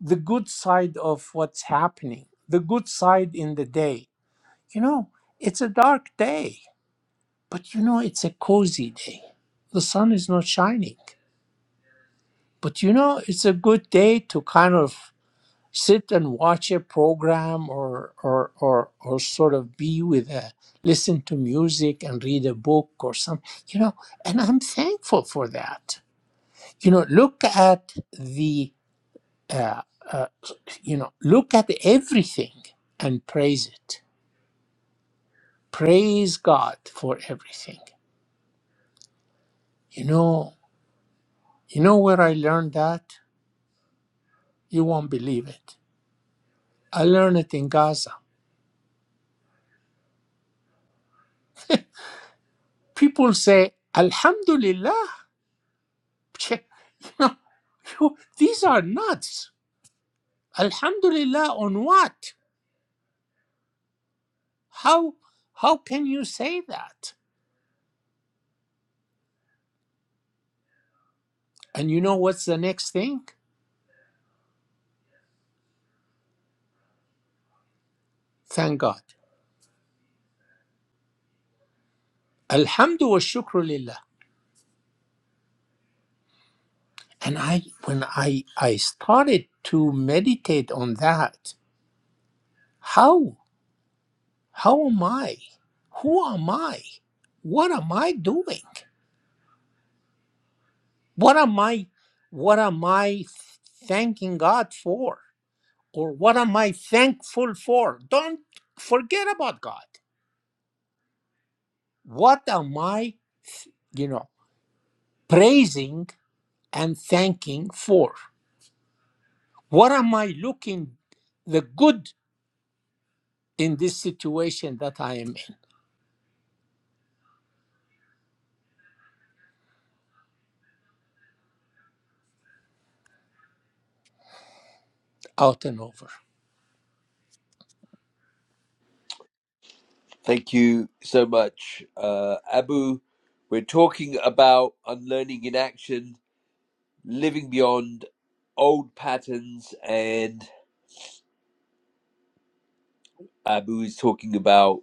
the good side of what's happening, the good side in the day. You know, it's a dark day. But you know, it's a cozy day. The sun is not shining. But you know, it's a good day to kind of sit and watch a program or, or, or, or sort of be with a, listen to music and read a book or something, you know, and I'm thankful for that. You know, look at the, uh, uh, you know, look at everything and praise it. Praise God for everything. You know, you know where I learned that? You won't believe it. I learned it in Gaza. People say, Alhamdulillah. [laughs] these are nuts. Alhamdulillah on what? How, how can you say that? And you know what's the next thing? Thank God. Alhamdu wa shukru lillah. And I, when I, I started to meditate on that, how, how am I? Who am I? What am I doing? What am I what am I thanking God for? Or what am I thankful for? Don't forget about God. What am I, you know, praising and thanking for? What am I looking the good in this situation that I am in, out and over? Thank you so much, uh, Abu. We're talking about unlearning in action living beyond old patterns and abu is talking about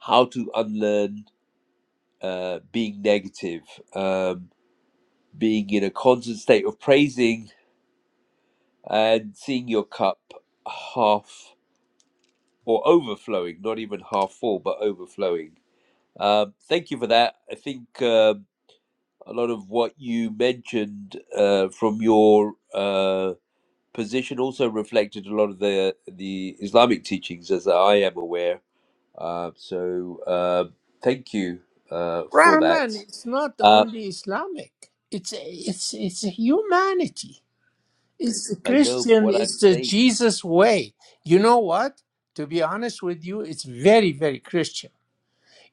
how to unlearn uh, being negative um, being in a constant state of praising and seeing your cup half or overflowing not even half full but overflowing um, thank you for that i think um, a lot of what you mentioned uh, from your uh, position also reflected a lot of the the islamic teachings as i am aware Uh, so uh, thank you uh, for that. Rahman is not Uh, only Islamic. It's it's it's humanity. It's the I know Christian, what I'm it's the saying. Jesus way. You know what? To be honest with you, it's very, very Christian.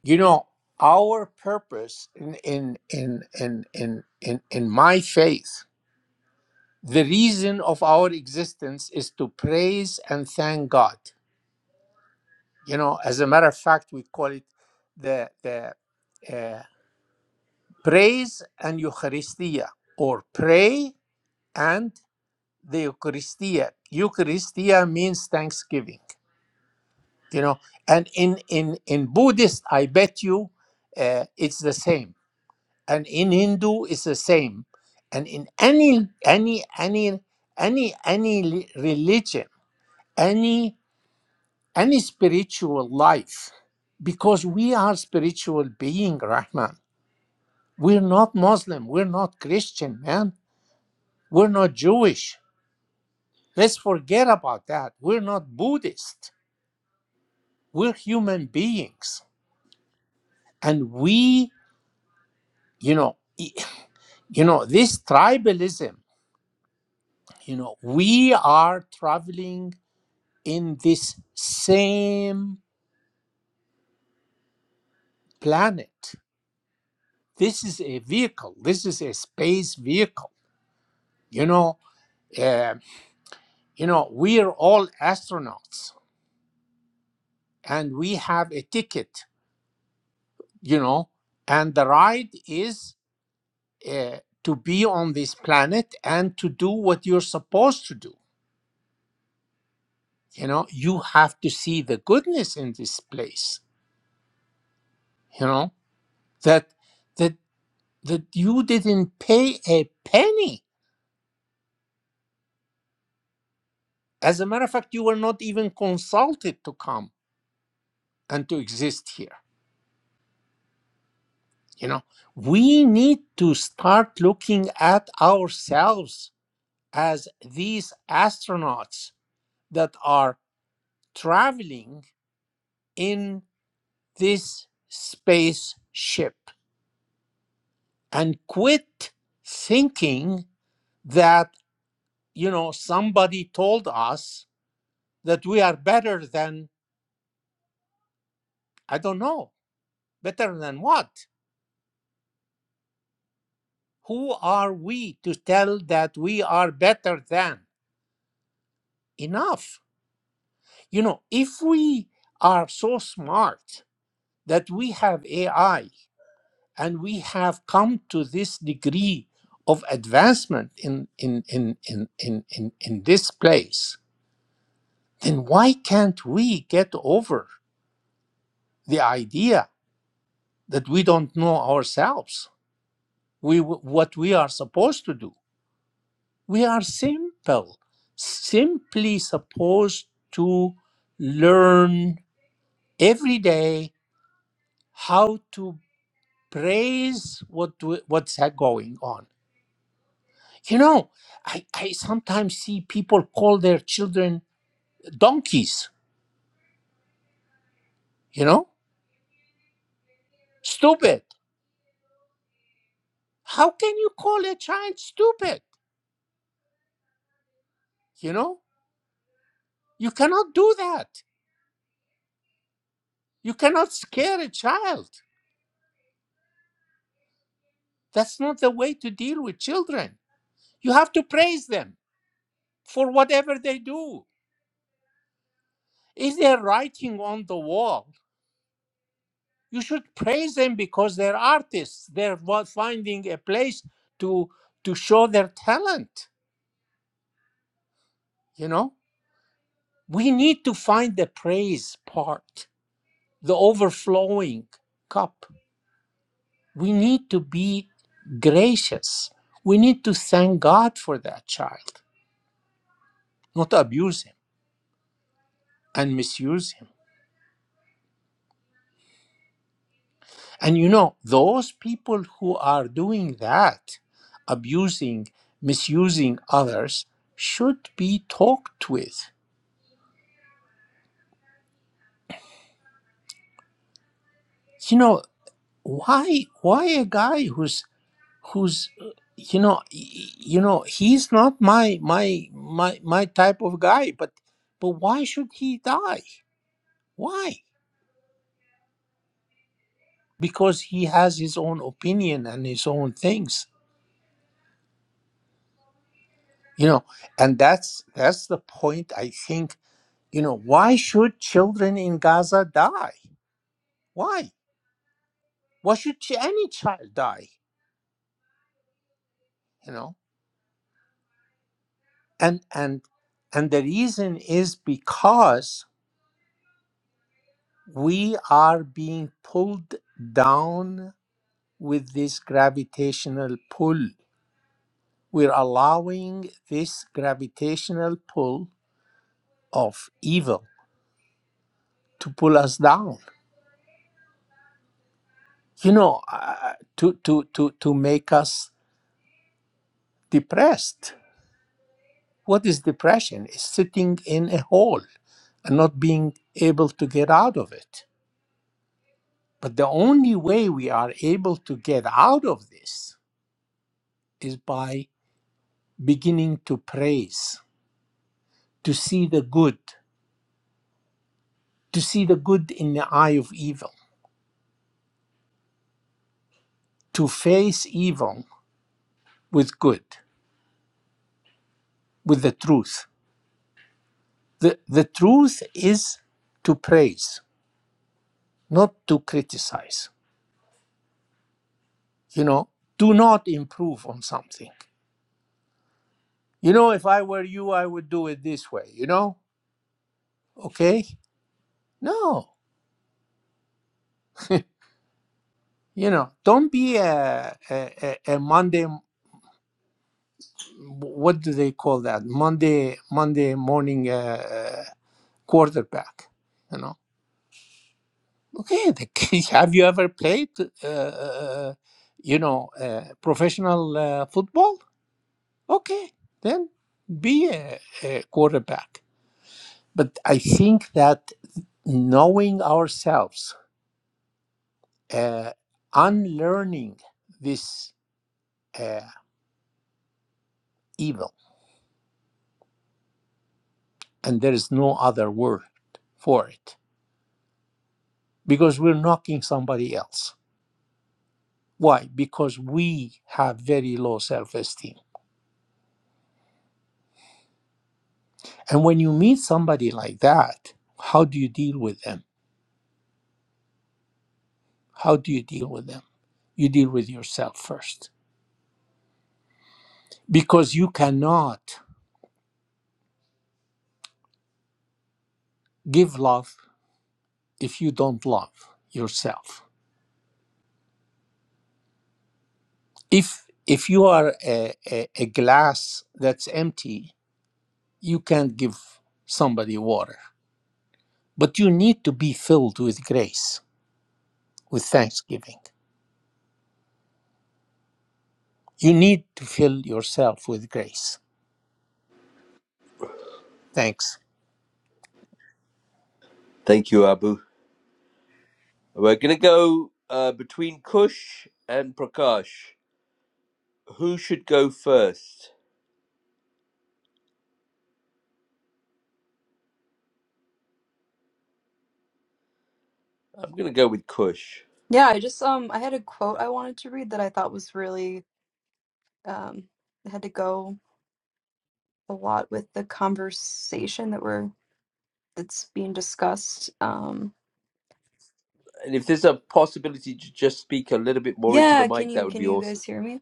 You know, our purpose in in in in in in, in my faith, the reason of our existence is to praise and thank God. You know, as a matter of fact, we call it the the uh, praise and Eucharistia, or pray and the Eucharistia. Eucharistia means thanksgiving you know and in in in buddhist i bet you uh, it's the same and in hindu it's the same and in any any any any any li- religion any any spiritual life because we are spiritual being rahman we're not muslim we're not christian man we're not jewish let's forget about that we're not buddhist we're human beings and we you know e, you know this tribalism you know we are traveling in this same planet this is a vehicle this is a space vehicle you know uh, you know we are all astronauts and we have a ticket you know and the ride is uh, to be on this planet and to do what you're supposed to do you know you have to see the goodness in this place you know that that that you didn't pay a penny. As a matter of fact, you were not even consulted to come and to exist here. You know, we need to start looking at ourselves as these astronauts that are traveling in this spaceship and quit thinking that, you know, somebody told us that we are better than, I don't know, better than what? Who are we to tell that we are better than? Enough. You know, if we are so smart that we have AI and we have come to this degree of advancement in, in, in, in, in, in, in this place, then why can't we get over the idea that we don't know ourselves? We, what we are supposed to do? We are simple, simply supposed to learn every day how to praise what we- what's ha- going on. You know, I, I sometimes see people call their children donkeys, you know, stupid. How can you call a child stupid? You know, you cannot do that. You cannot scare a child. That's not the way to deal with children. You have to praise them for whatever they do. If they're writing on the wall, you should praise them because they're artists. They're wa- finding a place to to show their talent. You know, we need to find the praise part, the overflowing cup. We need to be gracious. We need to thank God for that child, not abuse him and misuse him. And you know, those people who are doing that, abusing, misusing others, should be talked with. You know, why why a guy who's who's uh, you know y- you know he's not my my my my type of guy but but why should he die why because he has his own opinion and his own things you know and that's that's the point i think You know, why should children in Gaza die? Why? Why should ch- any child die? You know, and and and the reason is because we are being pulled down with this gravitational pull. We're allowing this gravitational pull of evil to pull us down. You know, uh, to to to to make us depressed What is depression? Is sitting in a hole and not being able to get out of it. But the only way we are able to get out of this is by beginning to praise, to see the good, to see the good in the eye of evil, to face evil with good, with the truth. The, the truth is to praise, not to criticize. You know, do not improve on something. You know, if I were you, I would do it this way, you know? Okay? No. You know, don't be a, a, a a Monday, what do they call that? Monday, Monday morning uh, uh, quarterback, you know? Okay, the [laughs] have you ever played, uh, uh, uh, you know, uh, professional uh, football? Okay, then be a, a quarterback. But I think that knowing ourselves uh, unlearning this uh, evil. And there is no other word for it because we're knocking somebody else. Why? Because we have very low self esteem. And when you meet somebody like that, how do you deal with them? How do you deal with them? You deal with yourself first because you cannot give love if you don't love yourself. If if you are a, a, a glass that's empty you can't give somebody water. But you need to be filled with grace, with thanksgiving. You need to fill yourself with grace. Thanks. Thank you, Abu. We're gonna go uh, between Kush and Prakash. Who should go first? I'm gonna go with Kush. Yeah, I just um I had a quote I wanted to read that I thought was really um it had to go a lot with the conversation that we're that's being discussed. Um And if there's a possibility to just speak a little bit more into the yeah, can mic, that you would can be you awesome. guys hear me?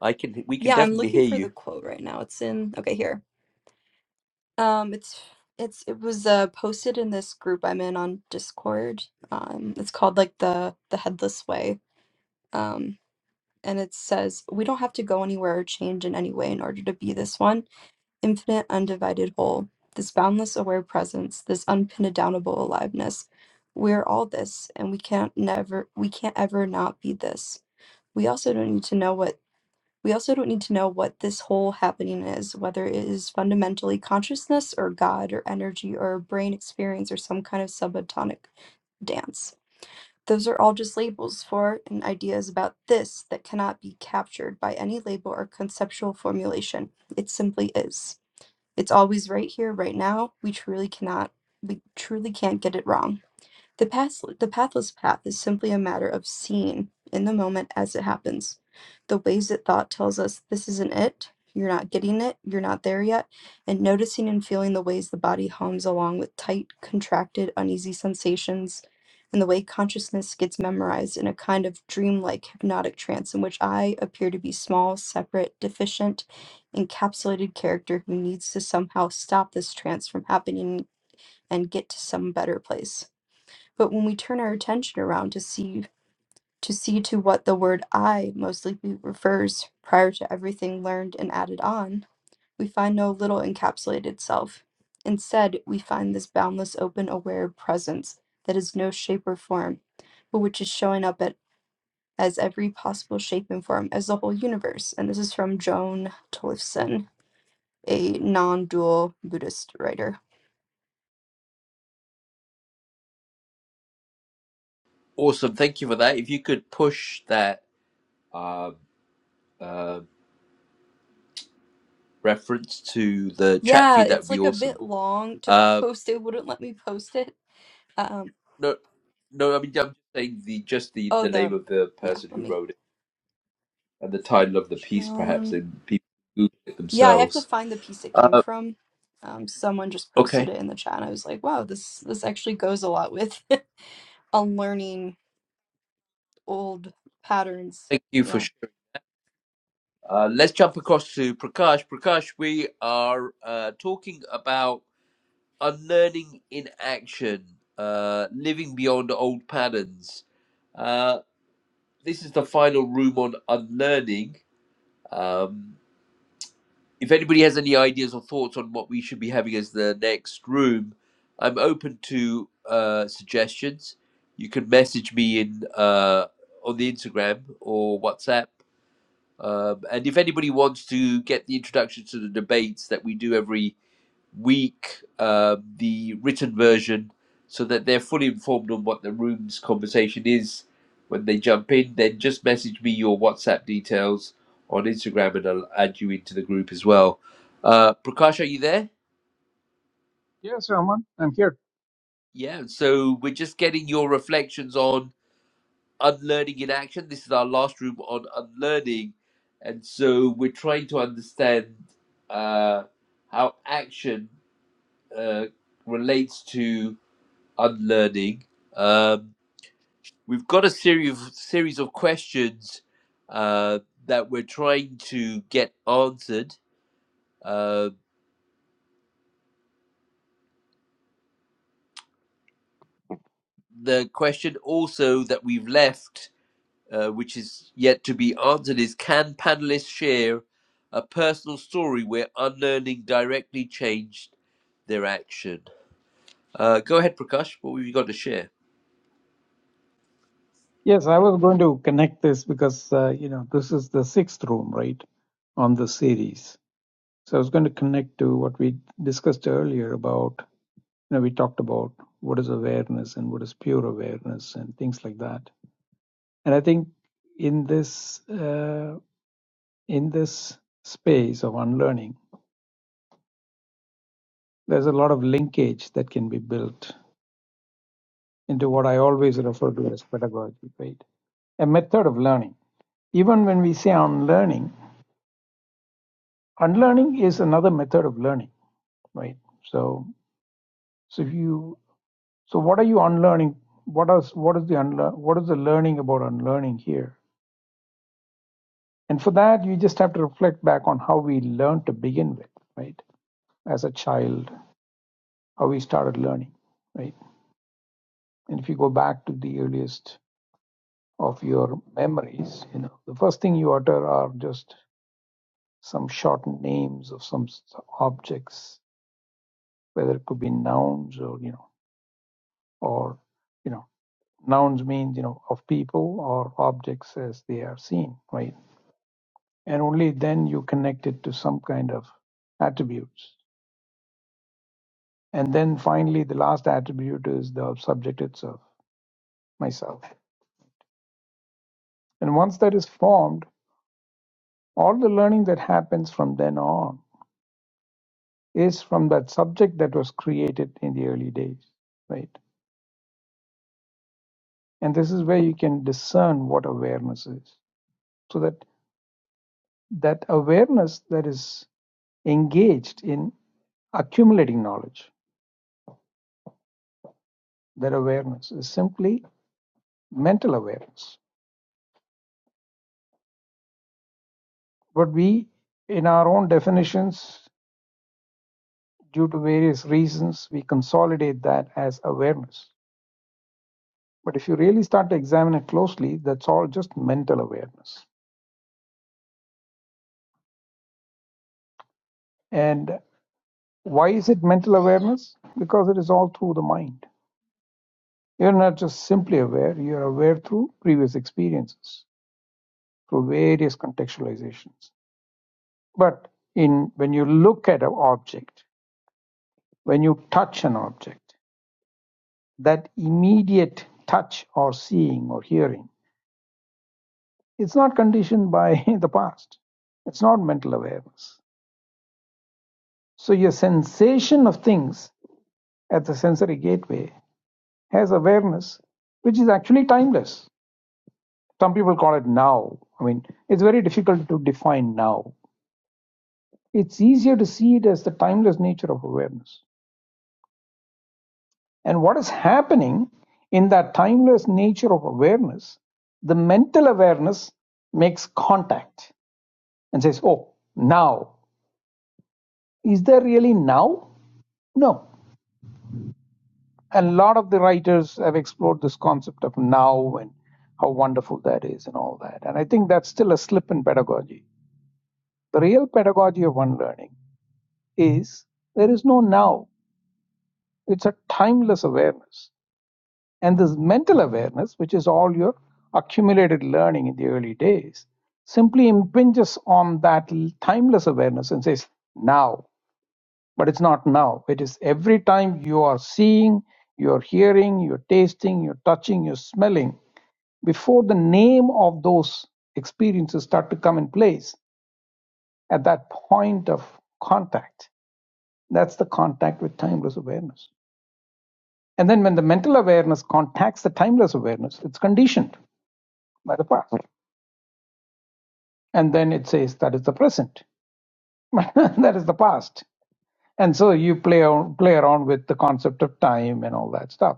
I can, we can Yeah, I'm definitely looking hear for the you. quote right now. It's in okay, here. Um it's it's it was uh posted in this group I'm in on Discord. Um it's called like the the headless way. Um and it says, "We don't have to go anywhere or change in any way in order to be this one. infinite undivided whole, this boundless aware presence, this unpindownable aliveness. We're all this, and we can't never we can't ever not be this. We also don't need to know what we also don't need to know what this whole happening is, whether it is fundamentally consciousness or God or energy or a brain experience or some kind of subatomic dance. Those are all just labels for and ideas about this that cannot be captured by any label or conceptual formulation. It simply is. It's always right here, right now. We truly cannot, we truly can't get it wrong. The, path, the pathless path is simply a matter of seeing in the moment as it happens. The ways that thought tells us this isn't it, you're not getting it, you're not there yet, and noticing and feeling the ways the body hums along with tight, contracted, uneasy sensations, and the way consciousness gets memorized in a kind of dreamlike hypnotic trance in which I appear to be small, separate, deficient, encapsulated character who needs to somehow stop this trance from happening and get to some better place. But when we turn our attention around to see to see to what the word I most likely refers prior to everything learned and added on, we find no little encapsulated self. Instead, we find this boundless open aware presence that is no shape or form, but which is showing up at, as every possible shape and form as the whole universe. And this is from Joan Tolifson, a non-dual Buddhist writer. Awesome. Thank you for that. If you could push that uh, uh, reference to the chat Yeah, feed, that would it's be like a awesome. bit long to Um, [laughs] post. It wouldn't let me post it. Um, No, no. I mean, I'm just saying the just the Oh, the name the of the yeah. person Let who me wrote it and the title of the piece, perhaps, Joan. and people Google it Yeah, I have to themselves. find the piece it came Uh, from. Um, someone just okay, posted it in the chat, and I was like, "Wow, this this actually goes a lot with [laughs] unlearning old patterns." thank you Yeah. for sharing. Uh, let's jump across to Prakash. Prakash, we are uh, talking about unlearning in action, uh, living beyond old patterns. Uh, this is the final room on unlearning. Um, if anybody has any ideas or thoughts on what we should be having as the next room, I'm open to uh, suggestions. You can message me in uh, on the Instagram or WhatsApp. Um, and if anybody wants to get the introduction to the debates that we do every week, uh, the written version, so that they're fully informed on what the room's conversation is when they jump in. Then just message me your WhatsApp details on Instagram and I'll add you into the group as well. Uh, Prakash, are you there? Yes, Rahman, I'm here. Yeah, so we're just getting your reflections on unlearning in action. This is our last room on unlearning. And so we're trying to understand uh, how action uh, relates to unlearning. Um, we've got a series of, series of questions uh, that we're trying to get answered. Uh, the question also that we've left, uh, which is yet to be answered, is can panelists share a personal story where unlearning directly changed their action? Uh, go ahead, Prakash. What have you got to share? Yes, I was going to connect this because uh, you know this is the sixth room, right, on the series. So I was going to connect to what we discussed earlier about you know we talked about what is awareness and what is pure awareness and things like that. And I think in this uh, in this space of unlearning, there's a lot of linkage that can be built into what I always refer to as pedagogy, right? A method of learning. Even when we say unlearning unlearning is another method of learning right so so if you so what are you unlearning what is what is the unlearn what is the learning about unlearning here and for that you just have to reflect back on how we learned to begin with right as a child how we started learning right and if you go back to the earliest of your memories you know the first thing you utter are just some short names of some s- objects whether it could be nouns or you know or you know Nouns means, you know, of people or objects as they are seen, right? And only then you connect it to some kind of attributes. And then finally, the last attribute is the subject itself, myself. And once that is formed, all the learning that happens from then on is from that subject that was created in the early days, right? And this is where you can discern what awareness is. So that that awareness that is engaged in accumulating knowledge their awareness is simply mental awareness. But we, in our own definitions, due to various reasons, we consolidate that as awareness. But if you really start to examine it closely, that's all just mental awareness. And why is it mental awareness? Because it is all through the mind. You're not just simply aware, you're aware through previous experiences, through various contextualizations. But in when you look at an object, when you touch an object, that immediate touch or seeing or hearing. It's not conditioned by [laughs] the past. It's not mental awareness. So your sensation of things at the sensory gateway has awareness, which is actually timeless. Some people call it now. I mean, it's very difficult to define now. It's easier to see it as the timeless nature of awareness. And what is happening in that timeless nature of awareness, the mental awareness makes contact and says, oh, now. Is there really now? No. A lot of the writers have explored this concept of now and how wonderful that is and all that. And I think that's still a slip in pedagogy. The real pedagogy of one learning is there is no now, it's a timeless awareness. And this mental awareness, which is all your accumulated learning in the early days, simply impinges on that timeless awareness and says, now. but it's not now. It is every time you are seeing, you're hearing, you're tasting, you're touching, you're smelling, before the name of those experiences start to come in place at that point of contact. That's the contact with timeless awareness. And then when the mental awareness contacts the timeless awareness, it's conditioned by the past. And then it says that is the present, [laughs] that is the past. And so you play, play around with the concept of time and all that stuff.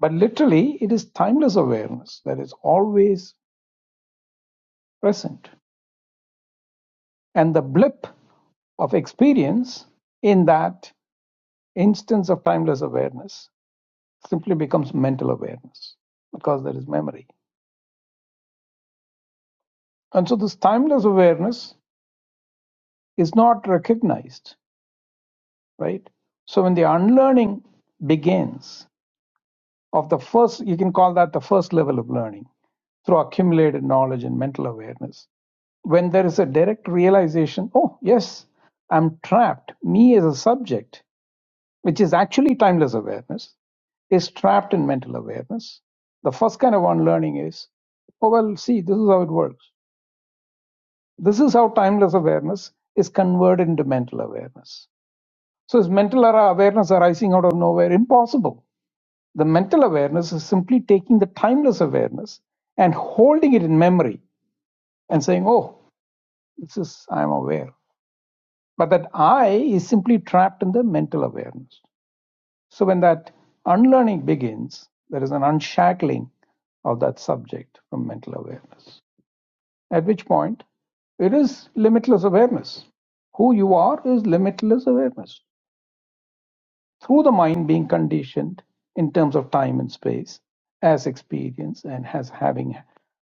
But literally, it is timeless awareness that is always present. And the blip of experience in that instance of timeless awareness simply becomes mental awareness because there is memory. And so, this timeless awareness is not recognized, right? So, when the unlearning begins of the first, you can call that the first level of learning through accumulated knowledge and mental awareness, when there is a direct realization, oh, yes, I'm trapped, me as a subject, which is actually timeless awareness, is trapped in mental awareness. The first kind of unlearning is, oh, well, see, this is how it works. This is how timeless awareness is converted into mental awareness. So, is mental ara- awareness arising out of nowhere? Impossible. The mental awareness is simply taking the timeless awareness and holding it in memory and saying, oh, this is, I'm aware. But that I is simply trapped in the mental awareness. So when that unlearning begins, there is an unshackling of that subject from mental awareness. At which point, it is limitless awareness. Who you are is limitless awareness. Through the mind being conditioned in terms of time and space, as experience and as having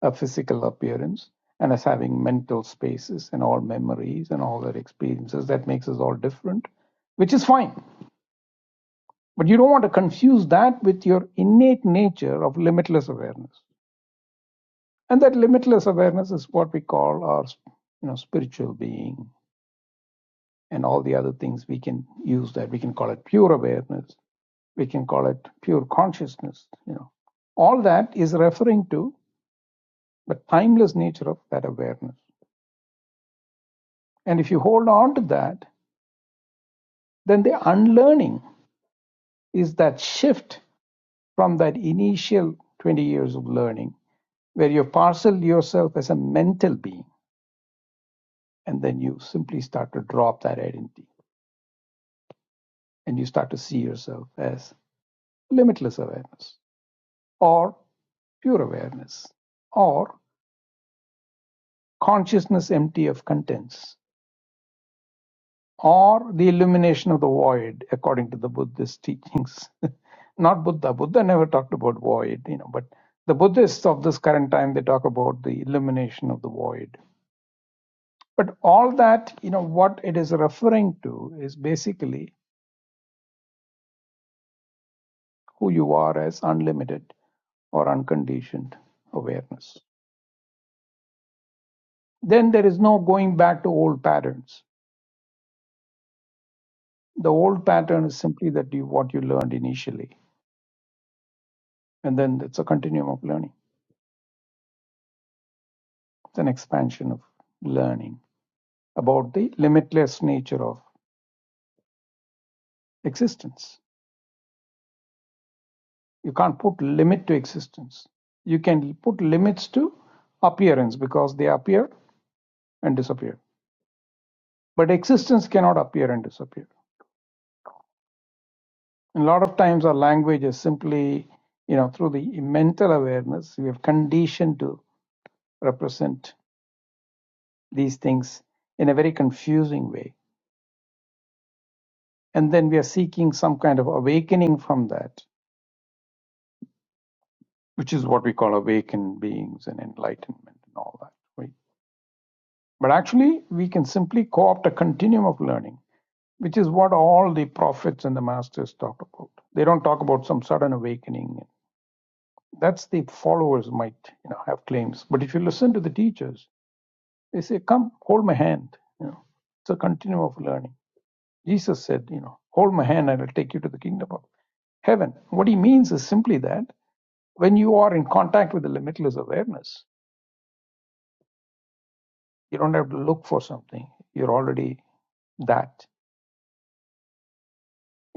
a physical appearance and as having mental spaces and all memories and all their experiences that makes us all different, which is fine But you don't want to confuse that with your innate nature of limitless awareness. And that limitless awareness is what we call our you know, spiritual being and all the other things we can use that. We can call it pure awareness. We can call it pure consciousness. You know, all that is referring to the timeless nature of that awareness. And if you hold on to that, then the unlearning is that shift from that initial 20 years of learning where you parcel yourself as a mental being and then you simply start to drop that identity and you start to see yourself as limitless awareness or pure awareness or consciousness empty of contents or the illumination of the void according to the buddhist teachings [laughs] not buddha buddha never talked about void you know but the buddhists of this current time they talk about the illumination of the void but all that you know what it is referring to is basically who you are as unlimited or unconditioned awareness. Then there is no going back to old patterns. The old pattern is simply that you what you learned initially, and then it's a continuum of learning. It's an expansion of learning about the limitless nature of existence. You can't put limit to existence. You can put limits to appearance because they appear and disappear. But existence cannot appear and disappear a lot of times our language is simply, you know, through the mental awareness, we have conditioned to represent these things in a very confusing way. And then we are seeking some kind of awakening from that, which is what we call awakened beings and enlightenment and all that. Right? But actually, we can simply co opt a continuum of learning, which is what all the prophets and the masters talk about. They don't talk about some sudden awakening. That's the followers might you know have claims. But if you listen to the teachers, They say, Come, hold my hand. You know, it's a continuum of learning. Jesus said, You know, hold my hand and I'll take you to the kingdom of heaven. What he means is simply that when you are in contact with the limitless awareness, you don't have to look for something. You're already that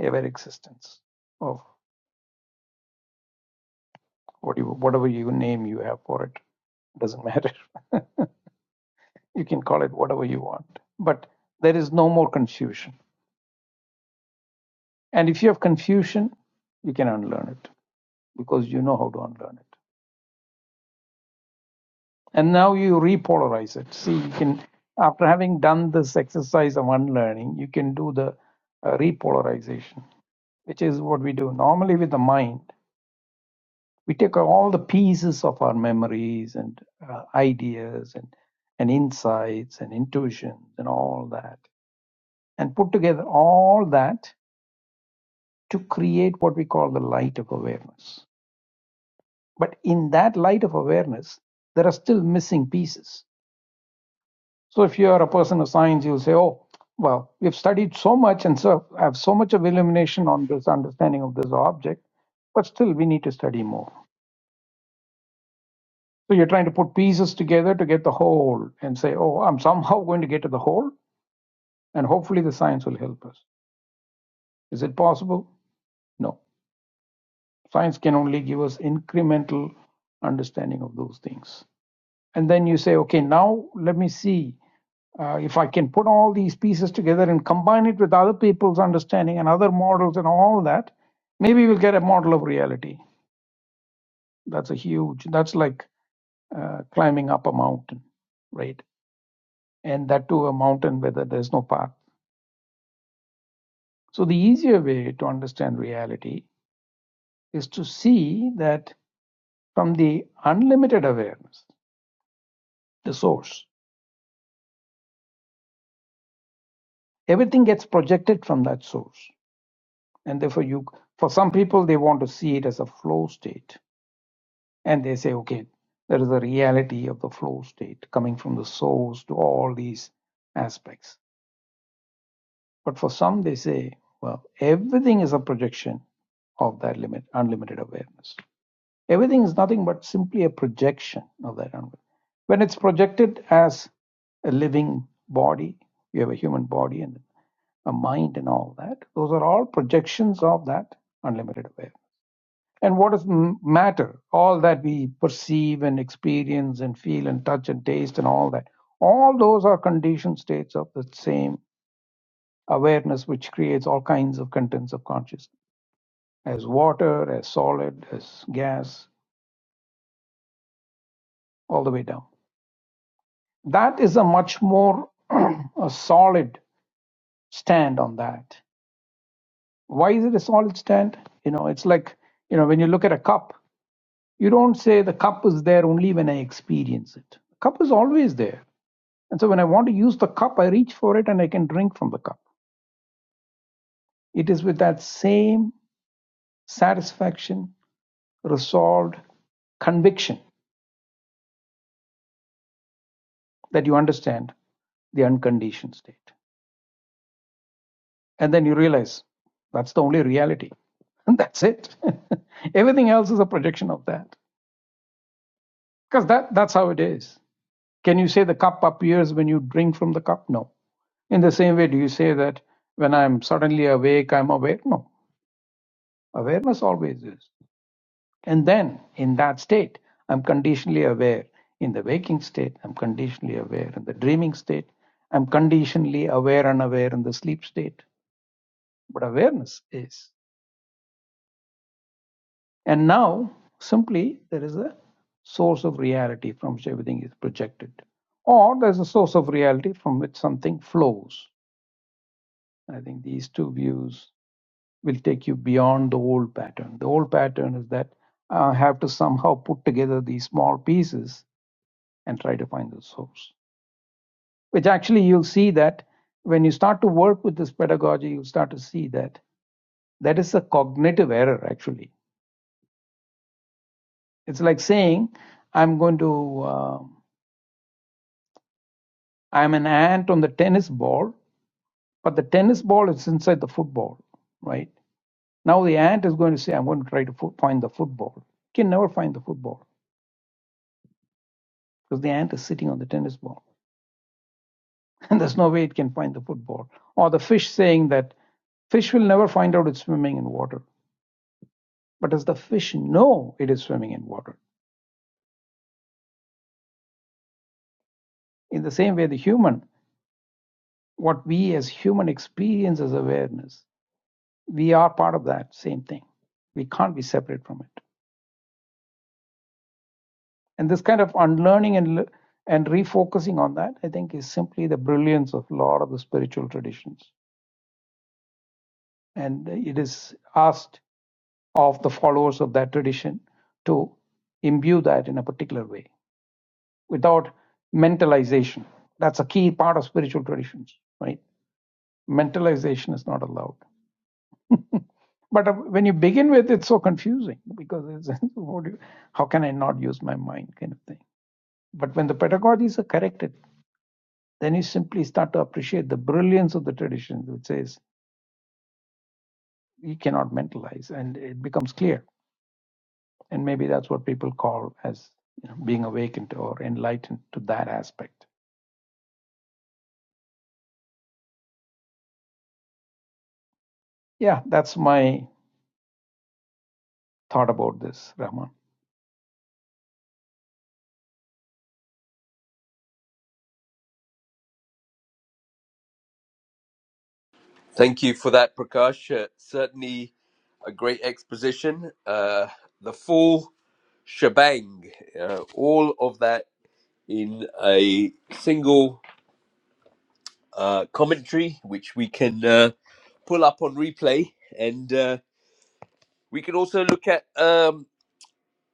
ever existence of what whatever you name you have for it. It Doesn't matter. [laughs] you can call it whatever you want. But there is no more confusion. And if you have confusion, you can unlearn it because you know how to unlearn it. And now you repolarize it. See, you can, after having done this exercise of unlearning, you can do the uh, repolarization, which is what we do normally with the mind. We take all the pieces of our memories and uh, ideas and, and insights and intuitions and all that and put together all that to create what we call the light of awareness. But in that light of awareness, there are still missing pieces So if you are a person of science, you'll say, oh, well, we've studied so much and so have so much of illumination on this understanding of this object, but still we need to study more. So you're trying to put pieces together to get the whole and say, oh, I'm somehow [laughs] going to get to the whole, and hopefully the science will help us. Is it possible? No. Science can only give us incremental understanding of those things. and then you say, okay, now let me see uh, if I can put all these pieces together and combine it with other people's understanding and other models and all that, maybe we'll get a model of reality. That's a huge, that's like uh, climbing up a mountain, right? And that too, a mountain where there's no path. So the easier way to understand reality is to see that from the unlimited awareness, the source, everything gets projected from that source. and therefore you for some people they want to see it as a flow state and they say okay there is a reality of the flow state coming from the source to all these aspects but for some they say well everything is a projection of that limit unlimited awareness everything is nothing but simply a projection of that unlimited. when it's projected as a living body you have a human body and a mind and all that those are all projections of that unlimited awareness And what does m- matter? All that we perceive and experience and feel and touch and taste and all that. All those are conditioned states of the same awareness, which creates all kinds of contents of consciousness, as water, as solid, as gas, all the way down. That is a much more [clears throat] a solid stand on that. Why is it a solid stand? You know, it's like, you know, when you look at a cup, you don't say the cup is there only when I experience it. Cup is always there And so when I want to use the cup, I reach for it and I can drink from the cup. It is with that same satisfaction, resolved conviction that you understand the unconditioned state. And then you realize that's the only reality. [laughs] And that's it. [laughs] Everything else is a projection of that. Because that, that's how it is. Can you say the cup appears when you drink from the cup? No. In the same way, do you say that when I'm suddenly awake, I'm aware? No. Awareness always is. And then in that state, I'm conditionally aware. In the waking state, I'm conditionally aware. In the dreaming state, I'm conditionally aware and aware in the sleep state. But awareness is. And now, simply, there is a source of reality from which everything is projected. Or there's a source of reality from which something flows. I think these two views will take you beyond the old pattern. The old pattern is that I have to somehow put together these small pieces and try to find the source. Which actually you'll see that when you start to work with this pedagogy, you'll start to see that that is a cognitive error actually. It's like saying, I'm going to, uh, I'm an ant on the tennis ball, but the tennis ball is inside the football, right? Now the ant is going to say, I'm going to try to find the football. It can never find the football because the ant is sitting on the tennis ball [laughs] and there's no way it can find the football. Or the fish saying that fish will never find out it's swimming in water But does the fish know it is swimming in water? In the same way, the human, what we as human experience as awareness, we are part of that same thing. We can't be separate from it. And this kind of unlearning and and refocusing on that, I think, is simply the brilliance of a lot of the spiritual traditions. And it is asked of the followers of that tradition to imbue that in a particular way without mentalization. That's a key part of spiritual traditions, right? mentalization is not allowed. But uh, when you begin with, it's so confusing because it's [laughs] how can I not use my mind kind of thing. But when the pedagogies are corrected, then you simply start to appreciate the brilliance of the tradition, which says you cannot mentalize, and it becomes clear. And maybe that's what people call as you know, being awakened or enlightened to that aspect. Yeah, that's my thought about this, Rahman. Thank you for that, Prakash. Uh, certainly a great exposition. Uh, the fall. shebang. Uh, all of that in a single uh, commentary, which we can uh, pull up on replay. And uh, we can also look at um,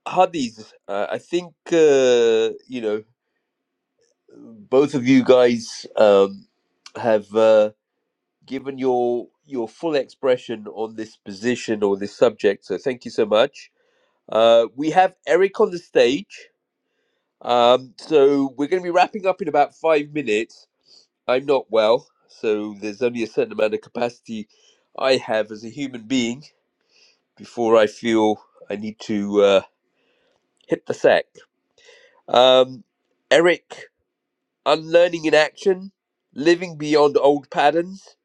Hadith. Uh, I think, uh, you know, both of you guys um, have uh, given your your full expression on this position or this subject. So thank you so much. Uh, we have Eric on the stage. Um, so we're going to be wrapping up in about five minutes. I'm not well, so there's only a certain amount of capacity I have as a human being before I feel I need to uh, hit the sack. Um, Eric, unlearning in action, living beyond old patterns.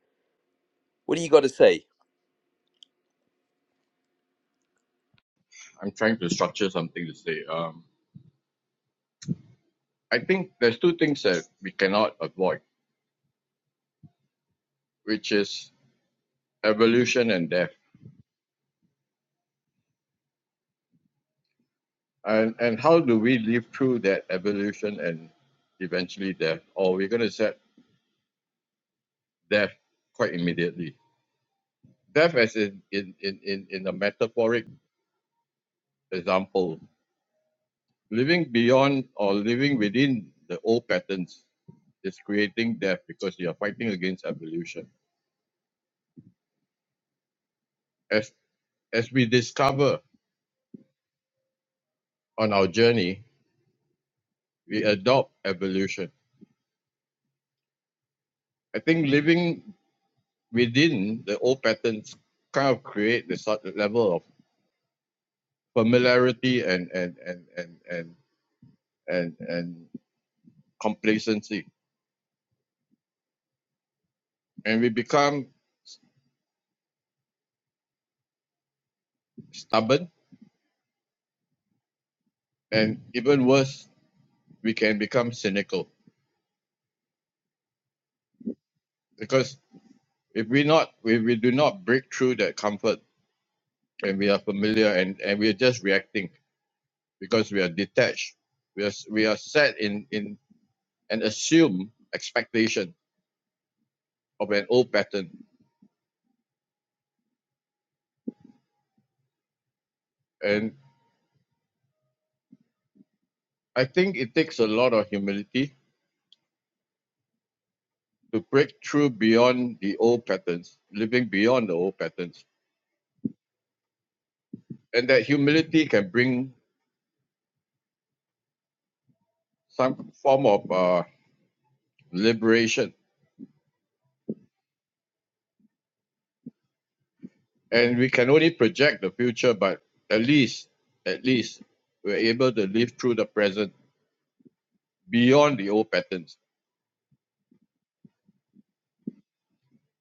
What do you got to say? I'm trying to structure something to say. Um, I think there's two things that we cannot avoid, which is evolution and death. And and how do we live through that evolution and eventually death? Or we're going to set death quite immediately. Death, as in in in in, in a metaphoric example, living beyond or living within the old patterns is creating death because you are fighting against evolution. As as we discover on our journey, we adopt evolution. I think living within the old patterns kind of create the sort of level of familiarity and and and and and and, and complacency, and we become stubborn, and even worse, we can become cynical because if we not if we do not break through that comfort and we are familiar and and we are just reacting because we are detached we are we are set in in and assume expectation of an old pattern. And I think it takes a lot of humility to break through beyond the old patterns, living beyond the old patterns. And that humility can bring some form of uh, liberation. And we can only project the future, but at least, at least, we're able to live through the present beyond the old patterns.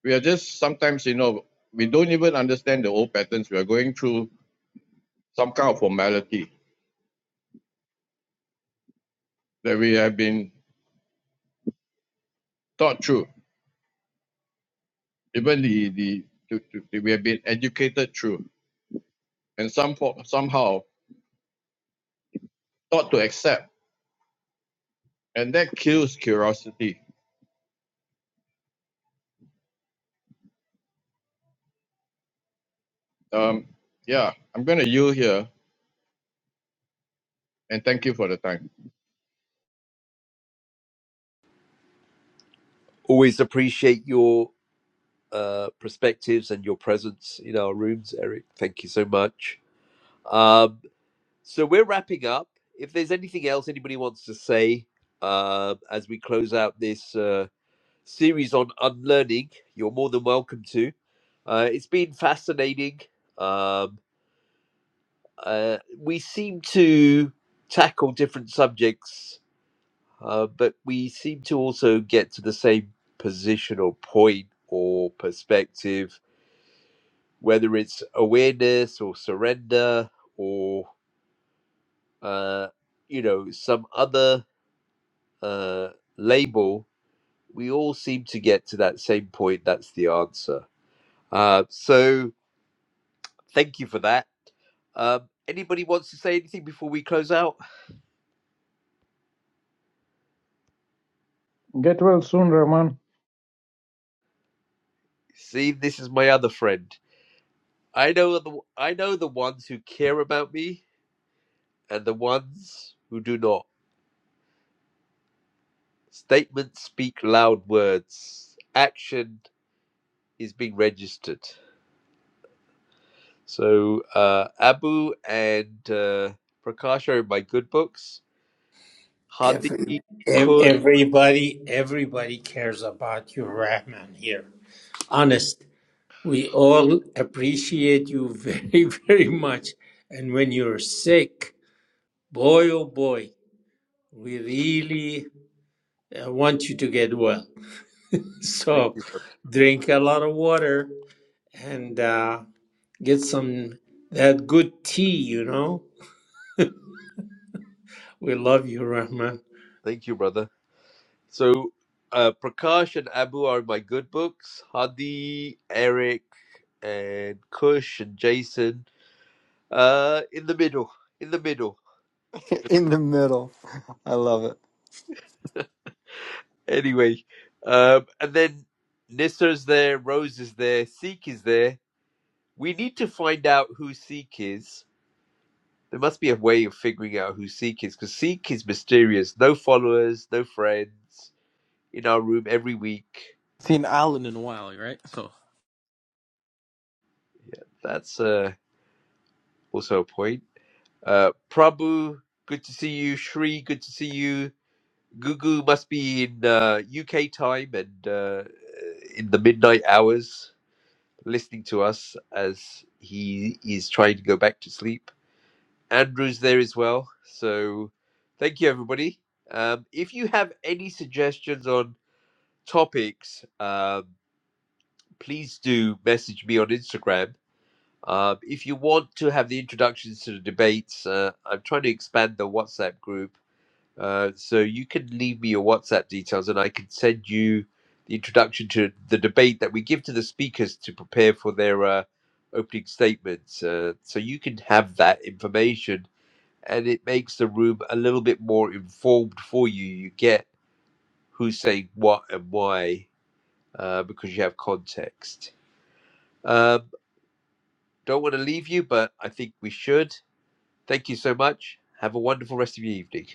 We are just sometimes, you know, we don't even understand the old patterns. We are going through some kind of formality that we have been taught through. even the the to, to, we have been educated through and some fo- somehow taught to accept and that kills curiosity um yeah i'm gonna yield here and thank you for the time Always appreciate your uh, perspectives and your presence in our rooms, Eric. Thank you so much. Um, so we're wrapping up. If there's anything else anybody wants to say uh, as we close out this uh, series on unlearning, you're more than welcome to. Uh, it's been fascinating. Um, uh, we seem to tackle different subjects, uh, but we seem to also get to the same position or point or perspective whether it's awareness or surrender or uh, you know some other uh, label, we all seem to get to that same point. That's the answer. Uh, so thank you for that. Um, anybody wants to say anything before we close out? Get well soon, Rahman. See, this is my other friend. I know the I know the ones who care about me and the ones who do not. Statements speak loud words. Action is being registered. So uh, Abu and uh, Prakash are in my good books. Hadi, Every, ev- Kush, everybody, everybody cares about you, Rahman. Here, honest, we all appreciate you very, [laughs] very much. And when you're sick, boy, oh boy, we really uh, want you to get well. [laughs] thank So, you, brother. drink a lot of water. and uh, get some that good tea, you know. We love you, Rahman. thank you, brother. So uh, Prakash and Abu are in my good books. Hadi, Eric, and Kush and Jason, uh, in the middle, in the middle. In [laughs] the In the middle. I love it. anyway, um, and then Nissa's there, Rose is there, Seek is there. We need to find out who Seek is There must be a way of figuring out who Seek is, because Seek is mysterious. No followers, no friends. In our room every week. seen Alan in a while, right? So. That's uh, also a point. Uh, Prabhu, good to see you. Shri, good to see you. Gugu must be in uh, UK time and uh, in the midnight hours, listening to us as he is trying to go back to sleep. Andrew's there as well. So, thank you, everybody. Um, if you have any suggestions on topics, uh, please do message me on Instagram. Uh, if you want to have the introductions to the debates, uh, I'm trying to expand the WhatsApp group. Uh, so you can leave me your WhatsApp details and I can send you the introduction to the debate that we give to the speakers to prepare for their uh, opening statements. Uh, so you can have that information and it makes the room a little bit more informed for you. You get who's saying what and why uh, because you have context. Um, don't want to leave you, but I think we should. Thank you so much. Have a wonderful rest of your evening.